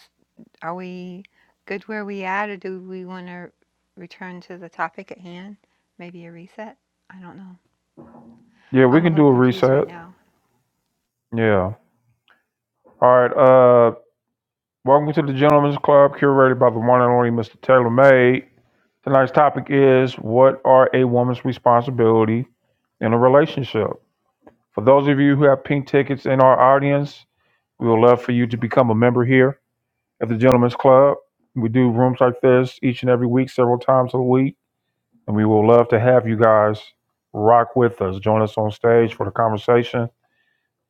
are we good where we at, or do we want to return to the topic at hand? Maybe a reset? I don't know.
Yeah, we
I'm a
can
little
do a
confused
reset.
right now.
Yeah. All right. Uh, welcome to the Gentlemen's Club, curated by the one and only Mr. Taylor May. Tonight's topic is what are a woman's responsibility in a relationship? For those of you who have pink tickets in our audience, we would love for you to become a member here at the Gentlemen's Club. We do rooms like this each and every week, several times a week. And we will love to have you guys rock with us. Join us on stage for the conversation.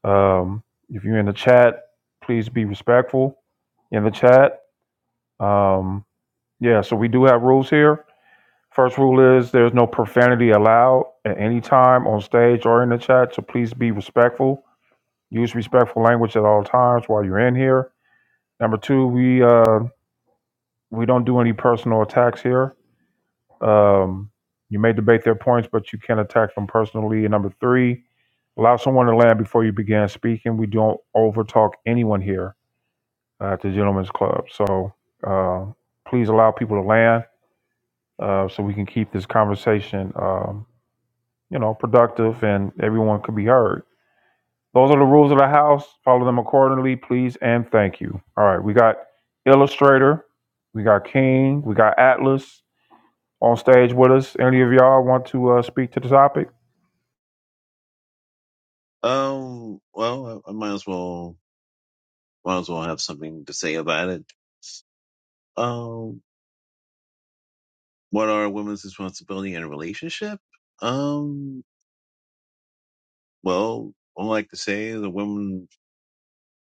Um, if you're in the chat, please be respectful in the chat. Um, yeah, so we do have rules here. First rule is there's no profanity allowed at any time on stage or in the chat. So please be respectful. Use respectful language at all times while you're in here. Number two, we uh, we don't do any personal attacks here. Um, you may debate their points, but you can't attack them personally. And number three, allow someone to land before you begin speaking. We don't overtalk anyone here uh, at the Gentlemen's Club. So uh, please allow people to land uh, so we can keep this conversation, um, you know, productive and everyone can be heard. Those are the rules of the house. Follow them accordingly, please and thank you. All right, we got Illustrator, we got King, we got Atlas, on stage with us. Any of y'all want to uh, speak to the topic?
Um, well, I, I might as well might as well have something to say about it. Um, what are women's responsibility in a relationship? Um, well, I like to say the woman,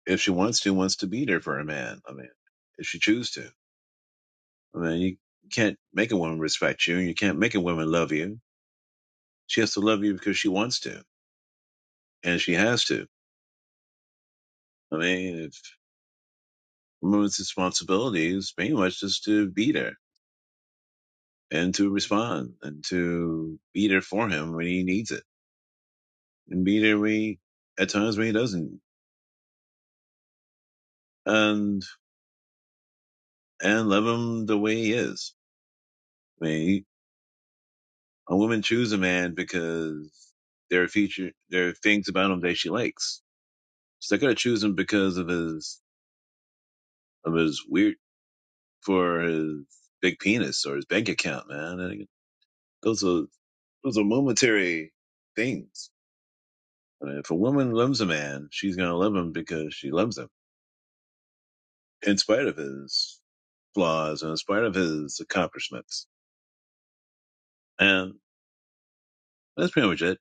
if she wants to, wants to be there for a man. I mean, if she chooses to. I mean, you can't make a woman respect you, and you can't make a woman love you. She has to love you because she wants to, and she has to. I mean, if woman's responsibility is pretty much just to be there and to respond and to be there for him when he needs it and be there when he, at times when he doesn't and and love him the way he is. I mean, a woman chooses a man because there are feature there are things about him that she likes. She's not gonna choose him because of his of his weird for his big penis or his bank account, man. And those are those are momentary things. I mean, if a woman loves a man, she's gonna love him because she loves him in spite of his flaws and in spite of his accomplishments. And that's pretty much it.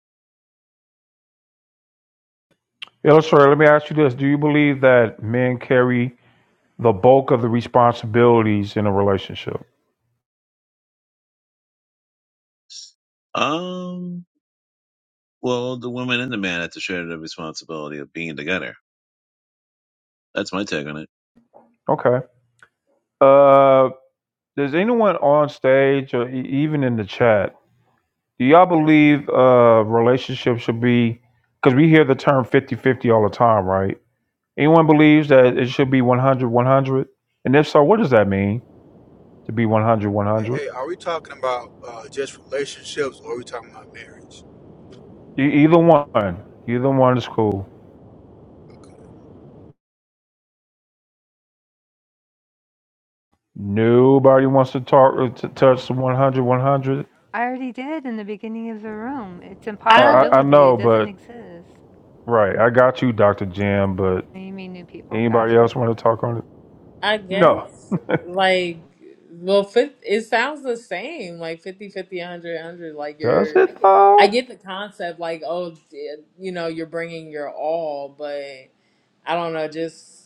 Illustrator, let me ask you this. Do you believe that men carry the bulk of the responsibilities in a relationship?
Um, well, the woman and the man had to share the responsibility of being together. That's my take on it.
Okay. Uh, does anyone on stage or e- even in the chat, do y'all believe uh, relationships should be, because we hear the term fifty-fifty all the time, right? Anyone believes that it should be 100, 100. And if so, what does that mean to be 100, 100?
Hey, are we talking about uh, just relationships or are we talking about marriage?
E, either one. Either one is cool. Nobody wants to talk to touch the 100, 100.
I already did in the beginning of the room. It's
I, I
I
I
impossibility.
know,
It doesn't
but
exist.
right. I got you, Dr. Jam, but
You mean new people?
anybody
Gotcha.
else want to talk on it?
I
No.
guess like well, 50, it sounds the same like 50, fifty one hundred one hundred Like
Does
you're,
it
I
though?
get the concept like oh, d- you know, you're bringing your all, but I don't know, just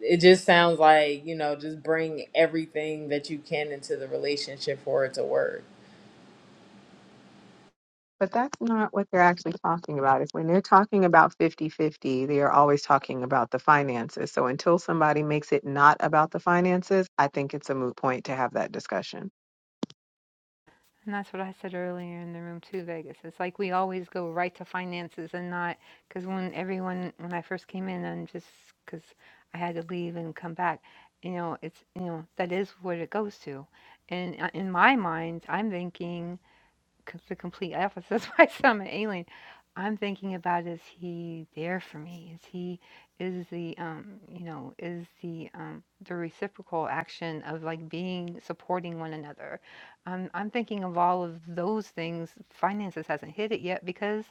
it just sounds like you know, just bring everything that you can into the relationship for it to work.
But that's not what they're actually talking about. If when they're talking about fifty-fifty, they are always talking about the finances. So until somebody makes it not about the finances, I think it's a moot point to have that discussion.
And that's what I said earlier in the room too, Vegas. It's like we always go right to finances and not because when everyone when I first came in and just because I had to leave and come back, you know, it's you know that is what it goes to, and uh, in my mind, I'm thinking c- the complete opposite. That's why I'm an alien. I'm thinking about is he there for me? Is he is the um you know is the um the reciprocal action of like being supporting one another? I'm I'm thinking of all of those things. Finances hasn't hit it yet because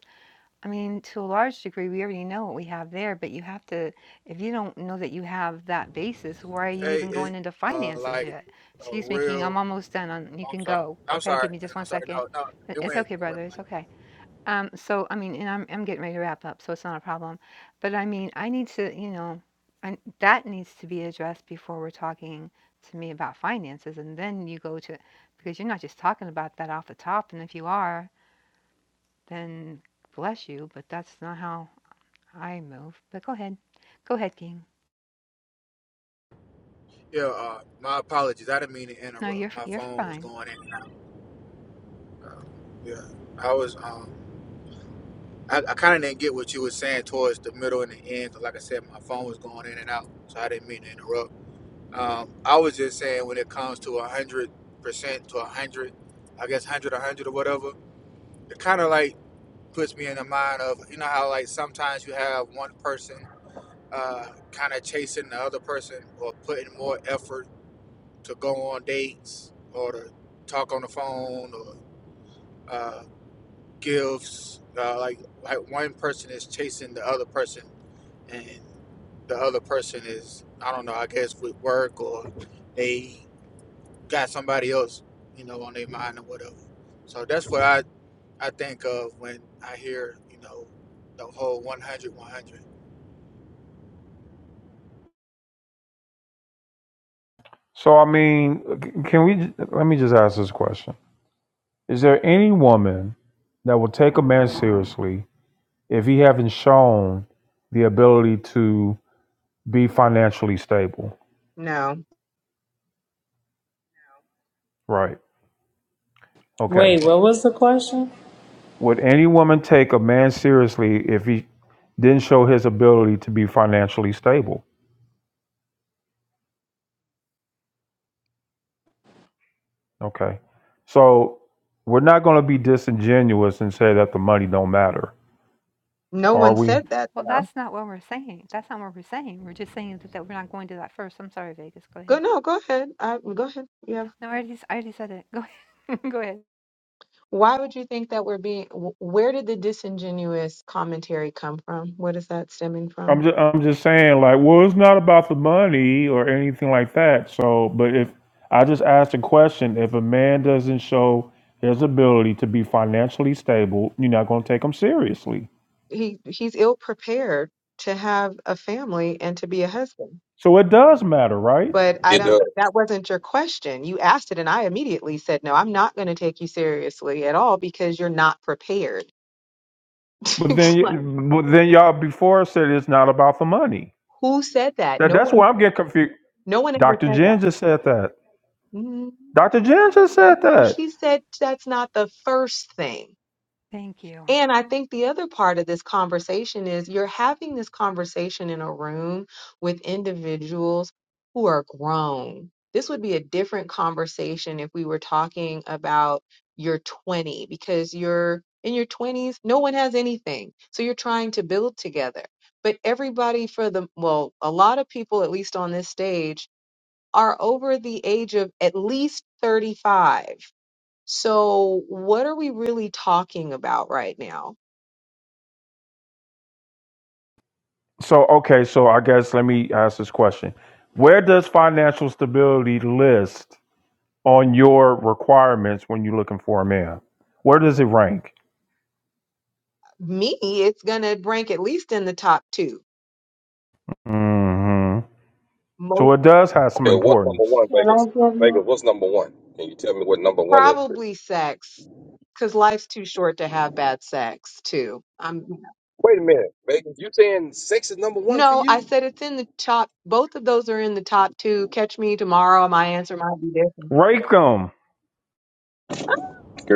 I mean, to a large degree, we already know what we have there, but you have to, if you don't know that you have that basis, why are you
Hey,
even
is
going into
uh,
finances
like
yet?
a
Excuse me, King, I'm
real.
almost done on, you
I'm
can
sorry.
go.
I'm
Okay,
sorry.
give me
man.
just
I'm
one
sorry.
second.
No, no.
"I-
It
It's
went.
okay,
It
brother,
went.
it's okay. Um, so, I mean, and I'm, I'm getting ready to wrap up, so it's not a problem. But I mean, I need to, you know, and that needs to be addressed before we're talking to me about finances. And then you go to, because you're not just talking about that off the top. And if you are, then bless you, but that's not how I move, but go ahead. Go ahead, King.
Yeah. Uh, my apologies. I didn't mean to
No, you're
interrupt.
f-
My
you're
phone was
fine.
going in and out. Uh, yeah. I was. Um. I, I kind of didn't get what you were saying towards the middle and the end. 'cause like I said, my phone was going in and out, so I didn't mean to interrupt. Um. I was just saying when it comes to a hundred percent to a hundred, I guess hundred, a hundred or whatever. It kind of like puts me in the mind of you know how like sometimes you have one person uh, kind of chasing the other person or putting more effort to go on dates or to talk on the phone or uh, gifts uh, like like one person is chasing the other person and the other person is I don't know I guess with work or they got somebody else you know on their mind or whatever so that's what I I think of when I hear, you know, the whole 100 100.
So, I mean, c- can we, let me just ask this question. Is there any woman that will take a man seriously if he haven't shown the ability to Be financially stable.
No,
Right. Okay.
Wait, what was the question?
Would any woman take a man seriously if he didn't show his ability to be financially stable? Okay. So we're not going to be disingenuous and say that the money don't matter,
no
are
one
we?
said that
Well,
though.
that's not what we're saying. That's not what we're saying. We're just saying that, that we're not going to that first. I'm sorry, Vegas. Go
Go
ahead.
no, go ahead. I, go ahead. Yeah.
No, I already, s- I already said it. Go ahead. go ahead.
Why would you think that we're being? wh- Where did the disingenuous commentary come from? What is that stemming
I'm
from?
just I'm just saying like, well, it's not about the money or anything like that. So, but if I just asked a question, if a man doesn't show his ability to be financially stable, you're not going to take him seriously.
He he's ill prepared to have a family and to be a husband.
So it does matter, right?
But I
It
don't,
does.
that wasn't your question. You asked it, and I immediately said, no, I'm not going to take you seriously at all because you're not prepared.
But then,
Like,
but then y'all before said it's not about the money.
who said that?
That
No
that's
one,
where I'm getting confused.
no one ever
Dr.
said that.
Jen just said that.
Mm,
Dr. Jen just said
No,
that.
she said that's not the first thing.
Thank you.
And I think the other part of this conversation is you're having this conversation in a room with individuals who are grown. This would be a different conversation if we were talking about your 20, because you're in your 20s, no one has anything. So you're trying to build together. But everybody, for the, well, a lot of people, at least on this stage, are over the age of at least 35. So, what are we really talking about right now?
So okay, so I guess let me ask this question: Where does financial stability list on your requirements when you're looking for a man? Where does it rank?
me, it's gonna rank at least in the top two.
hmm So
Most
it does have some
Okay. What's number
importance.
one,
Can I
Vegas?
get
Vegas,
more?
what's number one? Can you tell me what number one is? For you?
probably sex, because life's too short to have bad sex too. Um,
Wait a minute, Vegas. You saying sex is number one for
no, I
you?
said it's in the top. Both of those are in the top two. Catch me tomorrow. My answer might be different.
Rank them.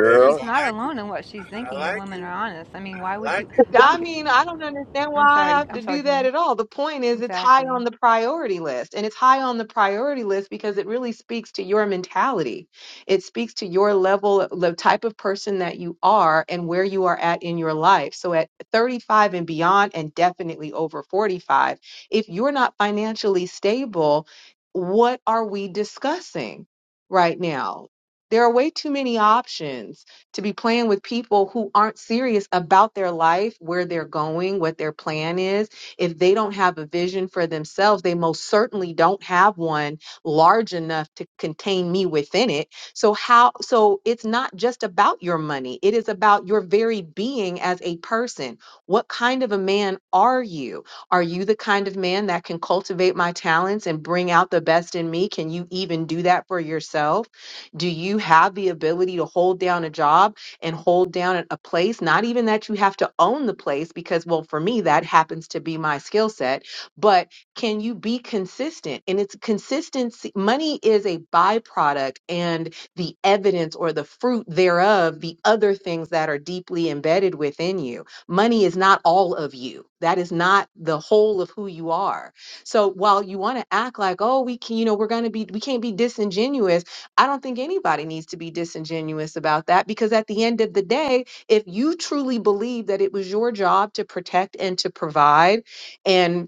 Vegas,
She's
I
not
like you.
alone in what she's
I
thinking. If
like
women are
you.
honest, I mean,
I
why would
like you.
you?
I
I'm
mean, I don't understand why
I'm
I
sorry.
have
I'm
to
sorry,
do that
King.
at all. The point is, it's high on
Exactly.
the priority list. And it's high on the priority list because it really speaks to your mentality. It speaks to your level, the type of person that you are, and where you are at in your life. So at 35 and beyond, and definitely over 45, if you're not financially stable, what are we discussing right now? There are way too many options to be playing with people who aren't serious about their life, where they're going, what their plan is. If they don't have a vision for themselves, they most certainly don't have one large enough to contain me within it. So how so it's not just about your money. It is about your very being as a person. What kind of a man are you? Are you the kind of man that can cultivate my talents and bring out the best in me? Can you even do that for yourself? Do you have the ability to hold down a job and hold down a a place? Not even that you have to own the place, because, well, for me, that happens to be my skill set, but can you be consistent? And it's consistency. Money is a byproduct and the evidence or the fruit thereof, the other things that are deeply embedded within you. Money is not all of you, that is not the whole of who you are. So while you want to act like, oh, we can, you know, we're going to be, we can't be disingenuous I don't think anybody needs to be disingenuous about that because at the end of the day, if you truly believe that it was your job to protect and to provide and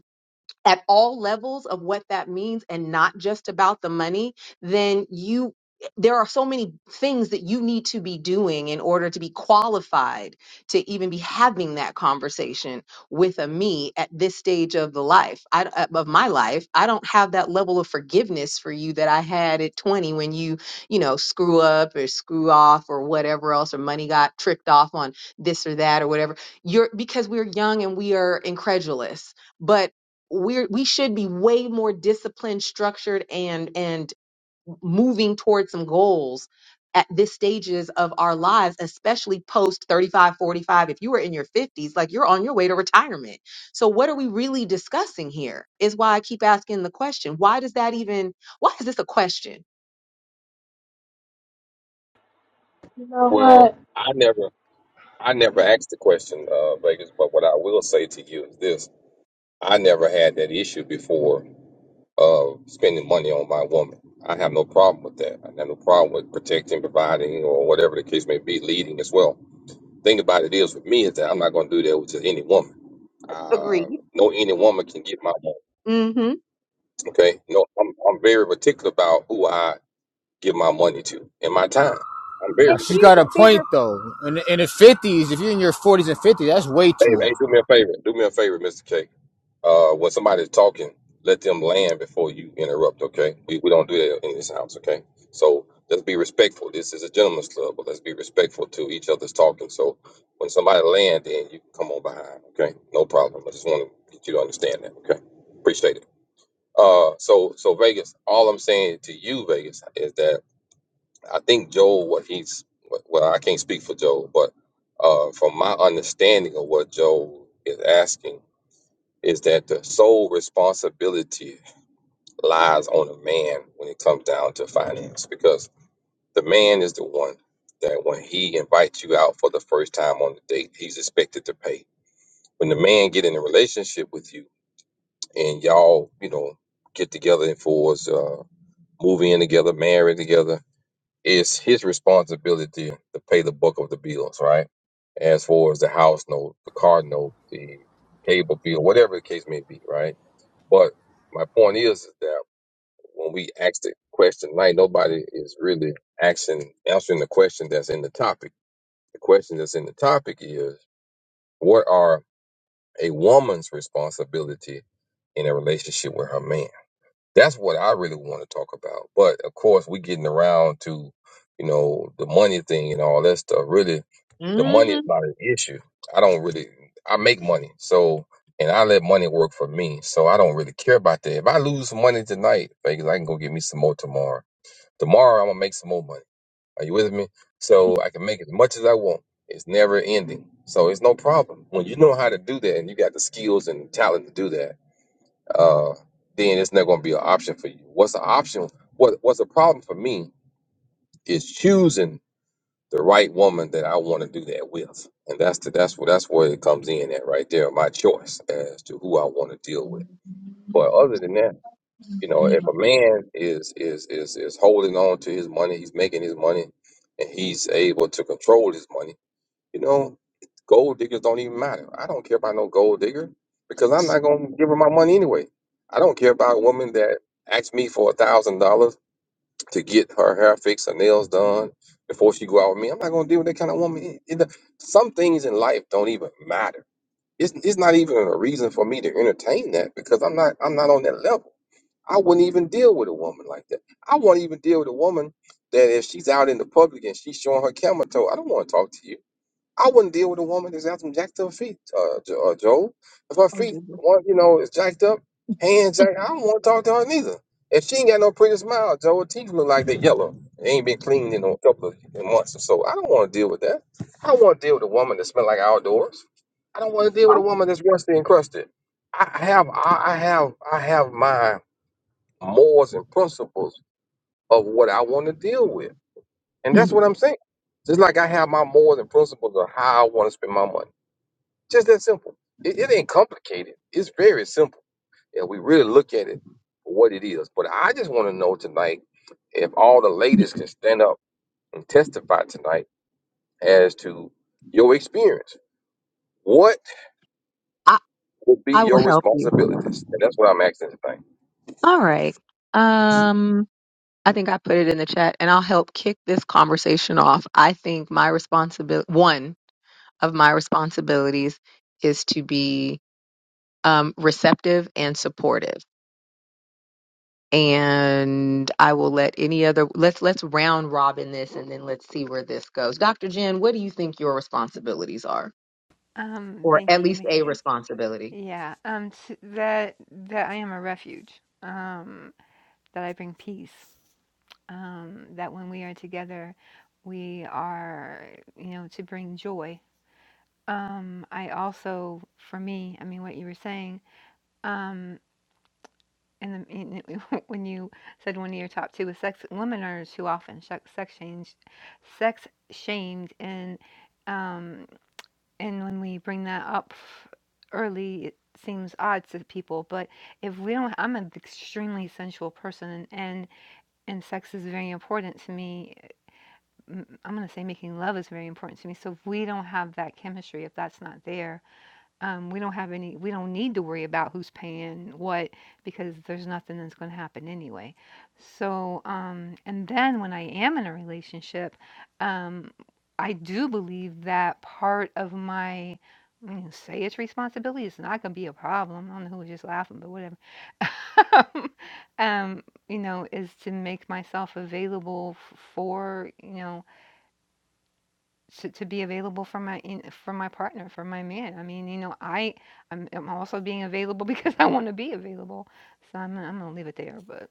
at all levels of what that means and not just about the money, then you there are so many things that you need to be doing in order to be qualified to even be having that conversation with a me at this stage of the life I, uh, of my life i don't have that level of forgiveness for you that i had at 20 when you you know screw up or screw off or whatever else or money got tricked off on this or that or whatever you're because we're young and we are incredulous but we're we should be way more disciplined structured and and moving towards some goals at this stages of our lives especially post 35, 45. if you are in your 50s like you're on your way to retirement so what are we really discussing here is why i keep asking the question why does that even why is this a question
You know
Well,
what?
I never, I never asked the question, uh, Vegas. But what I will say to you is this: I never had that issue before of spending money on my woman. I have no problem with that. I have no problem with protecting, providing, or whatever the case may be, leading as well. Thing about it is, with me, is that I'm not going to do that with just any woman. Uh,
agreed
no, any woman can get my money.
mm-hmm
Okay, no, I'm, I'm very particular about who I give my money to and my time. I'm very
Now
And
she's
particular
here's
got a
a
about that.
point
bigger.
though. In in the fifties, if you're in your forties and fifties, that's way
Hey,
too old.
hey, do me a favor. Do me a favor, Mr. K. Uh, when somebody's talking, let them land before you interrupt. Okay, we, we don't do that in this house. Okay, so let's be respectful. This is a gentleman's club, but let's be respectful to each other's talking. So when somebody land, then you can come on behind. Okay, no problem. I just want to get you to understand that. Okay, appreciate it. Uh, so so Vegas, all I'm saying to you, Vegas, is that I think Joel, what he's, well, I can't speak for Joel, but uh, from my understanding of what Joel is asking, is that the sole responsibility lies on a man when it comes down to finance, because the man is the one that when he invites you out for the first time on the date, he's expected to pay. When the man get in a relationship with you and y'all, you know, get together and for uh, move in together, marry together it's his responsibility to pay the buck of the bills, right? As far as the house note, the car note, the cable bill, whatever the case may be, right? But my point is, is that when we ask the question like nobody is really asking, answering the question that's in the topic. The question that's in the topic is, what are a woman's responsibility in a relationship with her man? That's what I really want to talk about. But of course, we getting around to, you know, the money thing and all that stuff. Really, the money is
mm-hmm
not an issue. I don't really. I make money, so and I let money work for me. So I don't really care about that. If I lose some money tonight, Vegas, I can go get me some more tomorrow. Tomorrow, I'm gonna make some more money. Are you with me? So I can make as much as I want. It's never ending. So it's no problem. When you know how to do that and you got the skills and talent to do that, uh, then it's not going to be an option for you. What's the option? What What's the problem for me is choosing the right woman that I want to do that with, and that's the, that's where that's where it comes in at right there. My choice as to who I want to deal with. But other than that, you know, if a man is is is is holding on to his money, he's making his money, and he's able to control his money you know, gold diggers don't even matter. I don't care about no gold digger because I'm not gonna give her my money anyway. I don't care about a woman that asks me for a thousand dollars to get her hair fixed, her nails done before she go out with me. I'm not gonna deal with that kind of woman. It- it- don't- some things in life don't even matter. It's, it's not even a reason for me to entertain that because I'm not I'm not on that level. I wouldn't even deal with a woman like that. I won't even deal with a woman that if she's out in the public and she's showing her camel toe, I don't want to talk to you I wouldn't deal with a woman that's got some jacked up feet, uh, Jo- uh, Joe. If her feet, one, you know, is jacked up, hands jacked, I don't want to talk to her neither. If she ain't got no pretty smile, Joe, her teeth look like they yellow. They ain't been cleaned in a couple of months or so. I don't want to deal with that. I don't want to deal with a woman that smell like outdoors. I don't want to deal with a
Oh,
woman that's rusty and crusted. I I have, I I have, I have my morals and principles of what I want to deal with, and that's
hmm,
what I'm saying. Just like I have my morals and principles of how I want to spend my money. Just that simple. It, it ain't complicated. It's very simple. And we really look at it for what it is. But I just want to know tonight if all the ladies can stand up and testify tonight as to your experience. What
I
would be
I will
your
help you.
responsibilities? And that's what I'm asking tonight.
All right. Um. I think I put it in the chat and I'll help kick this conversation off. I think my responsibility, one of my responsibilities is to be um, receptive and supportive. And I will let any other, let's, let's round robin this and then let's see where this goes. Dr. Jen, what do you think your responsibilities are?
Um.
or
Thank
at
you.
least a
ma- uh,
responsibility.
Yeah. Um. s that that I am a refuge. Um. That I bring peace. um, that when we are together, we are, you know, to bring joy. Um, I also, for me, I mean, what you were saying, um, and the, in, when you said one of your top two was sex, women are too often sh- sex shamed, sex shamed, and um, and when we bring that up early, it seems odd to people. But if we don't, I'm an extremely sensual person, and and sex is very important to me m- I'm going to say making love is very important to me. So if we don't have that chemistry, if that's not there, um, we don't have any, we don't need to worry about who's paying what because there's nothing that's going to happen anyway. So, um, and then when I am in a relationship, um, I do believe that part of my, I mean, say it's responsibility, it's not going to be a problem. I don't know who was just laughing, but whatever. um, you know, is to make myself available f- for, you know, to, to be available for my in, for my partner for my man i mean you know i i'm, I'm also being available because i want to be available so I'm, I'm gonna leave it there but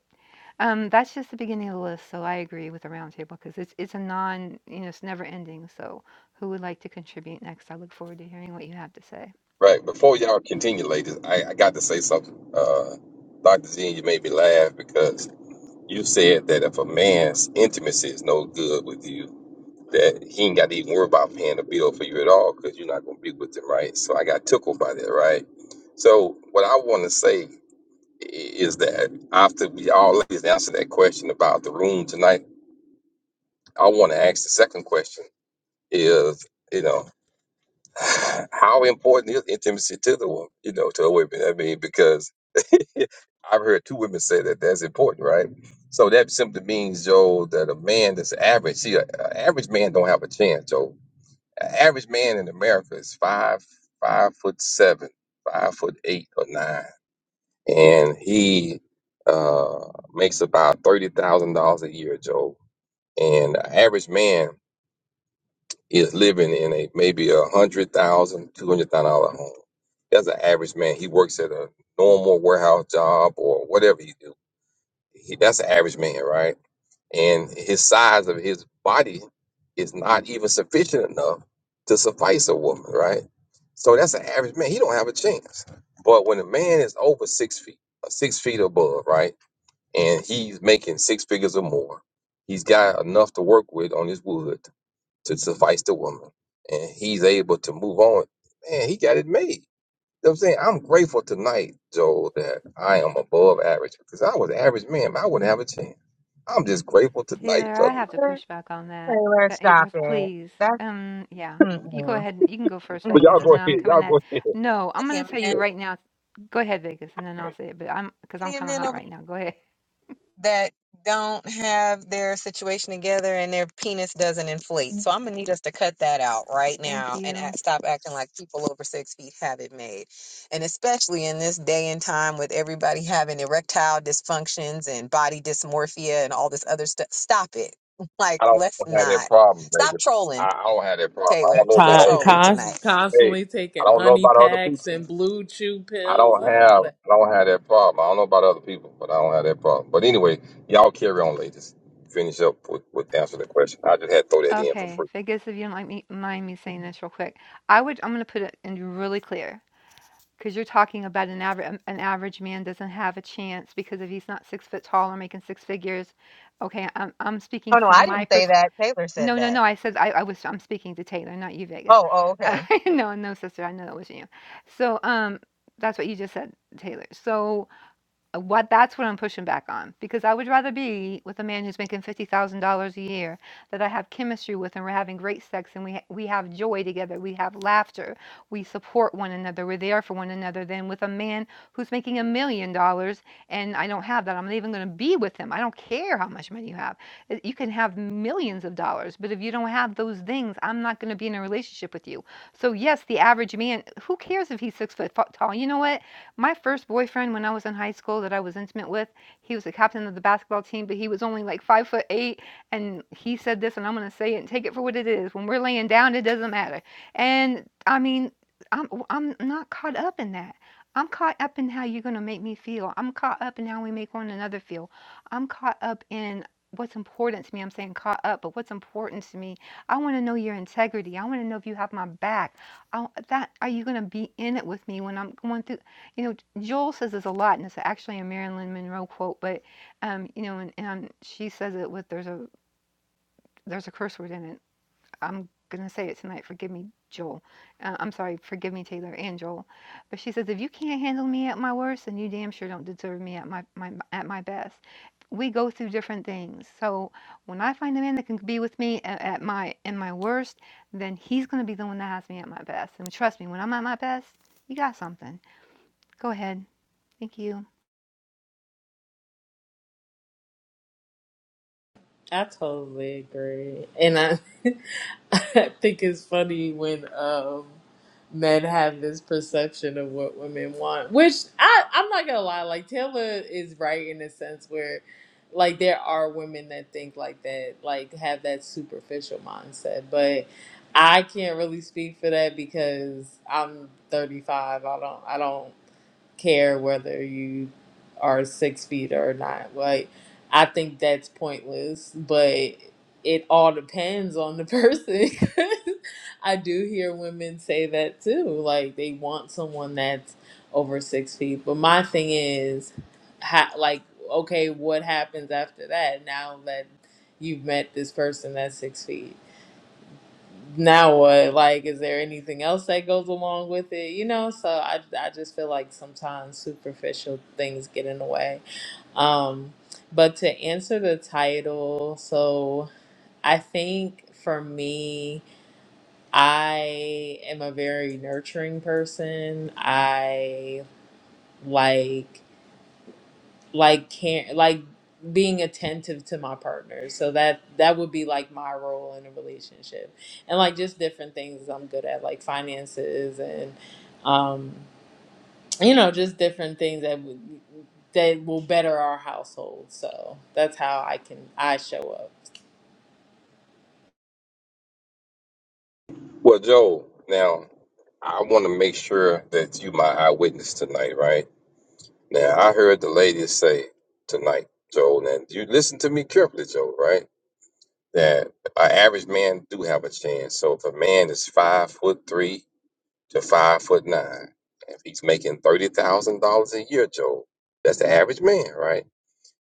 um that's just the beginning of the list so i agree with the roundtable because it's it's a non you know it's never ending so who would like to contribute next i look forward to hearing what you have to say
Right. Before y'all continue, ladies, I, I got to say something. Uh, Dr. Z, you made me laugh because you said that if a man's intimacy is no good with you, that he ain't got to even worry about paying a bill for you at all because you're not going to be with him, right? So I got tickled by that, right? So what I want to say i- is that after we all ladies answer that question about the room tonight, I want to ask the second question is, you know. How important is intimacy to the woman, you know, to a woman? I mean, because I've heard two women say that that's important, right? So that simply means, Joe, that a man that's average, see, an average man don't have a chance, Joe. An average man in America is five, five foot seven, five foot eight or nine, and he uh, makes about thirty thousand dollars a year, Joe. And an average man is living in a maybe a hundred thousand, two hundred thousand dollar home. That's an average man. He works at a normal warehouse job or whatever you do. He, that's an average man, right? And his size of his body is not even sufficient enough to suffice a woman, right? So that's an average man. He don't have a chance. But when a man is over six feet, uh, six feet above, right, and he's making six figures or more, he's got enough to work with on his wood to suffice the woman and he's able to move on. Man, he got it made. You know what I'm saying? I'm grateful tonight, Joel, that I am above average because I was an average man, but I wouldn't have a chance. I'm just grateful tonight,
Taylor, I
brother.
have to
Taylor,
push back on that.
Taylor,
But it
stop
was
it.
please.
That's
Um, yeah.
mm-mm.
You go ahead. You can go first,
But y'all
Vegas,
mm-mm.
and
go
then I'm
ahead.
coming
Y'all
at.
go ahead.
No,
Look
I'm
at
gonna tell
man.
you right now. Go ahead, Vegas, and then I'll say it. But I'm because I'm kind of hot right now. Go ahead.
that don't have their situation together and their penis doesn't inflate. So I'm gonna need us to cut that out right
Thank
now and
you.
act, stop acting like people over six feet have it made. And especially in this day and time with everybody having erectile dysfunctions and body dysmorphia and all this other stuff, stop it. Like,
I don't
let's
have that
not
problem, baby.
stop
I,
trolling,
I don't have that problem. I
Taylor.
don't know about
Quit
Con-
other
trolling
people.
cons-
tonight.
Hey,
constantly
I
taking
don't know
honey
about other
packs
people.
and blue chew
I
pills
don't
and all
have
that.
I don't have that problem. I don't know about other people, but I don't have that problem. But anyway, y'all carry on, ladies. Finish up with, with answering the question. I just had to throw that in for
Okay,
free.
Vegas, if you don't like me, mind me saying this real quick, I would. I'm gonna put it in really clear because you're talking about an average. An average man doesn't have a chance because if he's not six foot tall or making six figures. Okay, I'm I'm speaking
Oh no, I
from my
didn't say
perspective
that. Taylor said
No, no,
that.
no, I said I I was I'm speaking to Taylor, not you, Vegas.
Oh, oh,
Uh,
okay.
no, no, sister, I know that wasn't you. So, um, that's what you just said, Taylor. So uh, What that's what I'm pushing back on because I would rather be with a man who's making fifty thousand dollars a year that I have chemistry with and we're having great sex and we ha- we have joy together, we have laughter, we support one another, we're there for one another than with a man who's making a million dollars and I don't have that. I'm not even going to be with him. I don't care how much money you have. Uh, You can have millions of dollars, but if you don't have those things, I'm not going to be in a relationship with you. So yes, the average man, who cares if he's six foot fa- tall? You know what? My first boyfriend when I was in high school that I was intimate with, he was the captain of the basketball team, but he was only like five foot eight. And he said this, and I'm going to say it and take it for what it is. When we're laying down, it doesn't matter. And I mean, I'm, I'm not caught up in that. I'm caught up in how you're going to make me feel. I'm caught up in how we make one another feel. I'm caught up in what's important to me. I'm saying caught up, but what's important to me. I want to know your integrity. I want to know if you have my back. I, that are you going to be in it with me when I'm going through? You know, Joel says this a lot, and it's actually a Marilyn Monroe quote, but um, you know, and, and she says it with there's a there's a curse word in it. I'm gonna say it tonight. Forgive me, Joel. Uh, I'm sorry. Forgive me, Taylor and Joel. But she says, if you can't handle me at my worst, then you damn sure don't deserve me at my, my at my best. We go through different things. So when I find a man that can be with me at, at my in my worst, then he's gonna be the one that has me at my best. And trust me, when I'm at my best, you got something. Go ahead. Thank you.
I totally agree. And I, I think it's funny when um, men have this perception of what women want, which I, I'm not gonna lie, like Taylor is right in the sense where like there are women that think like that, like have that superficial mindset, but I can't really speak for that because I'm 35. I don't. I don't care whether you are six feet or not. Like, I think that's pointless, but it all depends on the person. 'Cause I do hear women say that too. Like, they want someone that's over six feet. But my thing is, ha- like, okay, what happens after that now that you've met this person that's six feet? now what? Like, is there anything else that goes along with it? You know, so I, I just feel like sometimes superficial things get in the way. Um, but to answer the title, so I think for me, I am a very nurturing person. I like like care like being attentive to my partner so that that would be like my role in a relationship and like just different things i'm good at like finances and um you know just different things that would that will better our household so that's how i can i show up
Well, Joe, now I want to make sure that you my eyewitness tonight, right? Now I heard the ladies say tonight, Joe, and you listen to me carefully, Joe, right? That an average man do have a chance. So if a man is five foot three, to five foot nine. If he's making thirty thousand dollars a year, Joe, that's the average man, right?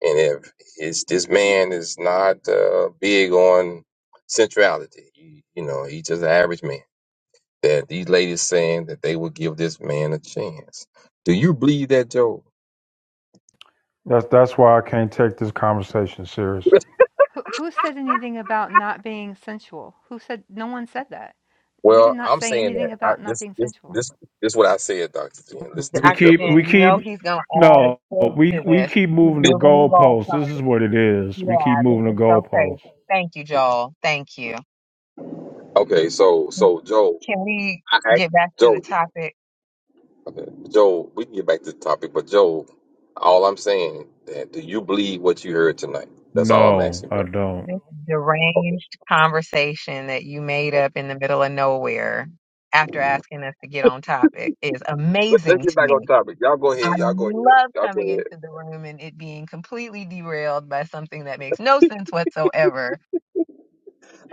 And if his this man is not uh, big on centrality, you, you know, he's just an average man. That these ladies saying that they will give this man a chance. Do you believe that, Joe?
That's that's why I can't take this conversation serious.
Who, who said anything about not being sensual? Who said? No one said that. We
Well,
did not
I'm
say
saying that
anything
I,
about not
this
being
this
sensual.
this this is what I said, Doctor Jen. Listen to
We
me
Dr.
keep
carefully.
Jen,
we
you know
keep
he's gonna add a
no
twist
we
to
we
this.
keep
He's
moving
This-
the
moving the goalposts.
goalposts. This is what it is. We
Yeah,
keep
this
moving
is
the
so crazy.
goalposts.
Thank you, Joel. Thank you.
okay, so so Joe,
Can we
I asked
get back to the
Joe.
topic?
Joel, we can get back to the topic, but Joel, all I'm saying that do you believe what you heard tonight? That's all I'm
No,
asking,
I
brother.
don't.
This
Okay.
deranged conversation that you made up in the middle of nowhere after asking us to get on topic is
Let, let's
amazing
get
to
back on
me.
topic. Y'all go
I
ahead. Y'all go ahead.
love
Y'all go
coming into
ahead.
the room and it being completely derailed by something that makes no sense whatsoever.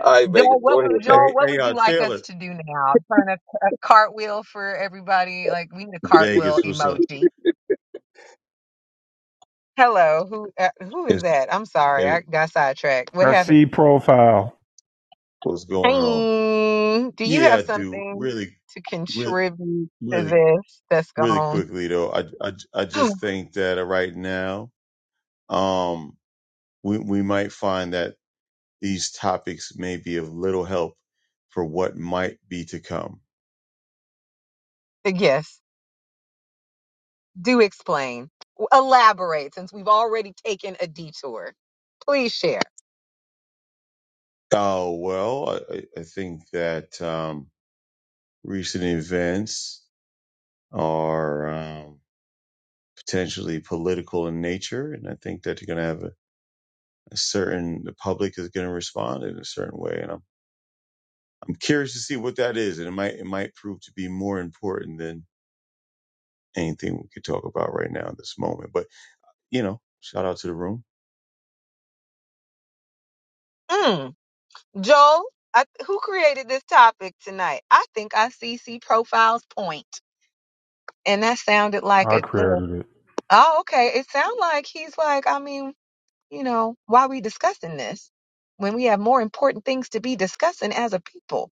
All right, Vegas.
Joel,
Go
what
ahead,
would Joel,
Vegas.
Hey,
what
hey,
would you
uh,
like us
Taylor,
to do now? Turn a, a cartwheel for everybody? Like we need a cartwheel
Vegas, what's up?
emoji Hello, who uh, who is
It's,
that? I'm sorry, I
it,
got sidetracked. What
I
happened?
see profile.
what's going on?
Hey, do you
Yeah,
have
I do.
something
Really,
to
really,
contribute to
really,
this that's
really
gone?
quickly though. I, I, I just think that uh, right now, um, we we might find that these topics may be of little help for what might be to come.
yes, do explain, elaborate, since we've already taken a detour. Please share.
Oh well, I, I I think that um, recent events are um, potentially political in nature, and I think that you're going to have a a certain the public is going to respond in a certain way and I'm I'm curious to see what that is and it might it might prove to be more important than anything we could talk about right now in this moment but you know shout out to the room
Mm, Joel, I, who created this topic tonight? I think I CC profiles point, and that sounded like
I
a little.
created it.
Oh, okay. It sounded like he's like. I mean, you know, why are we discussing this when we have more important things to be discussing as a people?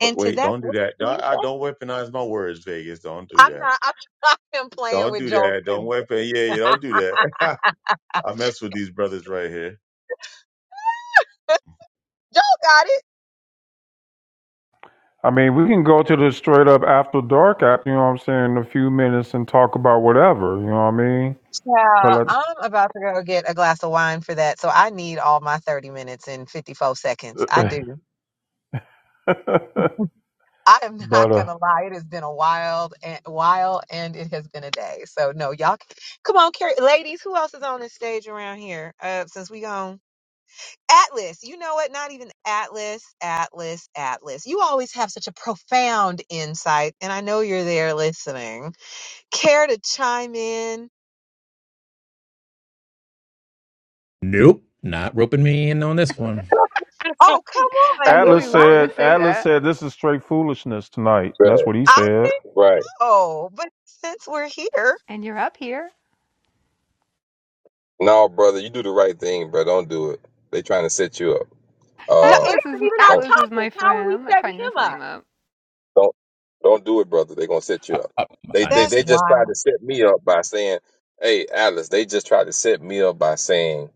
but
And to
wait
that,
don't do
what
that
can
don't,
you
I
say?
don't weaponize my words Vegas don't do
I'm
that
not, I'm not even playing
don't
with
do
Joel.
that
'cause
don't weapon yeah, yeah don't do that I mess with these brothers right here
Joel got it.
I mean, we can go to the straight up after dark app. You know what I'm saying? In a few minutes and talk about whatever. You know what
Yeah,
I mean?
I'm about to go get a glass of wine for that. So I need all my 30 minutes and 54 seconds.
But
I do.
I,
I am
but
not
uh,
gonna lie. It has been a wild and while, and it has been a day. So no, y'all, come on, Carrie, ladies. Who else is on this stage around here? Uh, since we gone. Atlas, you know what? Not even Atlas, Atlas, Atlas. You always have such a profound insight, and I know you're there listening. Care to chime in?
Nope, not roping me in on this one.
Oh,
I
come
I
on. You
knew
Atlas
he
love,
was going
said,
to say
Atlas
that.
said, this is straight foolishness tonight.
Right.
That's what he
I
said.
think,
Right.
oh, but since we're here,
And you're up here.
No, brother, you do the right thing, bro. Don't do it. They trying to set you up.
no, it isn't
Uh,
Atlas is
even our
don't.
Atlas is
topic.
my
How are
friend.
we
I'm not
setting
trying to
him
set
up?
him up.
Don't don't do it, brother. They're gonna set
I,
you up.
I,
They
I'm
they
That's
just
they just tried
wild.
to set me up by saying, "Hey, Atlas." They just tried to set me up by saying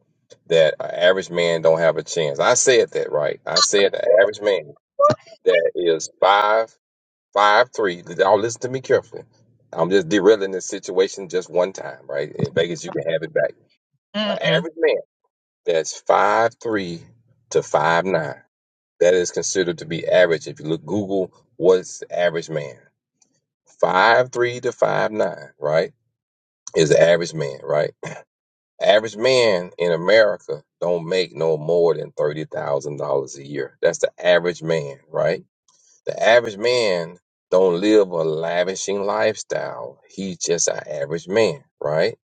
that an average man don't have a chance. I said that right. I said an average man that is five five three. All listen to me carefully. I'm just derailing this situation just one time, right? In Vegas, you can have it back. An
Mm-mm.
average man that's five three to five nine. That is considered to be average. If you look Google, what's the average man? Five three to five nine, right? Is the average man, right? Average man in America don't make no more than thirty thousand dollars a year. That's the average man, right? The average man don't live a lavishing lifestyle. He's just an average man, right?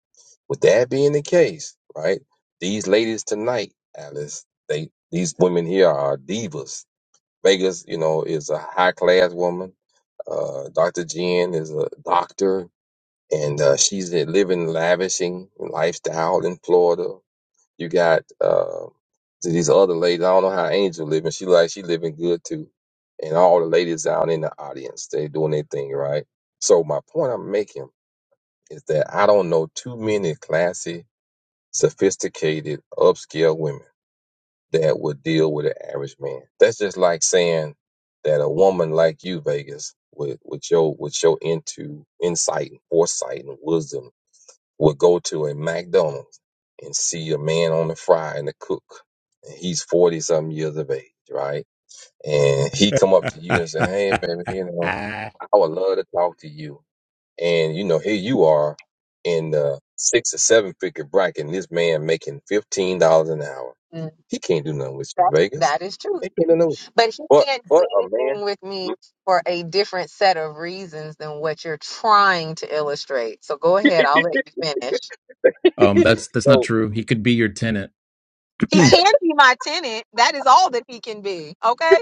With that being the case, right? These ladies tonight, Alice, they these women here are divas. Vegas, you know, is a high class woman. Uh, Dr. Jen is a doctor and uh, she's a living lavishing lifestyle in Florida. You got uh, these other ladies. I don't know how Angel living. She like she living good too, and all the ladies down in the audience they doing their thing right. So my point I'm making is that I don't know too many classy, sophisticated, upscale women that would deal with an average man. That's just like saying that a woman like you, Vegas, with with your with your into insight and foresight and wisdom would go to a McDonald's and see a man on the fry and the cook, and he's forty something years of age, right? And he come up to you and say, "Hey, baby, you know, I would love to talk to you." And you know, here you are in the six or seven figure bracket, and this man making fifteen dollars an hour.
Mm,
He can't do nothing with you,
That's,
Vegas.
that is true.
He can't do nothing. with you.
But he
But
can't do
but a
anything with me for a different set of reasons than what you're trying to illustrate. So go
man.
ahead, I'll let you finish.
um, that's that's not
so
true. He could be your tenant.
He
I,
can be my tenant. That is all that he can be. Okay.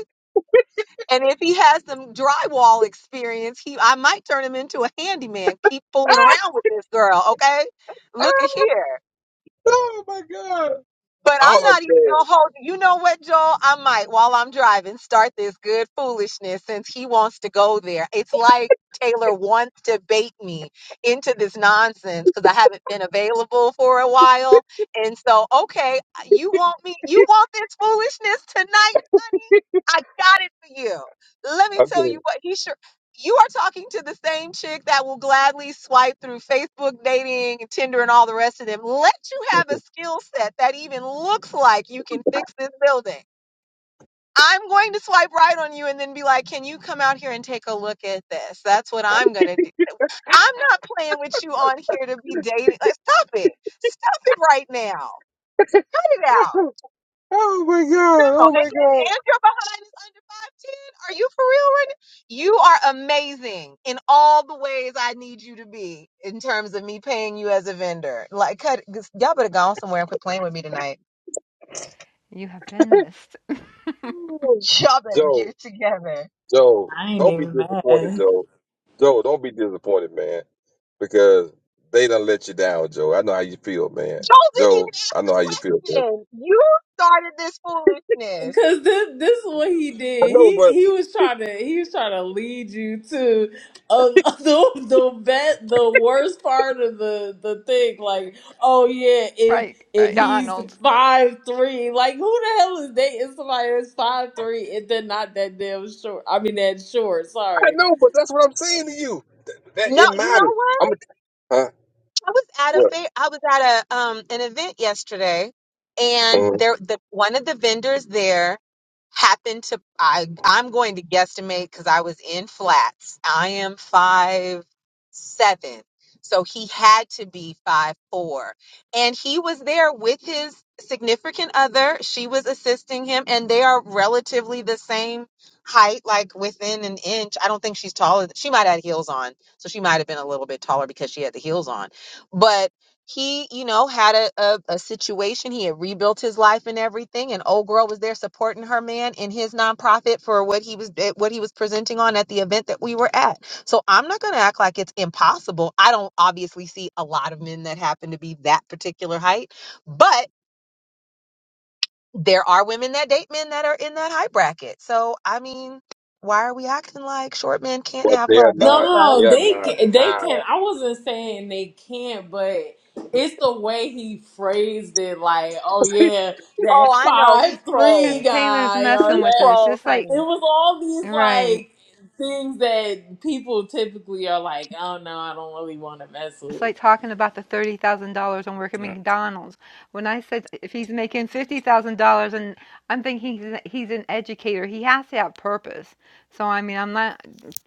And if he has some drywall experience, he I might turn him into a handyman. Keep fooling around with this girl. Okay. Look at here. But I'm not even gonna hold you You know what, Joel? I might while I'm driving start this good foolishness since he wants to go there. It's like Taylor wants to bait me into this nonsense because I haven't been available for a while. And so, okay, you want me you want this foolishness tonight, honey? I got it for you. Let me
okay,
tell you what he sure you are talking to the same chick that will gladly swipe through Facebook dating and Tinder and all the rest of them. Let you have a skill set that even looks like you can fix this building. I'm going to swipe right on you and then be like, can you come out here and take a look at this? That's what I'm going to do. I'm not playing with you on here to be dating. Like, stop it. Stop it right now. Cut it out. No, and, and, and you behind is under 5'10. Are you for real right now? You are amazing in all the ways I need you to be in terms of me paying you as a vendor. Like, cut, y'all better go on somewhere and quit playing with me tonight.
You have been missed.
Y'all better
Joe,
get it together.
Joe,
i ain't
don't be
even
disappointed,
mad
Joe. Joe, don't be disappointed, man, because they done let you down, Joe. I know how you feel, man.
Joel didn't
Joe,
even ask
I
the
know how you feel, man.
question. You started this foolishness.
Cause this this is what he
I
did.
know,
He
but
he was trying to he was trying to lead you to uh, the the bet the worst part of the the thing. Like, oh yeah, if
Right,
if
right.
he's
Donald.
five three, like who the hell is dating somebody that's five three and then not that damn short? I mean that short.
I
Sorry.
know, but that's what I'm saying to you. Th- That,
No,
it
you know
matters.
what?
I'm a, huh?
I was at a
What?
fair. I was at a um an event yesterday, and
Uh,
there the one of the vendors there happened to. I I'm going to guesstimate because I was in flats. I am five seven, so he had to be five four, and he was there with his significant other. She was assisting him, and they are relatively the same height, like within an inch. I don't think she's taller. She might have had heels on, so she might have been a little bit taller because she had the heels on but he you know had a, a, a situation he had rebuilt his life and everything and old girl was there supporting her man in his nonprofit for what he was eh, what he was presenting on at the event that we were at so i'm not going to act like it's impossible i don't obviously see a lot of men that happen to be that particular height but there are women that date men that are in that height bracket so i mean why are we acting like short men can't
but
have
they
love
are
they get
No, no,
not.
love
They
no,
are
they
not
ca- they
high.
can. I wasn't saying they can't, but it's the way he phrased it. Like, oh yeah,
oh
that
i know he
five
Because
three
trolls
Taylor's
guy, or
he
messing with
that it
us,
trolls
just like,
honey
was all these
right.
like things that people typically are like, oh no, I don't really want to mess
It's
with.
like talking about the thirty thousand dollars on working at
Yeah,
McDonald's. When I said if he's making fifty thousand dollars, and I'm thinking he's he's an educator, he has to have purpose. So I mean, I'm not.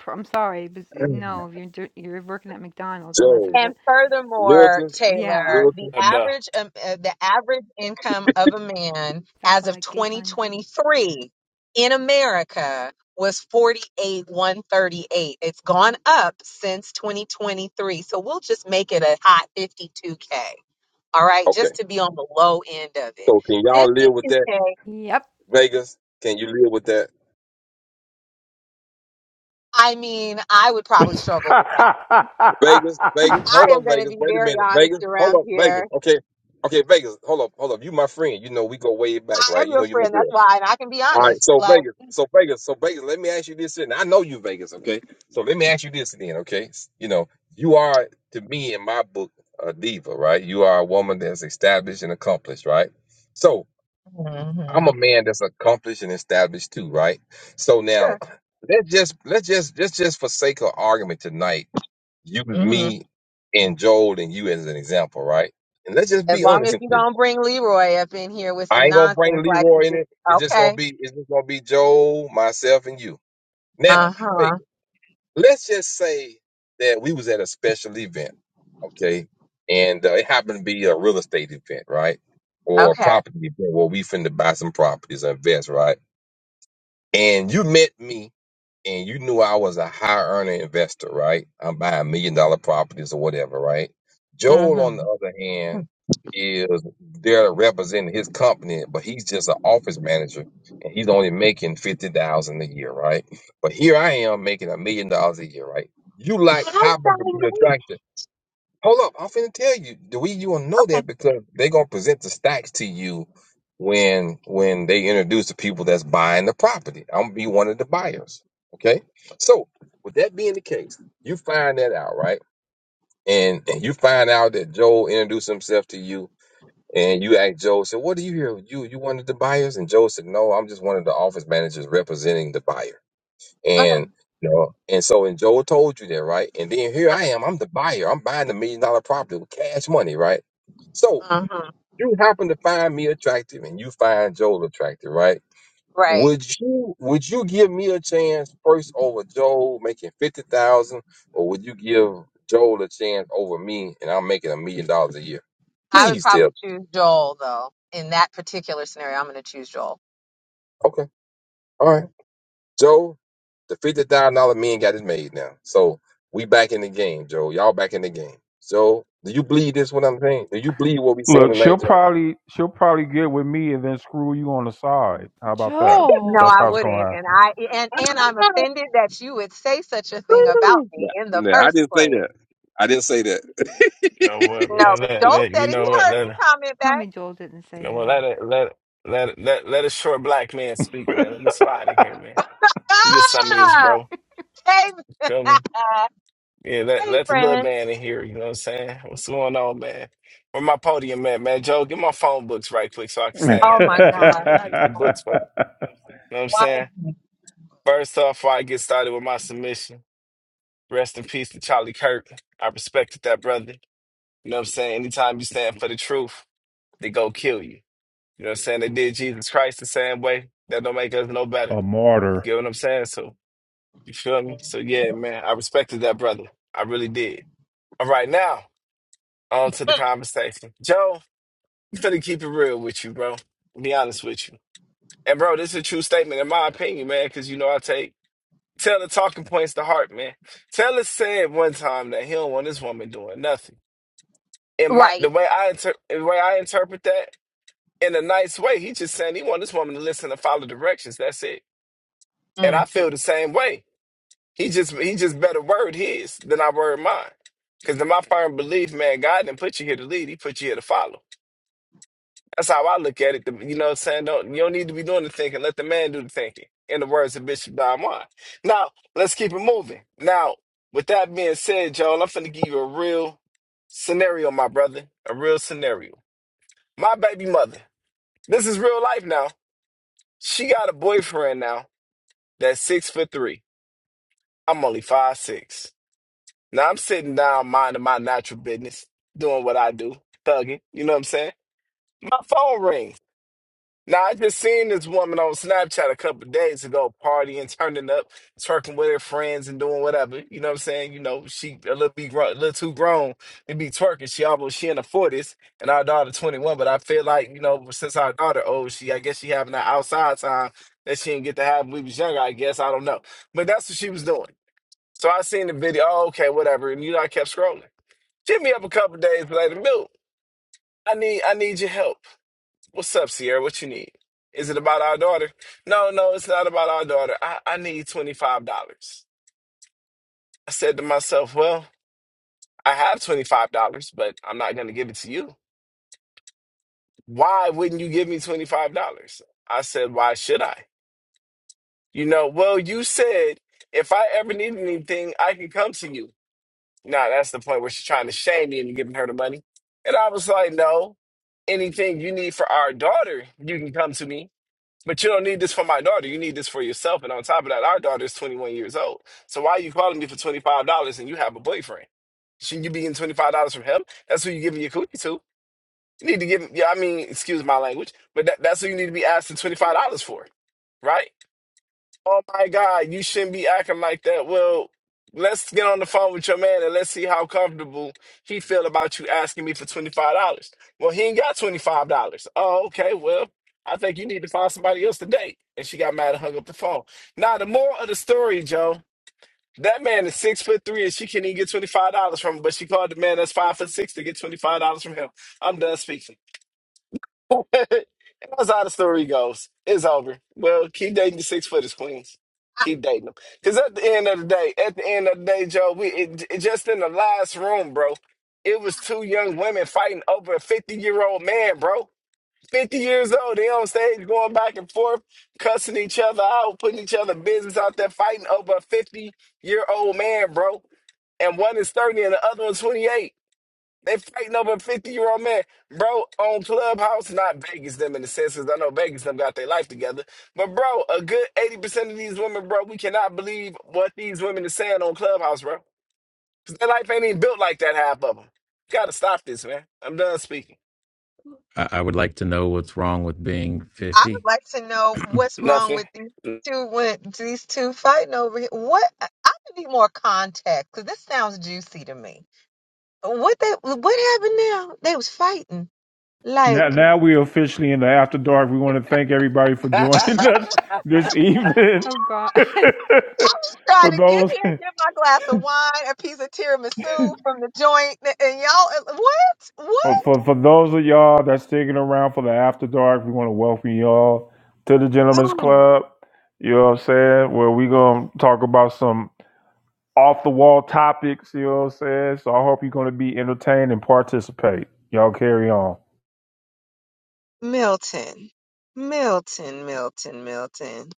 I'm sorry, but no, you're you're working at McDonald's unless
Joe,
there's
And
a
furthermore,
Milton,
Taylor,
yeah.
the
Milton.
though.
average um, uh, the average income of a man
Stop
as
all
of
that giggling.
2023 in America was forty eight one thirty-eight. It's gone up since 2023. So we'll just make it a hot 52k. All right,
Okay.
just to be on the low end of it.
So can y'all live with that,
52k,
Yep,
Vegas? Can you live with that?
I mean, I would probably struggle with that.
Vegas, Vegas, hold
I
up,
am going to
Vegas.
be
Wait a
very
minute,
honest
Vegas, hold
around
up, Vegas.
here.
Okay, okay, Vegas, hold up, hold up. You my friend. You know we go way back,
I
right?
am
You know
your
you my
friend, that's
girl.
why, and I can be
All right,
honest
so
like
Vegas, so Vegas, so Vegas. Let me ask you this, and I know you, Vegas. Okay, so let me ask you this then. Okay, you know you are to me in my book a diva, right? You are a woman that's established and accomplished, right? So
Mhm.
I'm a man that's accomplished and established too, right? So now
Sure.
let's just let's just let's just forsake our argument tonight use
hmm
me and Joel and you as an example, right? And let's just
As
be
long as
honest and
you
clear.
don't bring Leroy up in here with
I
some
ain't gonna bring
nonsense like
Leroy
you
in
did.
it. It's just gonna
Okay.
be it's just gonna be Joel, myself, and you. Now,
Uh
fake.
huh.
it. Let's just say that we was at a special event, okay, and uh, it happened to be a real estate event, right, or a
Okay.
property event where we finna buy some properties or invest, right? And you met me and you knew I was a high earner investor, right? I'm buying million dollar properties or whatever, right?
hmm
Joel, on the other hand, is there representing his company, but he's just an office manager and he's only making fifty thousand a year, right? But here I am making a million dollars a year, right? You like
How would
happen to
I
be
know?
attracted. Hold up, I'm finna tell you. The way you will know
Okay.
that because they gonna present the stacks to you when when they introduce the people that's buying the property. I'm gonna be one of the buyers. Okay. So with that being the case, you find that out, right? And and you find out that Joe introduced himself to you and you ask Joe, said, What do you here? You you one of the buyers? And Joe said, No, I'm just one of the office managers representing the buyer.
Okay.
And you know, and so and Joel told you that, right? And then here I am, I'm the buyer. I'm buying the million dollar property with cash money, right? So
Uh-huh. hmm
you happen to find me attractive and you find Joel attractive, right?
Right.
Would you would you give me a chance first over Joel making fifty thousand, or would you give Joel a chance over me and I'm making a million dollars a year?
I would
Please tell.
probably
me.
choose Joel though. In that particular scenario, I'm going to choose Joel.
Okay. All right. Joe, the fifty thousand dollar man got it made now. So we back in the game, Joe. Y'all back in the game. So do you believe this? What I'm saying? Do you believe what we saying
Look, she'll
tonight, Joe?
probably she'll probably get with me and then screw you on the side. How about that?
No,
That's
I
Joel.
how it's
wouldn't,
gonna
and I and and I'm offended that you would say such a thing about
Nah,
me in the
No, I
first
didn't say
place.
that. I didn't say
You
that.
know what,
No,
man?
but
Let,
Joel
let,
said
you
it. He
know what?
heard
Let,
me
you
comment
Tell
back.
me, Joel didn't say
know what?
that.
Let it, let, it- let, it- let, let a short black man speak, man. Let me slide in here, man. We get some of this,
Ah,
bro.
hey,
Feel me? Yeah, let,
hey,
let the little
friend.
man in here. You know what I'm saying? What's going on, man? Where my podium at, man? Joe, get my phone books right quick so I can stand
Oh
on them
my
right quick,
God.
man.
not
Get the books for
Oprah.
happen.
me. You know what I'm
Why
saying?
did
First off, before I get started with my submission, rest in peace to Charlie Kirk. I respected that brother. You know what I'm saying? Anytime you stand for the truth. they go kill you. You know what I'm saying? They did Jesus Christ the same way. That don't make us no better.
a
You
martyr.
get what I'm saying? So you feel me?
you
So yeah, man, I respected that brother. I really did. All right, now on to the conversation. Joe, I'm finna keep it real with you, bro. Be honest with you. And bro, this is a true statement in my opinion, man, because you know I take tell the talking points to heart, man. Taylor said one time that he don't want this woman doing nothing. In my the
Right.
way I inter- the way I interpret that in a nice way. He just saying he want this woman to listen and follow directions. That's it. And
hmm
I feel the same way. He just he just better word his than I word mine. Cause in my firm belief, man, God didn't put you here to lead, he put you here to follow. That's how I look at it. The- You know what I'm saying? Don't you don't need to be doing the thinking. Let the man do the thinking. In the words of Bishop Don Juan. Now, let's keep it moving. Now, with that being said, Joel, I'm finna give you a real scenario, my brother. A real scenario. My baby mother. This is real life now. She got a boyfriend now that's six foot three. I'm only five six. Now I'm sitting down minding my natural business, doing what I do, thugging. You know what I'm saying? My phone rings. Now I just seen this woman on Snapchat a couple days ago partying, turning up, twerking with her friends and doing whatever. You know what I'm saying? You know, she a little be grown, a little too grown to be twerking. She almost she in the forties and our daughter 21. But I feel like, you know, since our daughter old, she I guess she having that outside time that she didn't get to have when we was younger, I guess. I don't know. But that's what she was doing. So I seen the video, oh, okay, whatever. And you know, I kept scrolling. Hit me up a couple days later, Milk. I need I need your help. What's up, Sierra? What you need? Is it about our daughter? No, no, it's not about our daughter. I, I need $25. I said to myself, Well, I have $25, but I'm not going to give it to you. Why wouldn't you give me $25? I said, Why should I? You know, well, you said if I ever need anything, I can come to you. Now, that's the point where she's trying to shame me into giving her the money. And I was like, No, anything you need for our daughter, you can come to me But you don't need this for my daughter. You need this for yourself. And on top of that, our daughter is 21 years old. So why are you calling me for $25 and you have a boyfriend? Shouldn't you be getting $25 from him? That's who you giving your coochie to. You need to give, yeah, I mean, excuse my language, but that, that's who you need to be asking $25 for, right? Oh my God, you shouldn't be acting like that. Well, let's get on the phone with your man and let's see how comfortable he feel about you asking me for twenty five dollars. Well, he ain't got twenty five dollars. Oh, okay. Well, I think you need to find somebody else to date. And she got mad and hung up the phone. Now, the moral of the story, Joe, that man is six foot three and she can't even get twenty five dollars from him, but she called the man that's five foot six to get twenty five dollars from him. I'm done speaking. That's how the story goes. It's over. Well, keep dating the six footers, queens. Keep dating them. Because at the end of the day, at the end of the day, Joe, we it, it- just in the last room, bro, it was two young women fighting over a 50 year old man, bro. 50 years old. They on stage going back and forth, cussing each other out, putting each other business out there, fighting over a 50 year old man, bro. And one is 30 and the other one's 28. They fighting over a 50 year old man, bro, on Clubhouse, not Vegas them in the sense, 'cause I know Vegas them got their life together. But, bro, a good 80% of these women, bro, we cannot believe what these women are saying on Clubhouse, bro. 'Cause their life ain't even built like that, half of them. Gotta stop this, man. I'm done speaking.
I would like to know what's wrong with being
I would
fifty.
like to know what's wrong
Nothing.
with these two when these two fighting over here. What I would need more context because this sounds juicy to me. What they what happened now? They was fighting.
Now,
Like
now we're officially in the after dark. We want to thank everybody for joining us this evening.
Oh God,
trying
for
to get
those,
here, get my glass of wine, a piece of tiramisu from the joint, and y'all what?
for, for for those of y'all that's sticking around for the after dark, we want to welcome y'all to the
What?
Gentlemen's Club. You know what I'm saying? Where we gonna talk about some off the wall topics. You know what I'm saying? So I hope you're gonna be entertained and participate. Y'all carry on.
Milton, Milton, Milton, Milton.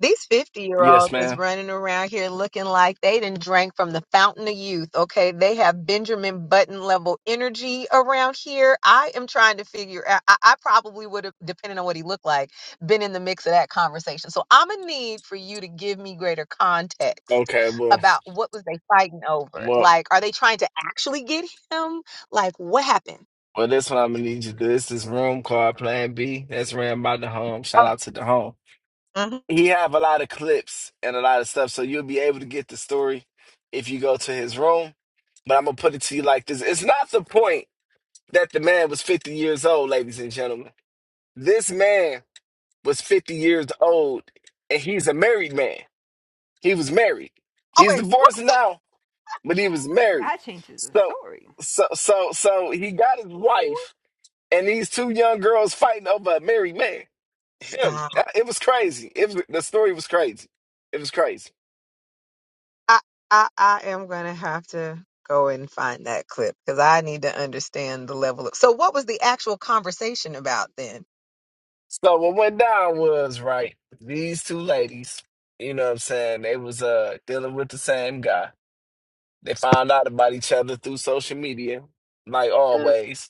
These 50 year
yes,
olds is
ma'am.
running around here looking like they done drank from the fountain of youth. Okay. They have Benjamin Button level energy around here. I am trying to figure out, I, I probably would have, depending on what he looked like, been in the mix of that conversation. So I'm going to need for you to give me greater context
Okay, well,
about what was they fighting over.
well.
Like, are they trying to actually get him? Like, what happened?
Well, this one I'm gonna need you to do. It's This is room called Plan B. That's ran by the home. Shout
Oh,
out to the home.
mhm.
he have a lot of clips and a lot of stuff, so you'll be able to get the story if you go to his room. But I'm gonna put it to you like this: It's not the point that the man was 50 years old, ladies and gentlemen. This man was 50 years old, and he's a married man. He was married.
oh
He's
wait, what?
divorced now, but he was married.
that changes the
So,
story.
so, so, so he got his wife and these two young girls fighting over a married man. Him.
Stop.
It was crazy. It was, the story was crazy. It was crazy.
I, I, I am going to have to go and find that clip because I need to understand the level of. So, what was the actual conversation about then?
So what went down was right. These two ladies, you know what I'm saying, they was uh dealing with the same guy. They found out about each other through social media, like always.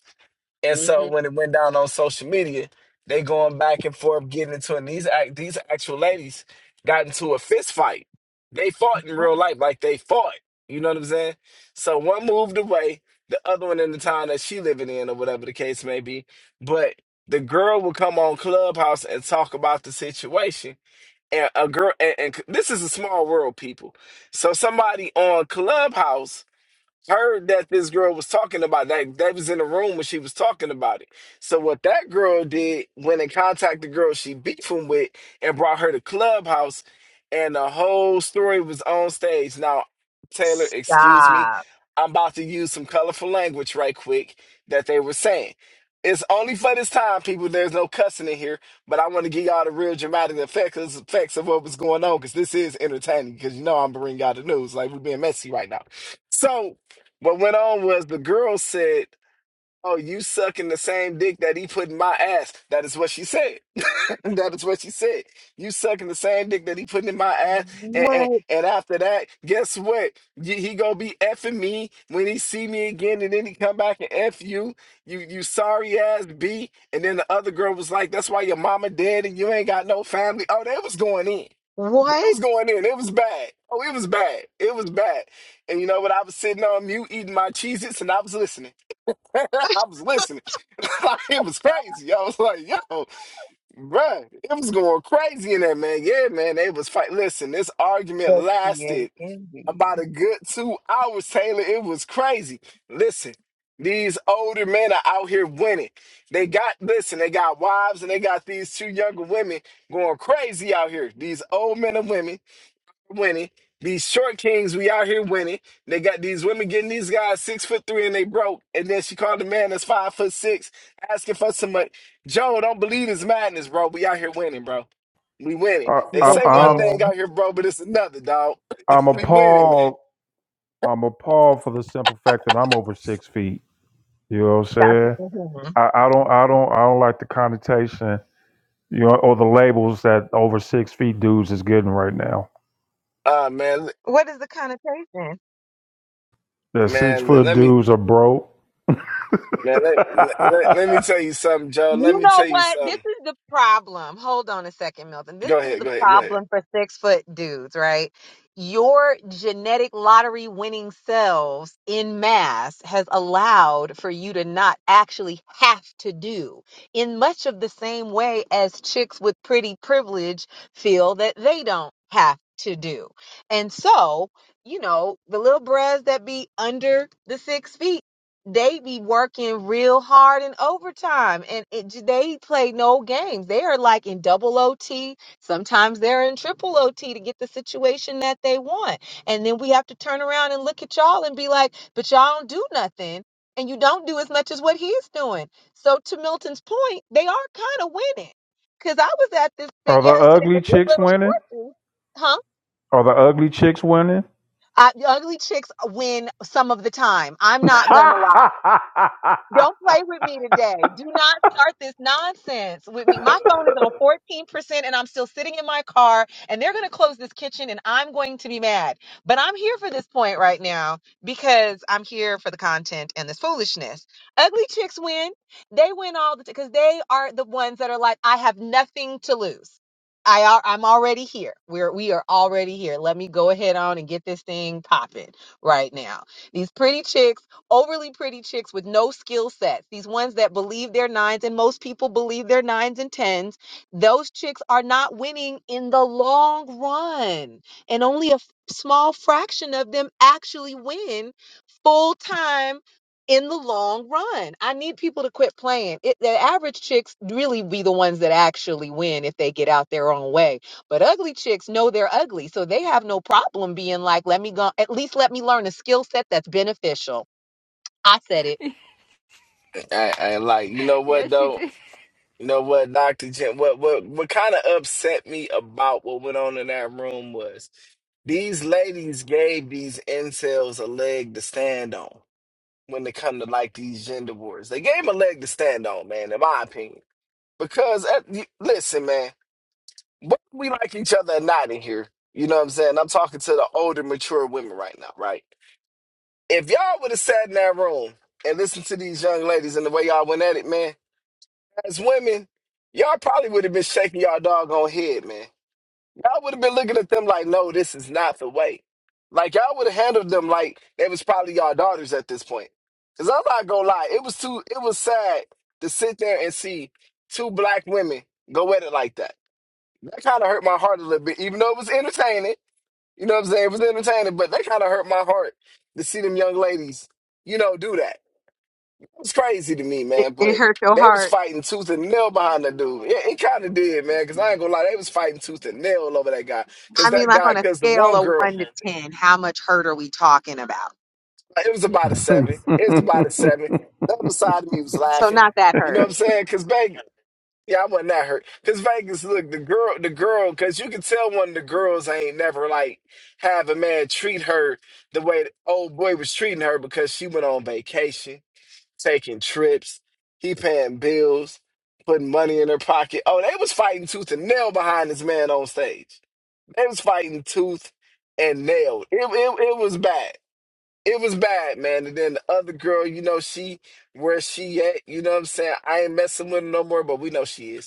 And so
Mm-hmm.
when it went down on social media, they going back and forth, getting into it. And these act, these actual ladies got into a fist fight. They fought in real life, like they fought. You know what I'm saying? So one moved away, the other one in the town that she living in, or whatever the case may be. But the girl would come on Clubhouse and talk about the situation. And a girl, and, and this is a small world, people. So somebody on Clubhouse heard that this girl was talking about that. They was in the room when she was talking about it. So what that girl did went and contacted the girl she beefing with and brought her to Clubhouse, and the whole story was on stage. Now, Taylor, excuse me,
Stop.
I'm about to use some colorful language right quick that they were saying. It's only for this time, people. There's no cussing in here, but I want to give y'all the real dramatic effects effects of what was going on because this is entertaining. Because you know I'm bringing y'all the news, like we're being messy right now. So what went on was the girl said, "Oh, you sucking the same dick that he put in my ass." That is what she said. that is what she said. You sucking the same dick that he put in my ass, and and,
What?
and after that, guess what? You, he gonna be effing me when he see me again, and then he come back and eff you. You you sorry ass b. And then the other girl was like, "That's why your mama dead and you ain't got no family." Oh, they was going in. It
What?
was going in. It was bad. Oh, it was bad. It was bad. And you know what? I was sitting on mute eating my Cheez Its and I was listening. I was listening. Like, it was crazy. I was like, yo, bruh, it was going crazy in there, man. Yeah, man. They was fight. Listen, this argument
The
lasted about
creativity.
a good two hours, Taylor. It was crazy. Listen. These older men are out here winning. They got, listen, they got wives and they got these two younger women going crazy out here. These old men and women winning. These short kings, we out here winning. They got these women getting these guys six foot three and they broke. And then she called the man that's five foot six asking for some money. Joe, don't believe his madness, bro. We out here winning, bro. We winning.
I,
They say
I,
one
I'm
thing
Listen,
out here, bro, but it's another, dog.
I'm
we winning, man.
appalled. I'm appalled for the simple fact that I'm over six feet. You know what I'm
Dr.
saying?
Mhm.
I, I don't I don't I don't like the connotation, you know, or the labels that over six feet dudes is getting right now.
Uh man, l-
What is the connotation?
The six
man, l-
foot
let me
dudes are broke.
man, let, let, let me tell you something, Joe. Let
You
me
know
tell you
what? This
something.
is the problem. Hold on a second, Milton. This
Go
is
ahead,
the
go ahead, go ahead.
problem for six foot dudes, right? Your genetic lottery winning selves in mass has allowed for you to not actually have to do in much of the same way as chicks with pretty privilege feel that they don't have to do. And so, you know, the little bras that be under the six feet they be working real hard and overtime and it, j- they play no games. They are like in double OT. Sometimes they're in triple OT to get the situation that they want. And then we have to turn around and look at y'all and be like, but y'all don't do nothing. And you don't do as much as what he's doing. So to Milton's point, they are kind of winning. Cause I was at this
Are
thing
the
yesterday.
ugly
and These
chicks
little
winning?
shorties, huh?
Are the ugly chicks winning?
Uh, the ugly chicks win some of the time. I'm not gonna lie. Don't play with me today. Do not start this nonsense with me. My phone is on 14% and I'm still sitting in my car and they're going to close this kitchen and I'm going to be mad. But I'm here for this point right now because I'm here for the content and this foolishness. Ugly chicks win. They win all the time because they are the ones that are like, I have nothing to lose. I are, I'm already here. We're we are already here. Let me go ahead on and get this thing popping right now. These pretty chicks overly pretty chicks with no skill sets, these ones that believe they're nines, and most people believe they're nines and tens, those chicks are not winning in the long run. And only a f- small fraction of them actually win full time in the long run. I need people to quit playing. It, the average chicks really be the ones that actually win if they get out their own way. But ugly chicks know they're ugly, so they have no problem being like, let me go, at least let me learn a skill set that's beneficial. I said it.
I, I like, you know what
yes, you
though?
did.
You know what, Dr. Jim, what what what kind of upset me about what went on in that room was these ladies gave these incels a leg to stand on when it come to like these gender wars. They gave 'em a leg to stand on, man, in my opinion. Because uh, you- listen, man, whether we like each other or not in here, you know what I'm saying? I'm talking to the older, mature women right now, right? If y'all would have sat in that room and listened to these young ladies and the way y'all went at it, man as women, y'all probably would have been shaking y'all doggone head, man. Y'all would have been looking at them like, no, this is not the way. Like y'all would have handled them like they was probably y'all daughters at this point. Cause I'm not gonna lie, it was too it was sad to sit there and see two black women go at it like that. That kinda hurt my heart a little bit, even though it was entertaining. You know what I'm saying? It was entertaining, but that kinda hurt my heart to see them young ladies, you know, do that. It's crazy to me,
It,
man,
it
but
hurt your
they was
heart.
fighting tooth and nail behind the dude. Yeah, it kind of did, man, because I ain't gonna lie, they was fighting tooth and nail over that guy. Because
I mean,
that
like
guy,
on a
because the
scale
one
of
girl,
one to
like,
ten, how much hurt are we talking about?
it was about a seven. It was about a seven. The other side of me was
So
laughing.
not that
You know
hurt.
what I'm saying? Because Vegas, yeah, I wasn't that hurt. Because Vegas, look, the girl, the girl, because you can tell one of the girls ain't never, like, have a man treat her the way the old boy was treating her because she went on vacation. taking trips. He paying bills, putting money in her pocket. Oh, they was fighting tooth and nail behind this man on stage. They was fighting tooth and nail. It, it, it was bad. It was bad, man. And then the other girl, you know, she where she at, you know what I'm saying? I ain't messing with her no more, but we know she is.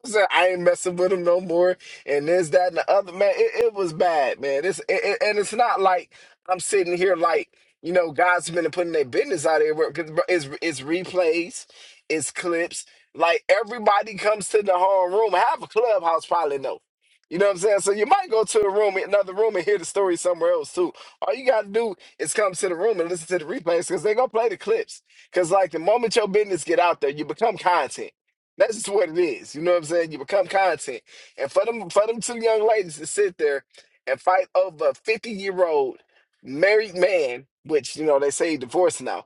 what I'm saying? I ain't messing with him no more. And this, that, and the other. Man, it, it was bad, man. It's, it, it- and it's not like I'm sitting here like, you know, God's been putting their business out there. Because it's, it's replays, it's clips. Like, everybody comes to the whole room. Half a clubhouse probably know. You know what I'm saying? So you might go to a room, another room, and hear the story somewhere else too. All you gotta do is come to the room and listen to the replays because they're gonna play the clips. Cause like the moment your business get out there, you become content. That's just what it is. You know what I'm saying? You become content. And for them for them two young ladies to sit there and fight over a 50 year old married man, which you know they say he divorced now.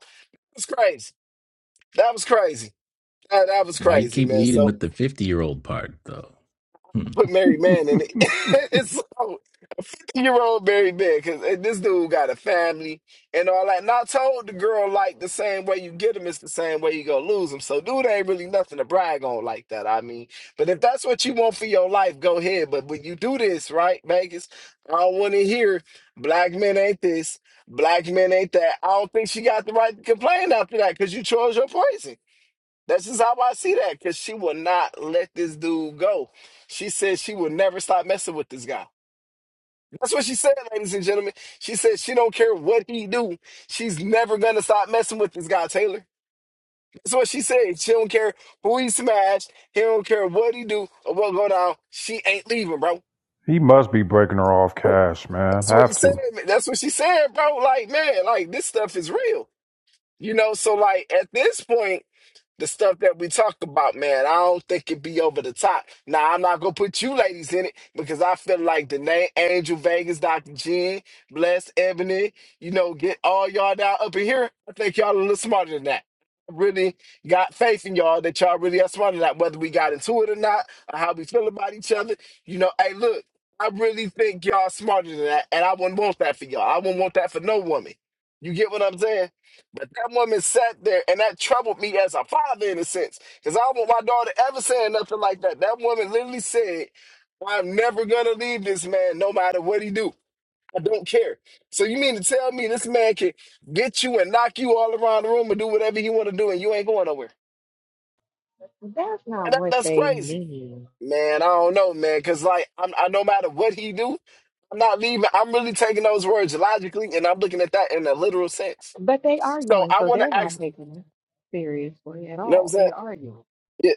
It's crazy. That was crazy. That, that was
Why you
crazy,
keep
man.
leading
So
with the fifty-year-old part, though? Hmm.
put married man in it. so. You're old very bad because this dude got a family and all that. And I told the girl, like, the same way you get him is the same way you gonna lose him. So, dude ain't really nothing to brag on like that. I mean, but if that's what you want for your life, go ahead. But when you do this, right, Vegas, I don't want to hear black men ain't this, black men ain't that. I don't think she got the right to complain after that because you chose your poison. That's just how I see that because she will not let this dude go. She said she will never stop messing with this guy. That's what she said, ladies and gentlemen. She said she don't care what he do. She's never gonna stop messing with this guy Taylor. That's what she said. She don't care who he smashed. He don't care what he do or what go down. She ain't leaving, bro.
he must be breaking her off
That's
cash, man.
what he
Have
said.
to.
man. That's what she said, bro. Like man, like this stuff is real, you know. So like at this point. the stuff that we talk about, man. I don't think it be over the top. Now I'm not gonna put you ladies in it because I feel like the name Angel Vegas, Dr. Jen, Bless Ebony, you know, get all y'all down up in here. I think y'all a little smarter than that. I Really got faith in y'all that y'all really are smarter than that, whether we got into it or not, or how we feel about each other. You know, hey, look, I really think y'all smarter than that, and I wouldn't want that for y'all. I wouldn't want that for no woman. You get what I'm saying? But that woman sat there, and that troubled me as a father in a sense, because I don't want my daughter ever saying nothing like that. That woman literally said, "I'm never gonna leave this man, no matter what he do. I don't care." So you mean to tell me this man can get you and knock you all around the room and do whatever he want to do, and you ain't going nowhere?
That's
And
not
that,
what
that's
they
crazy,
mean.
man. I don't know, man, because like I'm, I no matter what he do, I'm not leaving. I'm really taking those words logically, and I'm looking at that in a literal sense.
But
So I want to ask,
seriously,
you know what I'm saying? Yeah.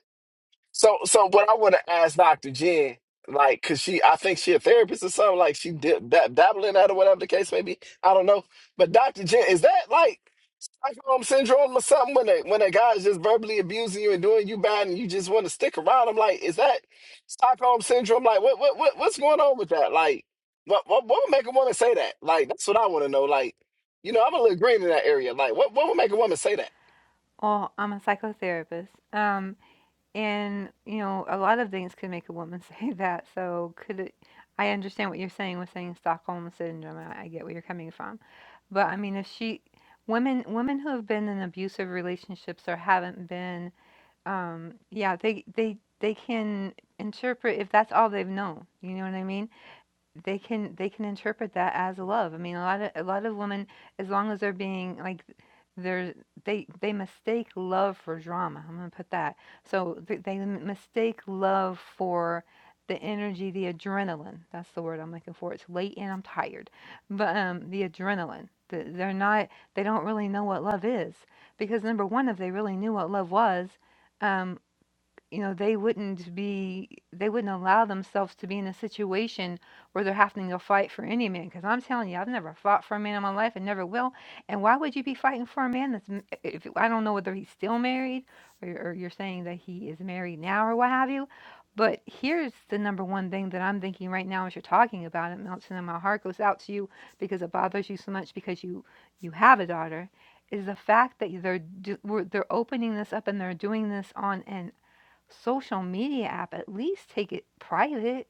So, so what I want to ask Dr. Jen, like, cause she, I think she a therapist or something, like she did dab- dabbling in that or whatever the case may be. I don't know. But Dr. Jen, is that like Stockholm syndrome or something when a when a guy's just verbally abusing you and doing you bad and you just want to stick around? I'm like, is that Stockholm syndrome? Like, what what, what what's going on with that? Like, what what, what would make a woman say that? Like, that's what I want to know. Like, you know, I'm a little green in that area. Like, what what would make a woman say that?
Oh, I'm a psychotherapist. Um, And, you know, a lot of things could make a woman say that. So could it I understand what you're saying with saying Stockholm syndrome. I, I get where you're coming from. But I mean, if she women women who have been in abusive relationships or haven't been um yeah, they they they can interpret if that's all they've known. You know what I mean? they can they can interpret that as love. I mean, a lot of a lot of women, as long as they're being like, they're they they mistake love for drama. I'm gonna put that. So th- they m- mistake love for the energy, the adrenaline. That's the word I'm looking for. It's late and I'm tired, but um, the adrenaline. The, they're not. They don't really know what love is because number one, if they really knew what love was. um you know they wouldn't be they wouldn't allow themselves to be in a situation where they're having to fight for any man because i'm telling you i've never fought for a man in my life and never will and why would you be fighting for a man that's m- if i don't know whether he's still married or, or you're saying that he is married now or what have you but here's the number one thing that i'm thinking right now as you're talking about it melton and my heart goes out to you because it bothers you so much because you you have a daughter is the fact that they're do, we're, they're opening this up and they're doing this on an social media app, at least take it private.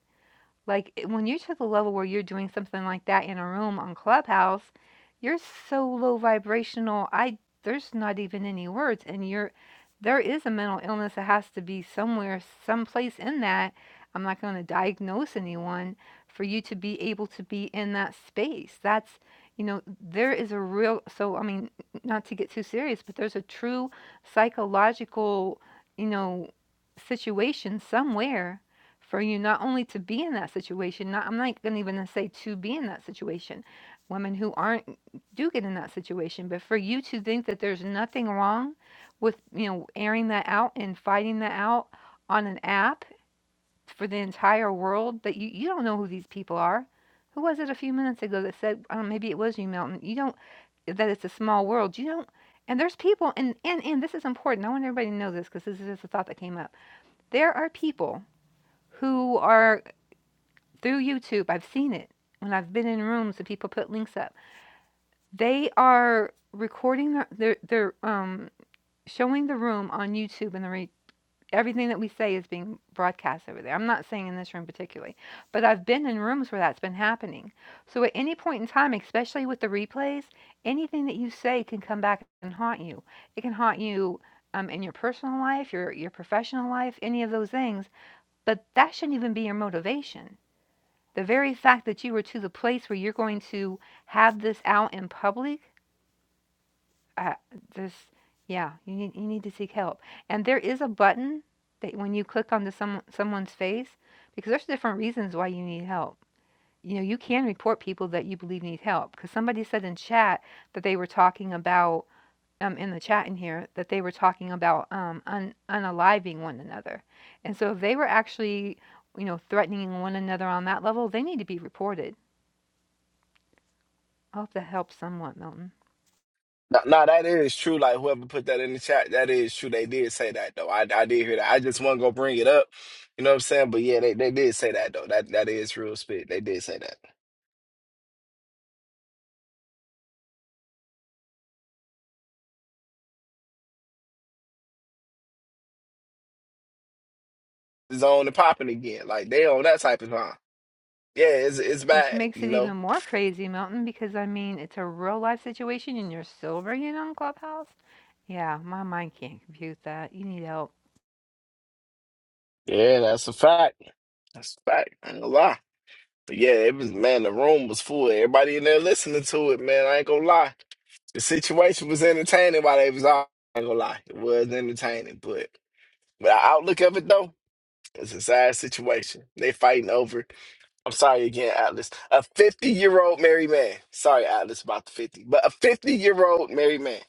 Like, it when you're to the level where you're doing something like that in a room on Clubhouse, you're so low vibrational, I there's not even any words, and you're there is a mental illness that has to be somewhere, someplace in that. I'm not gonna diagnose anyone for you to be able to be in that space. That's you know, there is a real so, I mean, not to get too serious, but there's a true psychological, you know, situation somewhere for you not only to be in that situation not i'm not going to even say to be in that situation women who aren't do get in that situation but for you to think that there's nothing wrong with you know airing that out and fighting that out on an app for the entire world that you, you don't know who these people are who was it a few minutes ago that said um, maybe it was you Milton. you don't that it's a small world you don't and there's people and and and this is important i want everybody to know this because this is just a thought that came up there are people who are through YouTube. I've seen it when I've been in rooms and people put links up. They are recording the they're, they're um showing the room on YouTube and the re- everything that we say is being broadcast over there. I'm not saying in this room particularly, but I've been in rooms where that's been happening. So at any point in time, especially with the replays, anything that you say can come back and haunt you. It can haunt you um, in your personal life, your your professional life, any of those things. But that shouldn't even be your motivation the very fact that you are to the place where you're going to have this out in public, uh, this, yeah, you need, you need to seek help. And there is a button that when you click onto some, someone's face, because there's different reasons why you need help. You know, you can report people that you believe need help. Because somebody said in chat that they were talking about, um, in the chat in here, that they were talking about um, un- unaliving one another. And so if they were actually, you know, threatening one another on that level, they need to be reported I'll have to help somewhat, Milton.
No, no, that is true. Like whoever put that in the chat, that is true. They did say that though. I, I did hear that. I just want to go bring it up. You know what I'm saying? But yeah, they, they did say that though. That that is real spit. They did say that. It's on and popping again. Like they on that type of time. Yeah, it's it's
Which
bad.
makes
You
it even
know.
more crazy, Milton, because I mean, it's a real life situation and you're still bringing on Clubhouse. Yeah, my mind can't compute that. You need help.
Yeah, that's a fact. That's a fact. I ain't gonna lie. But yeah, it was man. The room was full. Everybody in there listening to it, man. I ain't gonna lie. The situation was entertaining while they was all. I ain't gonna lie. It was entertaining, but. But the outlook of it though. It's a sad situation. They fighting over. I'm sorry again, Atlas. A 50 year old married man. Sorry, Atlas, about the 50, but a 50 year old married man.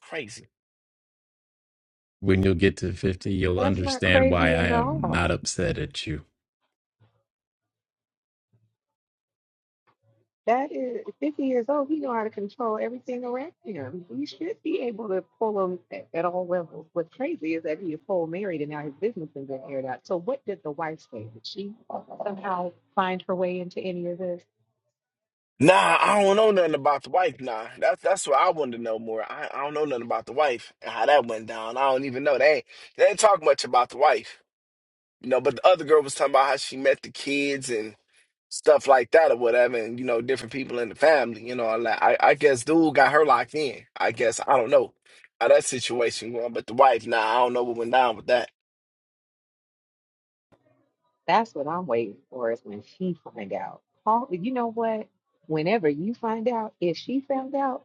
Crazy.
When you'll get to fifty, you'll
that's not
understand why
crazy
I
at
am not
all.
upset at you.
That is 50 years old. He know how to control everything around him. He should be able to pull him at, at all levels. What's crazy is that he is full married and now his business has been aired out. So what did the wife say? Did she somehow find her way into any of this?
Nah, I don't know nothing about the wife. Nah, that's that's what I wanted to know more. I, I don't know nothing about the wife and how that went down. I don't even know. They ain't, they ain't talk much about the wife, you know. But the other girl was talking about how she met the kids and. stuff like that or whatever, and you know, different people in the family, you know, like I, I guess dude got her locked in. I guess I don't know how that situation going, but the wife now nah, I don't know what went down with that.
That's what I'm waiting for is when she find out. Call, you know what? Whenever you find out, if she found out,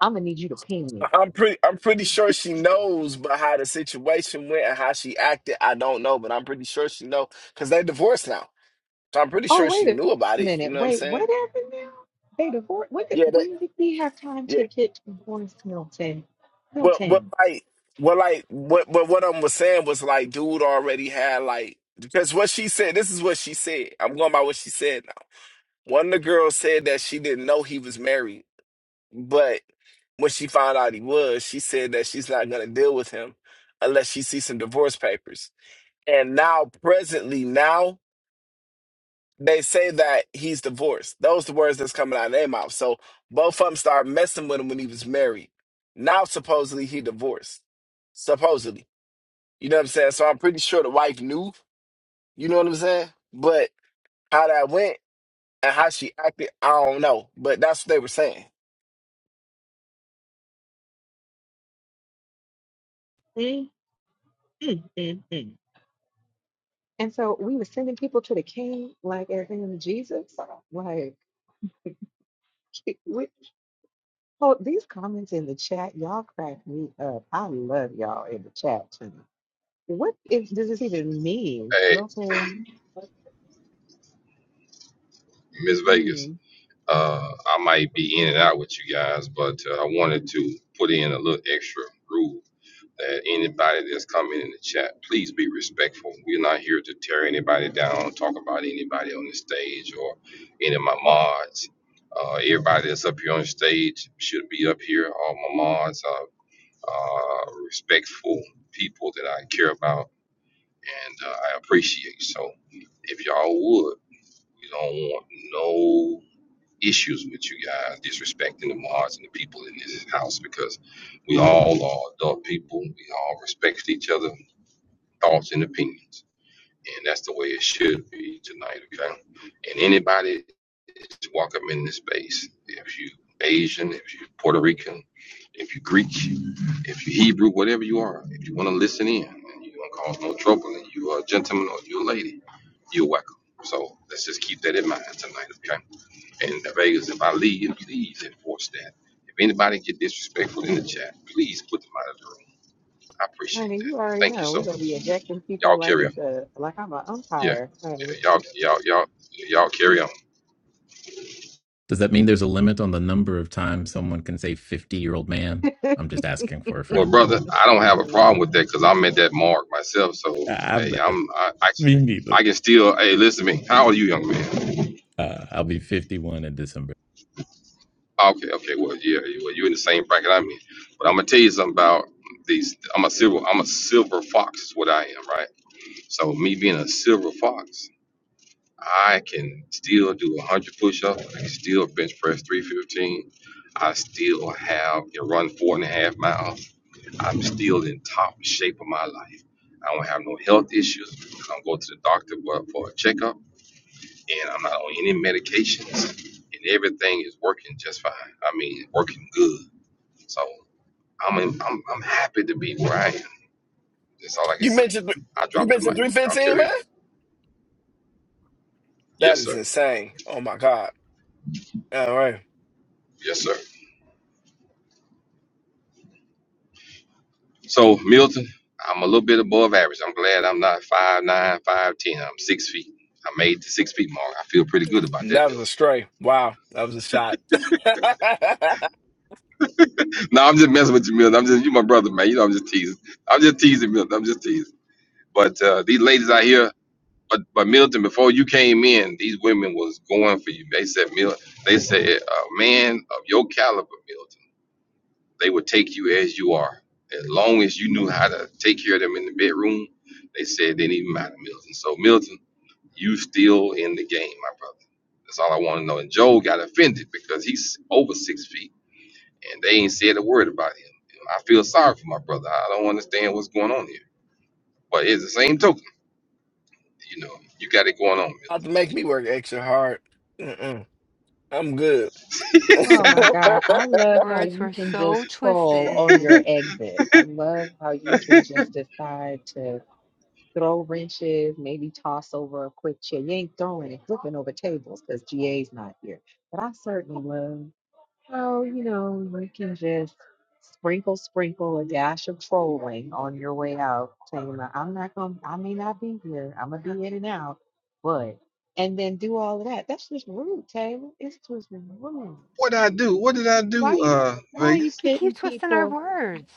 I'm gonna need you to ping me.
I- I'm pretty I'm pretty sure she knows but how the situation went and how she acted. I don't know, but I'm pretty sure she know because they divorced now. So I'm pretty
Oh,
sure she
wait
knew about
a
it. You
minute.
know what I'm
Wait, what
saying?
happened now? They divorced. When did,
Yeah, that
when did we have time
yeah.
to get divorced, Milton?
But what
Milton.
like what like what but what I was saying was like dude already had like because what she said, this is what she said. I'm going by what she said One of the girls said that she didn't know he was married, but when she found out he was, she said that she's not going to deal with him unless she sees some divorce papers. And now, presently, now they say that he's divorced. Those the words that's coming out of their mouth. So both of them started messing with him when he was married. Now, supposedly, he divorced. Supposedly. You know what I'm saying? So I'm pretty sure the wife knew. You know what I'm saying? But how that went and how she acted, I don't know. But that's what they were saying.
Mm, mm, mm, mm. And so we were sending people to the king, like as in Jesus. Like, we hold comment chat, y'all. Up. I don't know. What is, does this even mean,
Hey,
Milton?
Miss
hmm.
Vegas, uh, I might be in and out with you guys, but uh, I wanted to put in a little extra rule. that anybody that's coming in the chat, please be respectful. We're not here to tear anybody down, talk about anybody on the stage or any of my mods. Uh, everybody that's up here on the stage should be up here. All my mods are uh, respectful people that I care about and uh, I appreciate. So if y'all would, we don't want no issues with you guys disrespecting the mods and the people in this house because we all are adult people. We all respect each other' thoughts and opinions. And that's the way it should be tonight, okay? And anybody that's welcome in this space, if you Asian, if you Puerto Rican, if you Greek, if you Hebrew, whatever you are, if you want to listen in and you don't cause no trouble and you are a gentleman or you're a lady, you're welcome. So let's just keep that in mind tonight, okay? And the Vegas, if I leave, please enforce that. If anybody get disrespectful in the chat, please put them out of the room. I appreciate
Honey, you
that.
already
Thank you
know
so
we're gonna
much.
be ejecting people
Y'all
like
carry
it's
on.
a like I'm an
Yeah.
umpire, honey.
yeah y'all, y'all, y'all, y'all carry on.
Does that mean there's a limit on the number of times someone can say fifty-year-old man? I'm just asking for a
Well,
friend.
brother, I don't have a problem with that because I'm at that mark myself. So,
I'm
hey,
not,
I'm, I, I,
me neither.
I can still, hey, listen to me. How old are you, young man?
Uh, I'll be fifty-one in December.
Okay, okay. Well, yeah, you- well, you're in the same bracket I'm in. But I'm gonna tell you something about these. I'm a silver, I'm a silver fox is what I am, right? So me being a silver fox, I can still do 100 push-ups. I can still bench press 315. I still have you know, run four and a half miles. I'm still in top shape of my life. I don't have no health issues. I don't go to the doctor for for a checkup, and I'm not on any medications, and everything is working just fine. I mean, working good. So I'm in, I'm I'm happy to be where I am. That's all I can
You
say.
mentioned
I
you
dropped the
mentioned
mic.
three
Y'all
fifteen,
carry
man.
on.
That
Yes,
is
sir.
insane. Oh my god. All right,
Yes, sir. So Milton, I'm a little bit above average. I'm glad I'm not five nine, five ten. I'm six feet. I made the six feet mark. I feel pretty good about that,
that was
Milton.
a stray. Wow, that was a shot.
No, I'm just messing with you, Milton. I'm just you my brother, man. You know I'm just teasing. I'm just teasing, Milton. I'm just teasing. But uh, these ladies out here, but but Milton, before you came in, these women was going for you. They said, Milton, they said, a man of your caliber, Milton, they would take you as you are, as long as you knew how to take care of them in the bedroom. They said it didn't even matter, Milton. So Milton. You still in the game, my brother. That's all I want to know. And Joe got offended because he's over six feet and they ain't said a word about him. And I feel sorry for my brother. I don't understand what's going on here. But it's the same token, you know, you got it going on,
Not to make me work extra hard. Mm-mm. I'm good.
Oh
Milton.
my God, I love how
Words
you
were
can
so
just troll on
twisted.
your exit. I love how you can just decide to throw wrenches, maybe toss over a quick chair. You ain't throwing and flipping over tables because GA's not here. But I certainly love. Well, you know, you can just sprinkle, sprinkle a dash of trolling on your way out, saying, "Now, I'm not going, to I may not be here. I'm going to be in and out, but, and then do all of that. That's just rude, Taylor. It's just rude. Why are you, why are you
You
pitting
keep twisting our
people?
words.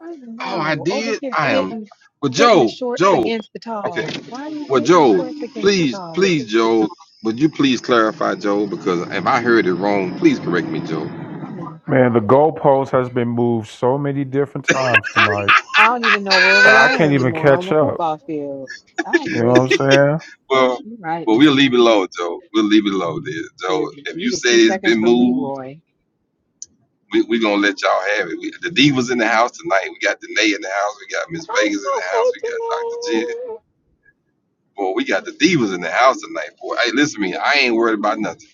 I don't
oh, I
know. Over
did?
here,
I am.
pitting,
But
pitting the
Joe,
shorts
Joe,
against the
okay.
talls. Why are you
Well,
pitting the
Joe,
shorts against the
please,
talls?
please, Joe, would you please clarify, Joe? Because if I heard it wrong, please correct me, Joe.
Man, the goalpost has been moved so many different times tonight.
I don't even know where we
I
are
can't even
anymore on
catch
the
up.
football field. I
You know what I'm
agree.
saying?
Well,
You're right.
well, we'll leave it low, Joe. We'll leave it low, there, Joe.
Is
If you say it's been moved,
the
we we gonna let y'all have it. We, the Divas in the house tonight. We got Danae in the house. We got Miss
I'm
Vegas in
not
the house. We got Dr. Jen.
Anthony.
Boy, we got the Divas in the house tonight, boy. Hey, listen to me. I ain't worried about nothing.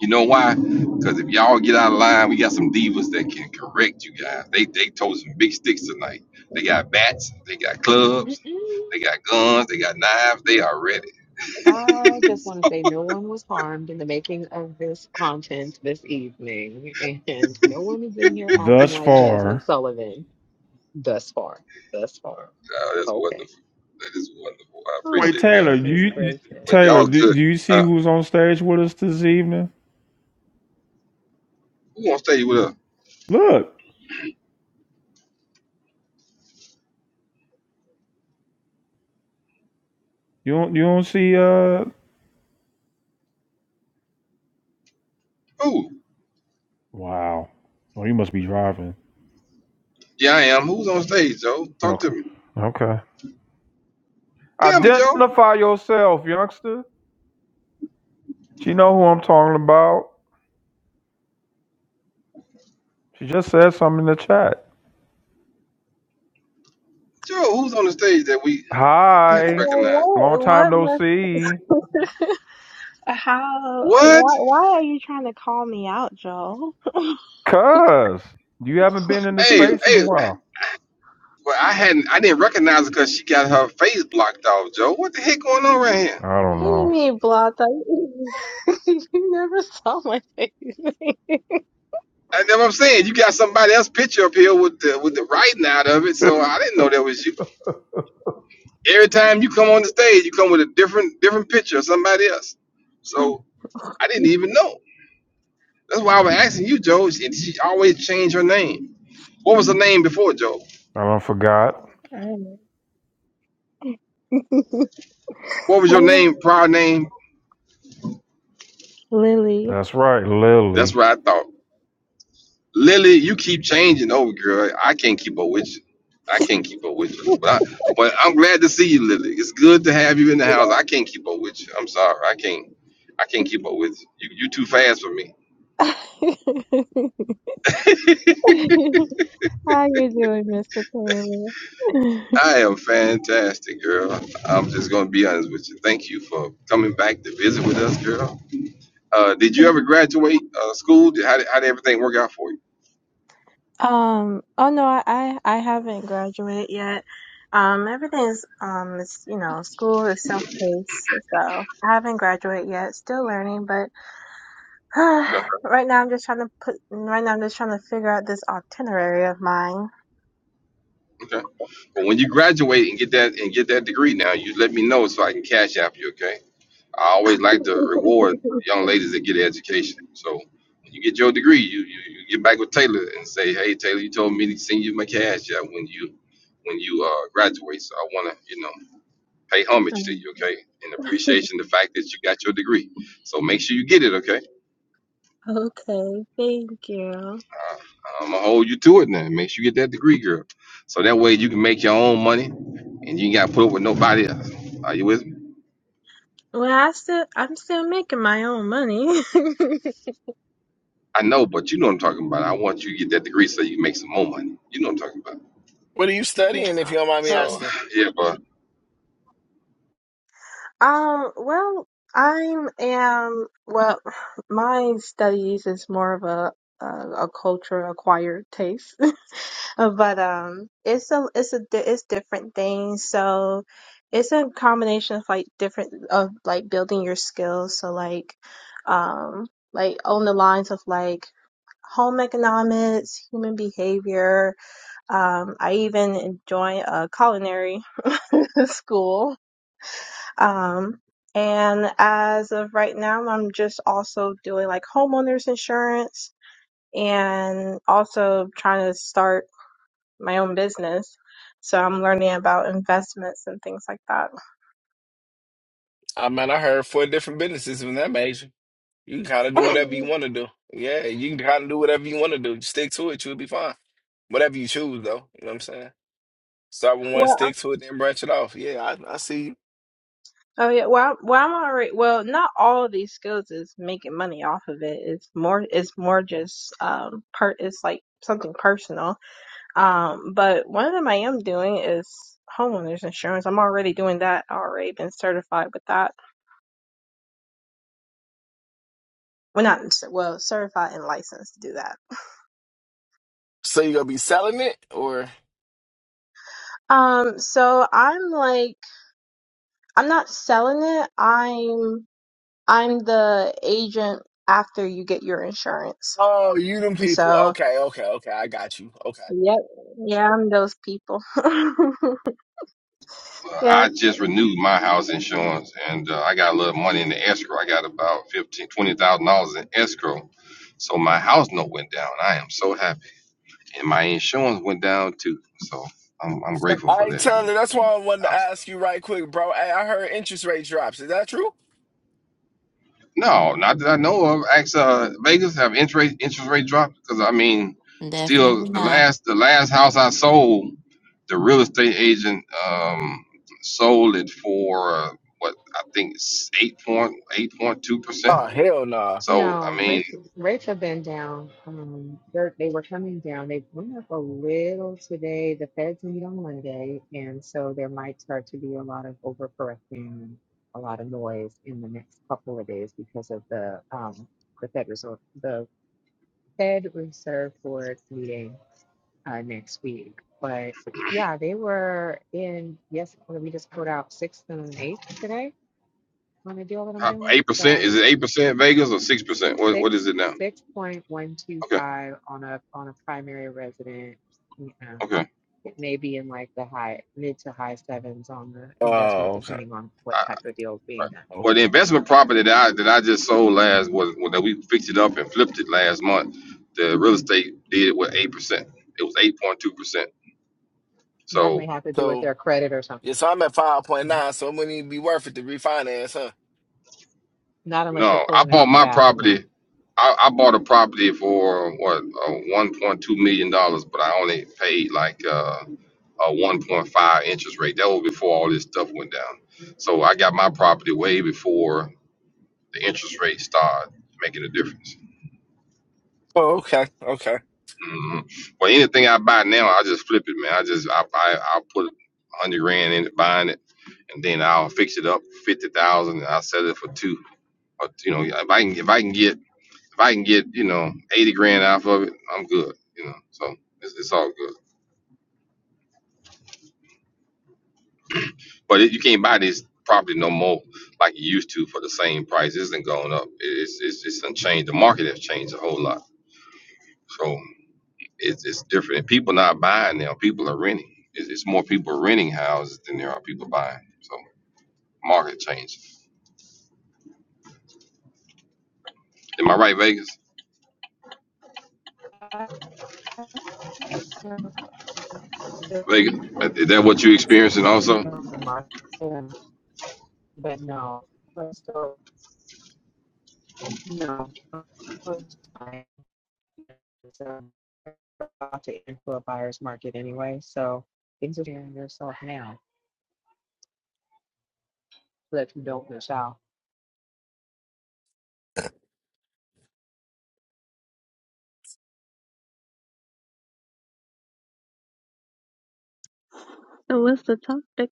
You know why? Because if y'all get out of line, we got some divas that can correct you guys. They they told some big sticks tonight. They got bats. They got clubs. They got guns. They got knives. They are ready.
I just want to say no one was harmed in the making of this content this evening, and no one is in here acting
Thus
like Jasmine
far.
Sullivan thus far. Thus far.
Oh, that's
Okay.
wonderful. That is wonderful. I
Wait,
Oh,
appreciate that.
Taylor, do
goodness
you
gracious.
But
Taylor,
y'all
do,
good.
do you see
Uh,
who's on stage with us this evening?
who on stage with us?
Look, you don't you don't see uh
Who?
Wow. Oh, you must be driving.
Yeah, I am. Who's on stage, Joe? Talk to
Okay.
me.
Okay.
Tell me, Joe.
Identify yourself, youngster. She know who I'm talking about. She just said something in the chat.
Joe, who's on the stage that we hadn't
Hi.
recognized?
Long
Well,
time
What?
no see.
What? must- How?
What?
Why? Why are you trying to call me out, Joel?
Cuz, you haven't been in the
Hey,
space in a
hey.
while.
Well, I hadn't. I didn't recognize her because she got her face blocked off, Joe. What the heck going on right here?
I don't
What do you
know.
mean blocked? Like, you never saw my face.
I, That's what I'm saying. You got somebody else picture up here with the with the writing out of it, so I didn't know that was you. Every time you come on the stage, you come with a different different picture of somebody else. So I didn't even know. That's why I was asking you, Joe. She, she always changed her name. What was her name before, Joe?
I don't forgot.
Alright.
What was your
So,
name, prior name?
Lily,
That's right, Lily.
That's what I thought. Lily, you keep changing over, girl. I can't keep up with you. I can't keep up with you. But, I, but I'm glad to see you, Lily. It's good to have you in the house. I can't keep up with you. I'm sorry. I can't. I can't keep up with you. You, you too fast for me.
how you doing, Mr. Taylor?
I am fantastic, girl. I'm just gonna be honest with you. Thank you for coming back to visit with us, girl. Uh, did you ever graduate uh, school? Did, how, did, how did everything work out for you?
Um, oh no, I, I I haven't graduated yet. Um, everything's, um, it's, you know, school is self-paced, so I haven't graduated yet. Still learning, but
Okay.
right now I'm just trying to put, right now I'm just trying to figure out this itinerary of mine.
okay. Well, when you graduate and get that and get that degree, now you let me know so I can cash app you. Okay. I always like to reward young ladies that get an education. So when you get your degree, you, you, you get back with Taylor and say, "Hey, Taylor, you told me to send you my cash app when you when you uh, graduate. So I want to, you know, pay homage to
Um,
you. Okay, and appreciation the fact that you got your degree. So make sure you get it. Okay
Okay, thank you.
I'm gonna hold you to it now. Make sure you get that degree, girl. So that way you can make your own money and you ain't gotta put up with nobody else. Are you with me?
Well, I still, I'm still making my own money.
I know, but you know what I'm talking about. I want you to get that degree so you can make some more money. You know what I'm talking about.
What are you studying? If you don't mind me
Yeah.
So
asking.
yeah, but,
Um, well, I'm am well, my studies is more of a a, a culture acquired taste, but um, it's a it's a di- it's different things. So it's a combination of like different of like building your skills. So like, um, like on the lines of like home economics, human behavior. Um, I even joined a culinary school um, and as of right now, I'm just also doing like homeowners insurance and also trying to start my own business. So I'm learning about investments and things like that.
I mean, I heard four different businesses in that major. You can kind of do whatever you
well,
want to do. Yeah, you can kind of do whatever you want to do. Just Stick to it, you'll be fine. Whatever you choose, though. You know what I'm saying? Start with one, stick to it, then branch it off. Yeah, I, I see you.
oh yeah, well, well, I'm already well. Not all of these skills is making money off of it. It's more, it's more just um, part. It's like something personal Um, but one of them I am doing is homeowners insurance. I'm already doing that. I already been certified with that. Well, not cer- well, certified and licensed to do that.
So you gonna be selling it or?
Um, so I'm like, I'm not selling it. I'm I'm the agent after you get your insurance.
Oh, you them
And
people.
so,
Okay, okay, okay. I got you. Okay.
yep, yeah, I'm those people.
but
yeah.
I just renewed my house insurance and uh, I got a little money in the escrow. I got about fifteen, twenty thousand dollars in escrow. So my house note went down. I am so happy, and my insurance went down too. So I'm, I'm grateful
I
for
ain't
that.
telling. you. That's why I wanted to ask you right quick, bro. Hey, I heard interest rate drops. Is that true?
No, not that I know of. Ask uh, Vegas have interest rate interest rate dropped because I mean, still
Definitely
the
not.
last the last house I sold, the real estate agent um sold it for uh, what I think it's eight point eight point two percent.
Oh, hell nah.
So I
No,
mean,
rates rates have been down. Um, they're, they were coming down. They went up a little today. The Feds meet on Monday, and so there might start to be a lot of overcorrecting, and a lot of noise in the next couple of days because of the um the Fed Reserve the Fed Reserve Board meeting uh, next week. But yeah, they were in. Yes, well, we just put out sixth and eighth today on the deal that I'm
uh,
doing.
eight percent
So
is it eight percent Vegas or six percent? What what is
six
it now?
six point one two
Okay,
five on a on a primary resident and
okay.
it may be in like the high mid to high sevens on the investment
Oh, okay.
depending on what type of deal is being
Right.
done.
Well,
Oh.
the investment property that I that I just sold last was well, that we fixed it up and flipped it last month. The real
Mhm.
estate did it with eight percent. It was eight point two percent.
That may
So
have to do with
So,
their credit or something.
yeah, so I'm at
Mhm.
5.9, so it wouldn't to be worth it to refinance, huh?
Not unless you're
no, I
pulling
bought
out
my
cash,
property.
no.
I, I bought a property for what uh, one point two million dollars, but I only paid like uh, a one point five interest rate. That was before all this stuff went down. So I got my property way before the interest rate started making a difference.
Oh, okay, okay.
hmm Well, anything I buy now, I just flip it, man. I just I I I'll put a hundred grand in it, buying it, and then I'll fix it up fifty thousand, and I'll sell it for two. Or, you know, if I can if I can get if I can get you know eighty grand off of it, I'm good. You know, so it's, it's all good. But it, you can't buy this property no more like you used to for the same price. It isn't going up. It- It's it's it's unchanged. The market has changed a whole lot. So It's, it's different. And people not buying now. People are renting. It's, it's more people renting houses than there are people buying. So market change. Am I right, Vegas? Vegas, is that what you experiencing also?
But no. But so, no. um, about to enter a buyer's market anyway, so things are yourself now, so that you don't miss out.
So what's the topic?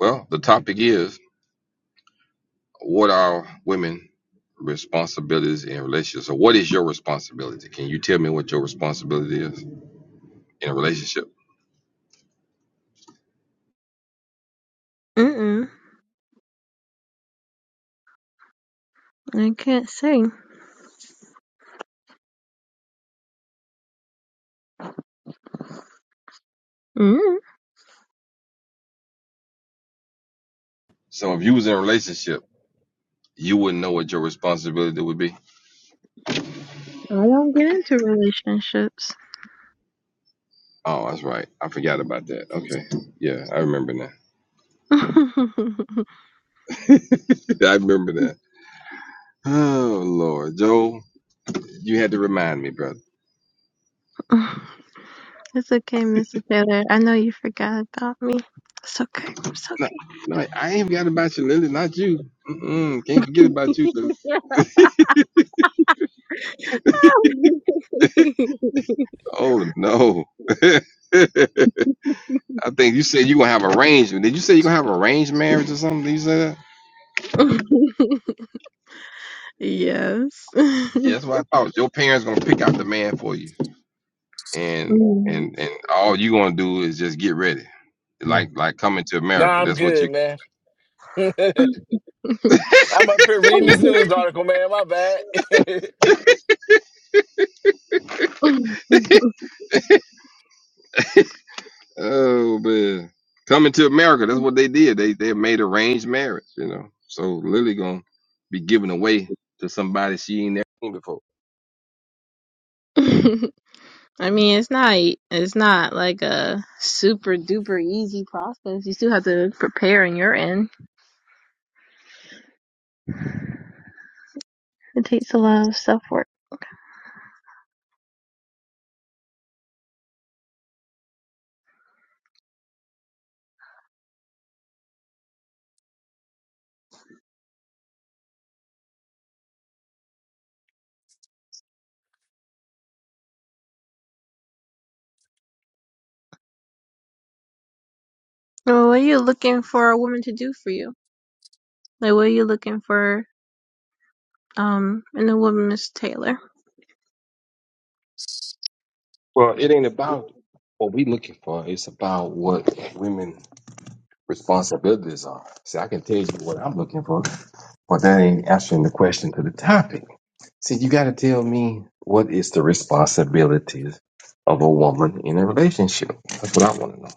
Well, the topic is what are women responsibilities in relationships? So what is your responsibility? Can you tell me what your responsibility is in a relationship?
Mm-mm, I can't say.
So if you was in a relationship, you wouldn't know what your responsibility would be.
I don't get into relationships.
Oh, that's right. I forgot about that. Okay. Yeah, I remember now.
it's
I remember that. Oh Lord, Joe, you had to remind me, brother.
okay, Mr. Taylor. I know you forgot about me. It's okay.
No, no, I ain't forgot about you, Lily. Not you. Mm-mm, can't forget about you,
It's
Lily. Oh no. I think you said you gonna have arrangement. Did you say you gonna have arranged marriage or something? Did you say that?
okay. yes.
Yeah, that's what I thought. Your parents gonna pick out the man for you, and and and all you gonna do is just get ready.
Hmm.
Like like coming to
Nah,
America.
I'm
That's what you.
good, man. I'm up here reading this news article, man. My bad. I
Mm.
Oh man, coming to America. That's what they did. They they made arranged marriage. You know, so Lily gonna be given away to somebody she ain't never seen before.
I mean, it's not it's not like a super duper easy process. You still have to prepare on your end. It takes a lot of self work. Well, what are you looking for a woman to do for you? Like, what are you looking for um in a woman, Miss Taylor?
Well, it ain't about what we looking for. It's about what women responsibilities are. See, I can tell you what I'm looking for, but that ain't answering the question to the topic. See, you got to tell me what is the responsibilities of a woman in a relationship. That's what I want to know.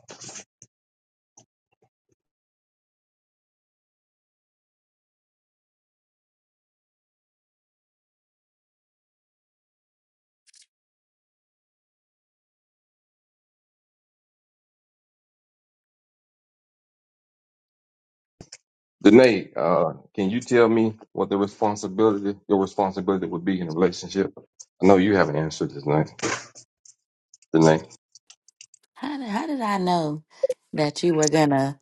Danae, uh, can you tell me what the responsibility, your responsibility would be in a relationship? I know you haven't answered this, Danae. Danae,
How did, how did I know that you were gonna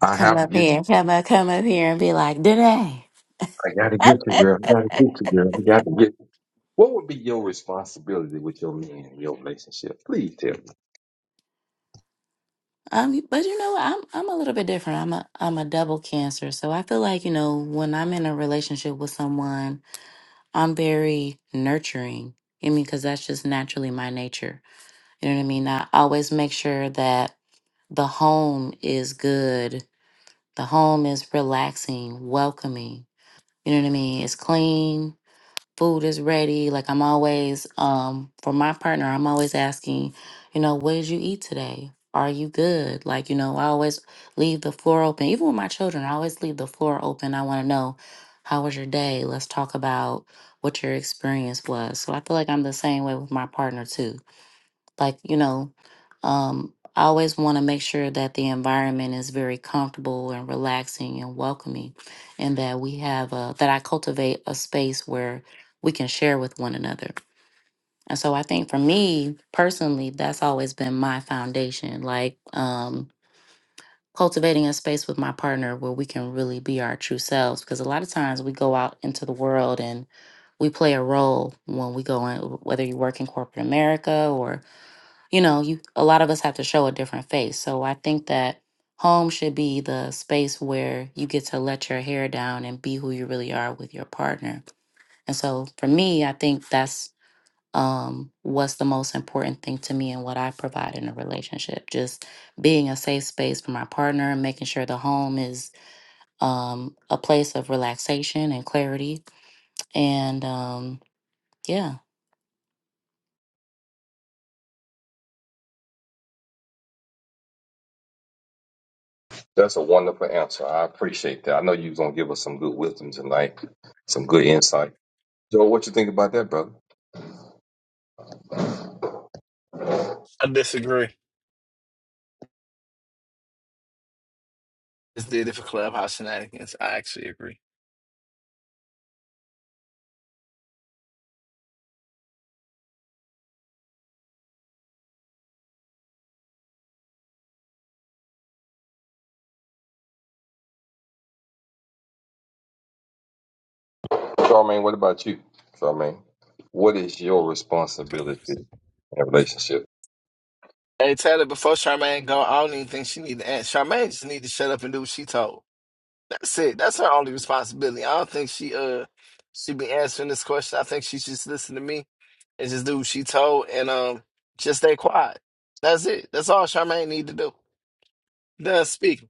I
come
have to
up
get
here
you.
come up come up here and be like, today?
I gotta get you, girl. I gotta get you, girl. I gotta get. You. What would be your responsibility with your man in your relationship? Please tell me.
Um, but you know, I'm I'm a little bit different. I'm a I'm a double cancer, so I feel like you know when I'm in a relationship with someone, I'm very nurturing. I mean, because that's just naturally my nature. You know what I mean? I always make sure that the home is good. The home is relaxing, welcoming. You know what I mean? It's clean food is ready. Like I'm always, um, for my partner, I'm always asking, you know, what did you eat today? Are you good? Like, you know, I always leave the floor open. Even with my children, I always leave the floor open. I want to know, how was your day? Let's talk about what your experience was. So I feel like I'm the same way with my partner too like you know um i always want to make sure that the environment is very comfortable and relaxing and welcoming and that we have a that i cultivate a space where we can share with one another and so i think for me personally that's always been my foundation like um cultivating a space with my partner where we can really be our true selves because a lot of times we go out into the world and we play a role when we go in whether you work in corporate america or you know you a lot of us have to show a different face so i think that home should be the space where you get to let your hair down and be who you really are with your partner and so for me i think that's um what's the most important thing to me and what i provide in a relationship just being a safe space for my partner and making sure the home is um a place of relaxation and clarity and um yeah
That's a wonderful answer with some like some good insight. Joe, that brother.
disagree. Just did it for Clubhouse shenanigans. I actually agree.
Charmaine, what about you? Charmaine, what is your responsibility in a relationship?
Hey Taylor, before Charmaine go, I don't even think she need to ask. Charmaine just need to shut up and do what she told. That's it. That's her only responsibility. I don't think she uh she be answering this question. I think she should just listen to me and just do what she told and um just stay quiet. That's it. That's all Charmaine need to do. Done speaking.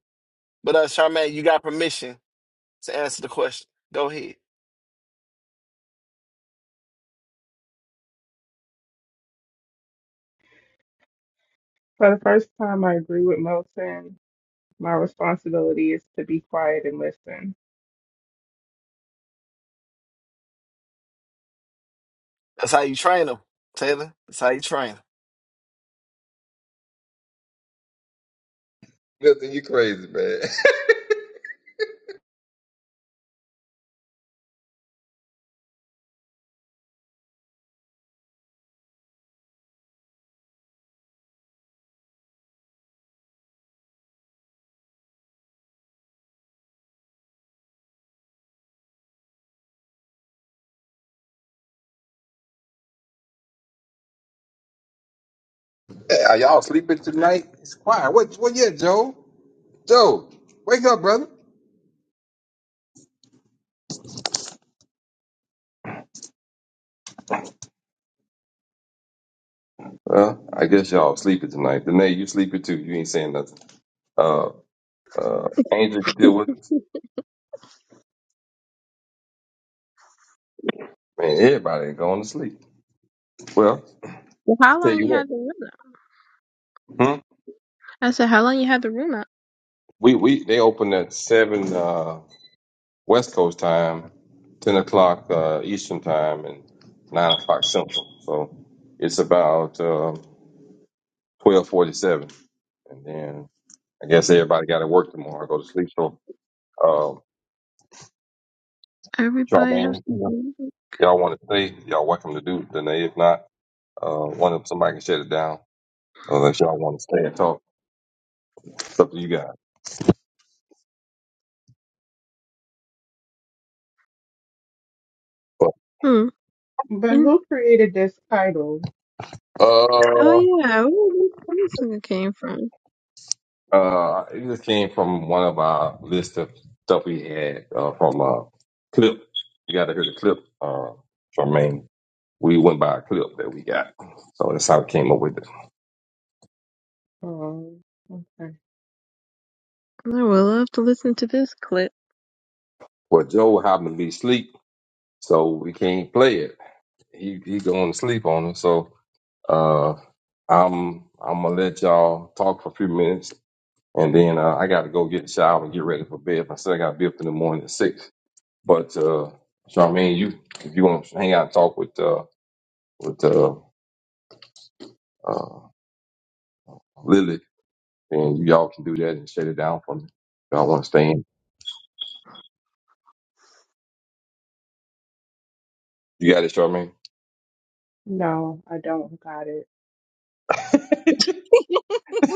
But uh Charmaine, you got permission to answer the question. Go ahead.
For the first time, I agree with Milton. My responsibility is to be quiet and listen.
That's how you train them, Taylor. That's how you train 'em.
Milton, you crazy, man. Hey, Are y'all sleeping tonight? It's quiet. What? What? Yeah, Joe. Joe, wake up, brother. Well, I guess y'all sleeping tonight. Danae, you sleeping too. You ain't saying nothing. Uh, uh, Angel, you still with us? Man, everybody ain't going to sleep. Well,
Well,
I
how
tell
long
you
you
what.
had the room up?
Hmm?
I said, how long you had the room up?
We we they open at seven uh, West Coast time, ten o'clock uh, Eastern time, and nine o'clock Central. So it's about uh, twelve forty-seven, and then I guess everybody got to work tomorrow. Go to sleep. So Um,
Everybody has
Charmaine,
to
you know,
do it.
y'all want to stay, y'all welcome to do it. Danae, if not, uh, one of somebody can shut it down. Unless y'all want to stay and talk, it's up to you guys. But
Hmm.
But
In-
who created this title?
oh
uh,
yeah, where did this music came from?
uh, it just came from one of our list of stuff we had uh, from uh, clip. You got to hear the clip, uh, Charmaine. We went by a clip that we got, so that's how we came up with it.
Um, okay.
I would love to listen to this clip.
Well, Joe happened to be asleep, so we can't play it. He he going to sleep on us, so Uh, I'm I'm gonna let y'all talk for a few minutes, and then uh, I got to go get a shower and get ready for bed. I said I got to be up in the morning at six. But uh, Charmaine, you if you want to hang out and talk with uh, with uh, uh, Lily, then you all can do that and shut it down for me. If y'all want to stay in, you got it, Charmaine.
No, I don't got it.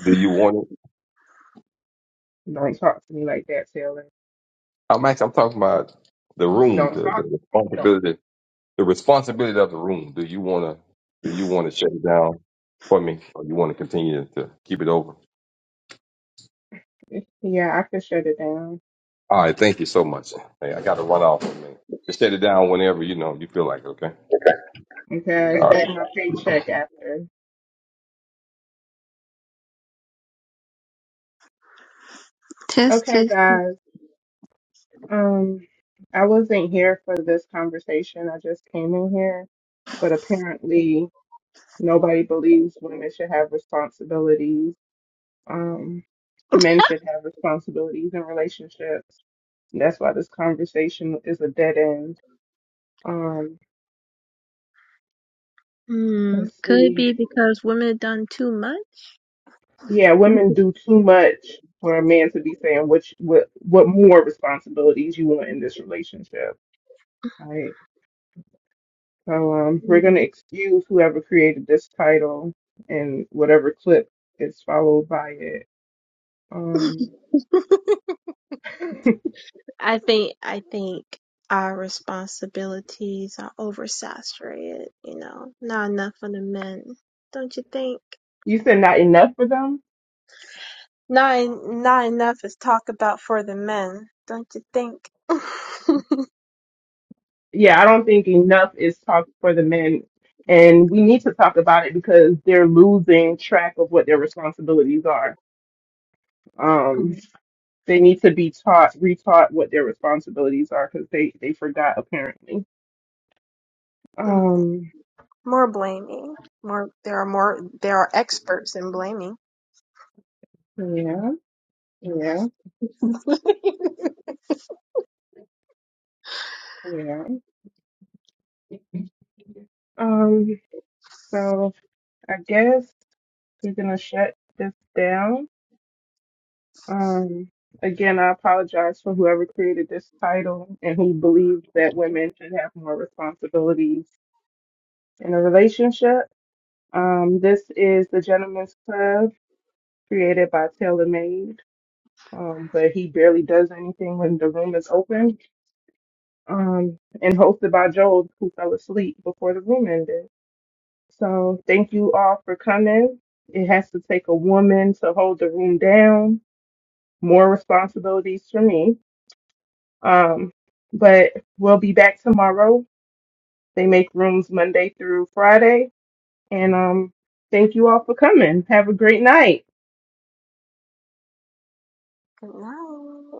Do you want it?
Don't talk to me like that, Taylor.
I'm actually I'm talking about the room,
Don't
the,
talk.
the
Don't.
responsibility the responsibility of the room. Do you wanna do you wanna shut it down for me, or you wanna continue to keep it over?
Yeah, I can shut it down.
All right, thank you so much. Hey, I gotta run off. for a minute. Just shut it down whenever you know you feel like. it, Okay.
Okay, I
All right.
expect my paycheck after.
test,
Okay,
test. test.
guys. Um, I wasn't here for this conversation. I just came in here, but apparently nobody believes women should have responsibilities Um, men should have responsibilities in relationships. that's why this conversation is a dead end. Um,
Hmm.
let's
Could it
see.
be because women done too
Yeah, women do too much for a man to be saying which what what more responsibilities you want in this relationship. Right. So um, we're gonna
much?
excuse whoever created this title and whatever clip is followed by it. Um,
I think I think our responsibilities are oversaturated, you know. Not enough for the men, don't you think?
you said not enough for them.
Not en- not enough is talk about for the men, don't you think?
yeah, I don't think enough is talked for the men. And we need to talk about it because they're losing track of what their responsibilities are. Um,
Mm,
they need to be taught, retaught what their responsibilities are because they, they forgot apparently.
mm.
Um,
More blaming. More there are more there are experts in blaming.
yeah, yeah,
Good
yeah. Um, so I guess we're gonna shut this down. Um, again, I apologize for whoever created this title and who believed that women should have more responsibilities in a relationship. Um, this is the Gentleman's Club created by Taylor Made, um, but he barely does anything when the room is open, um, and hosted by Joel, who fell asleep before the room ended. So thank you all for coming. It has to take a woman to hold the room down. More responsibilities for me Um, but we'll be back tomorrow. They make rooms Monday through Friday. And um, thank you all for coming. Have a great night.
night.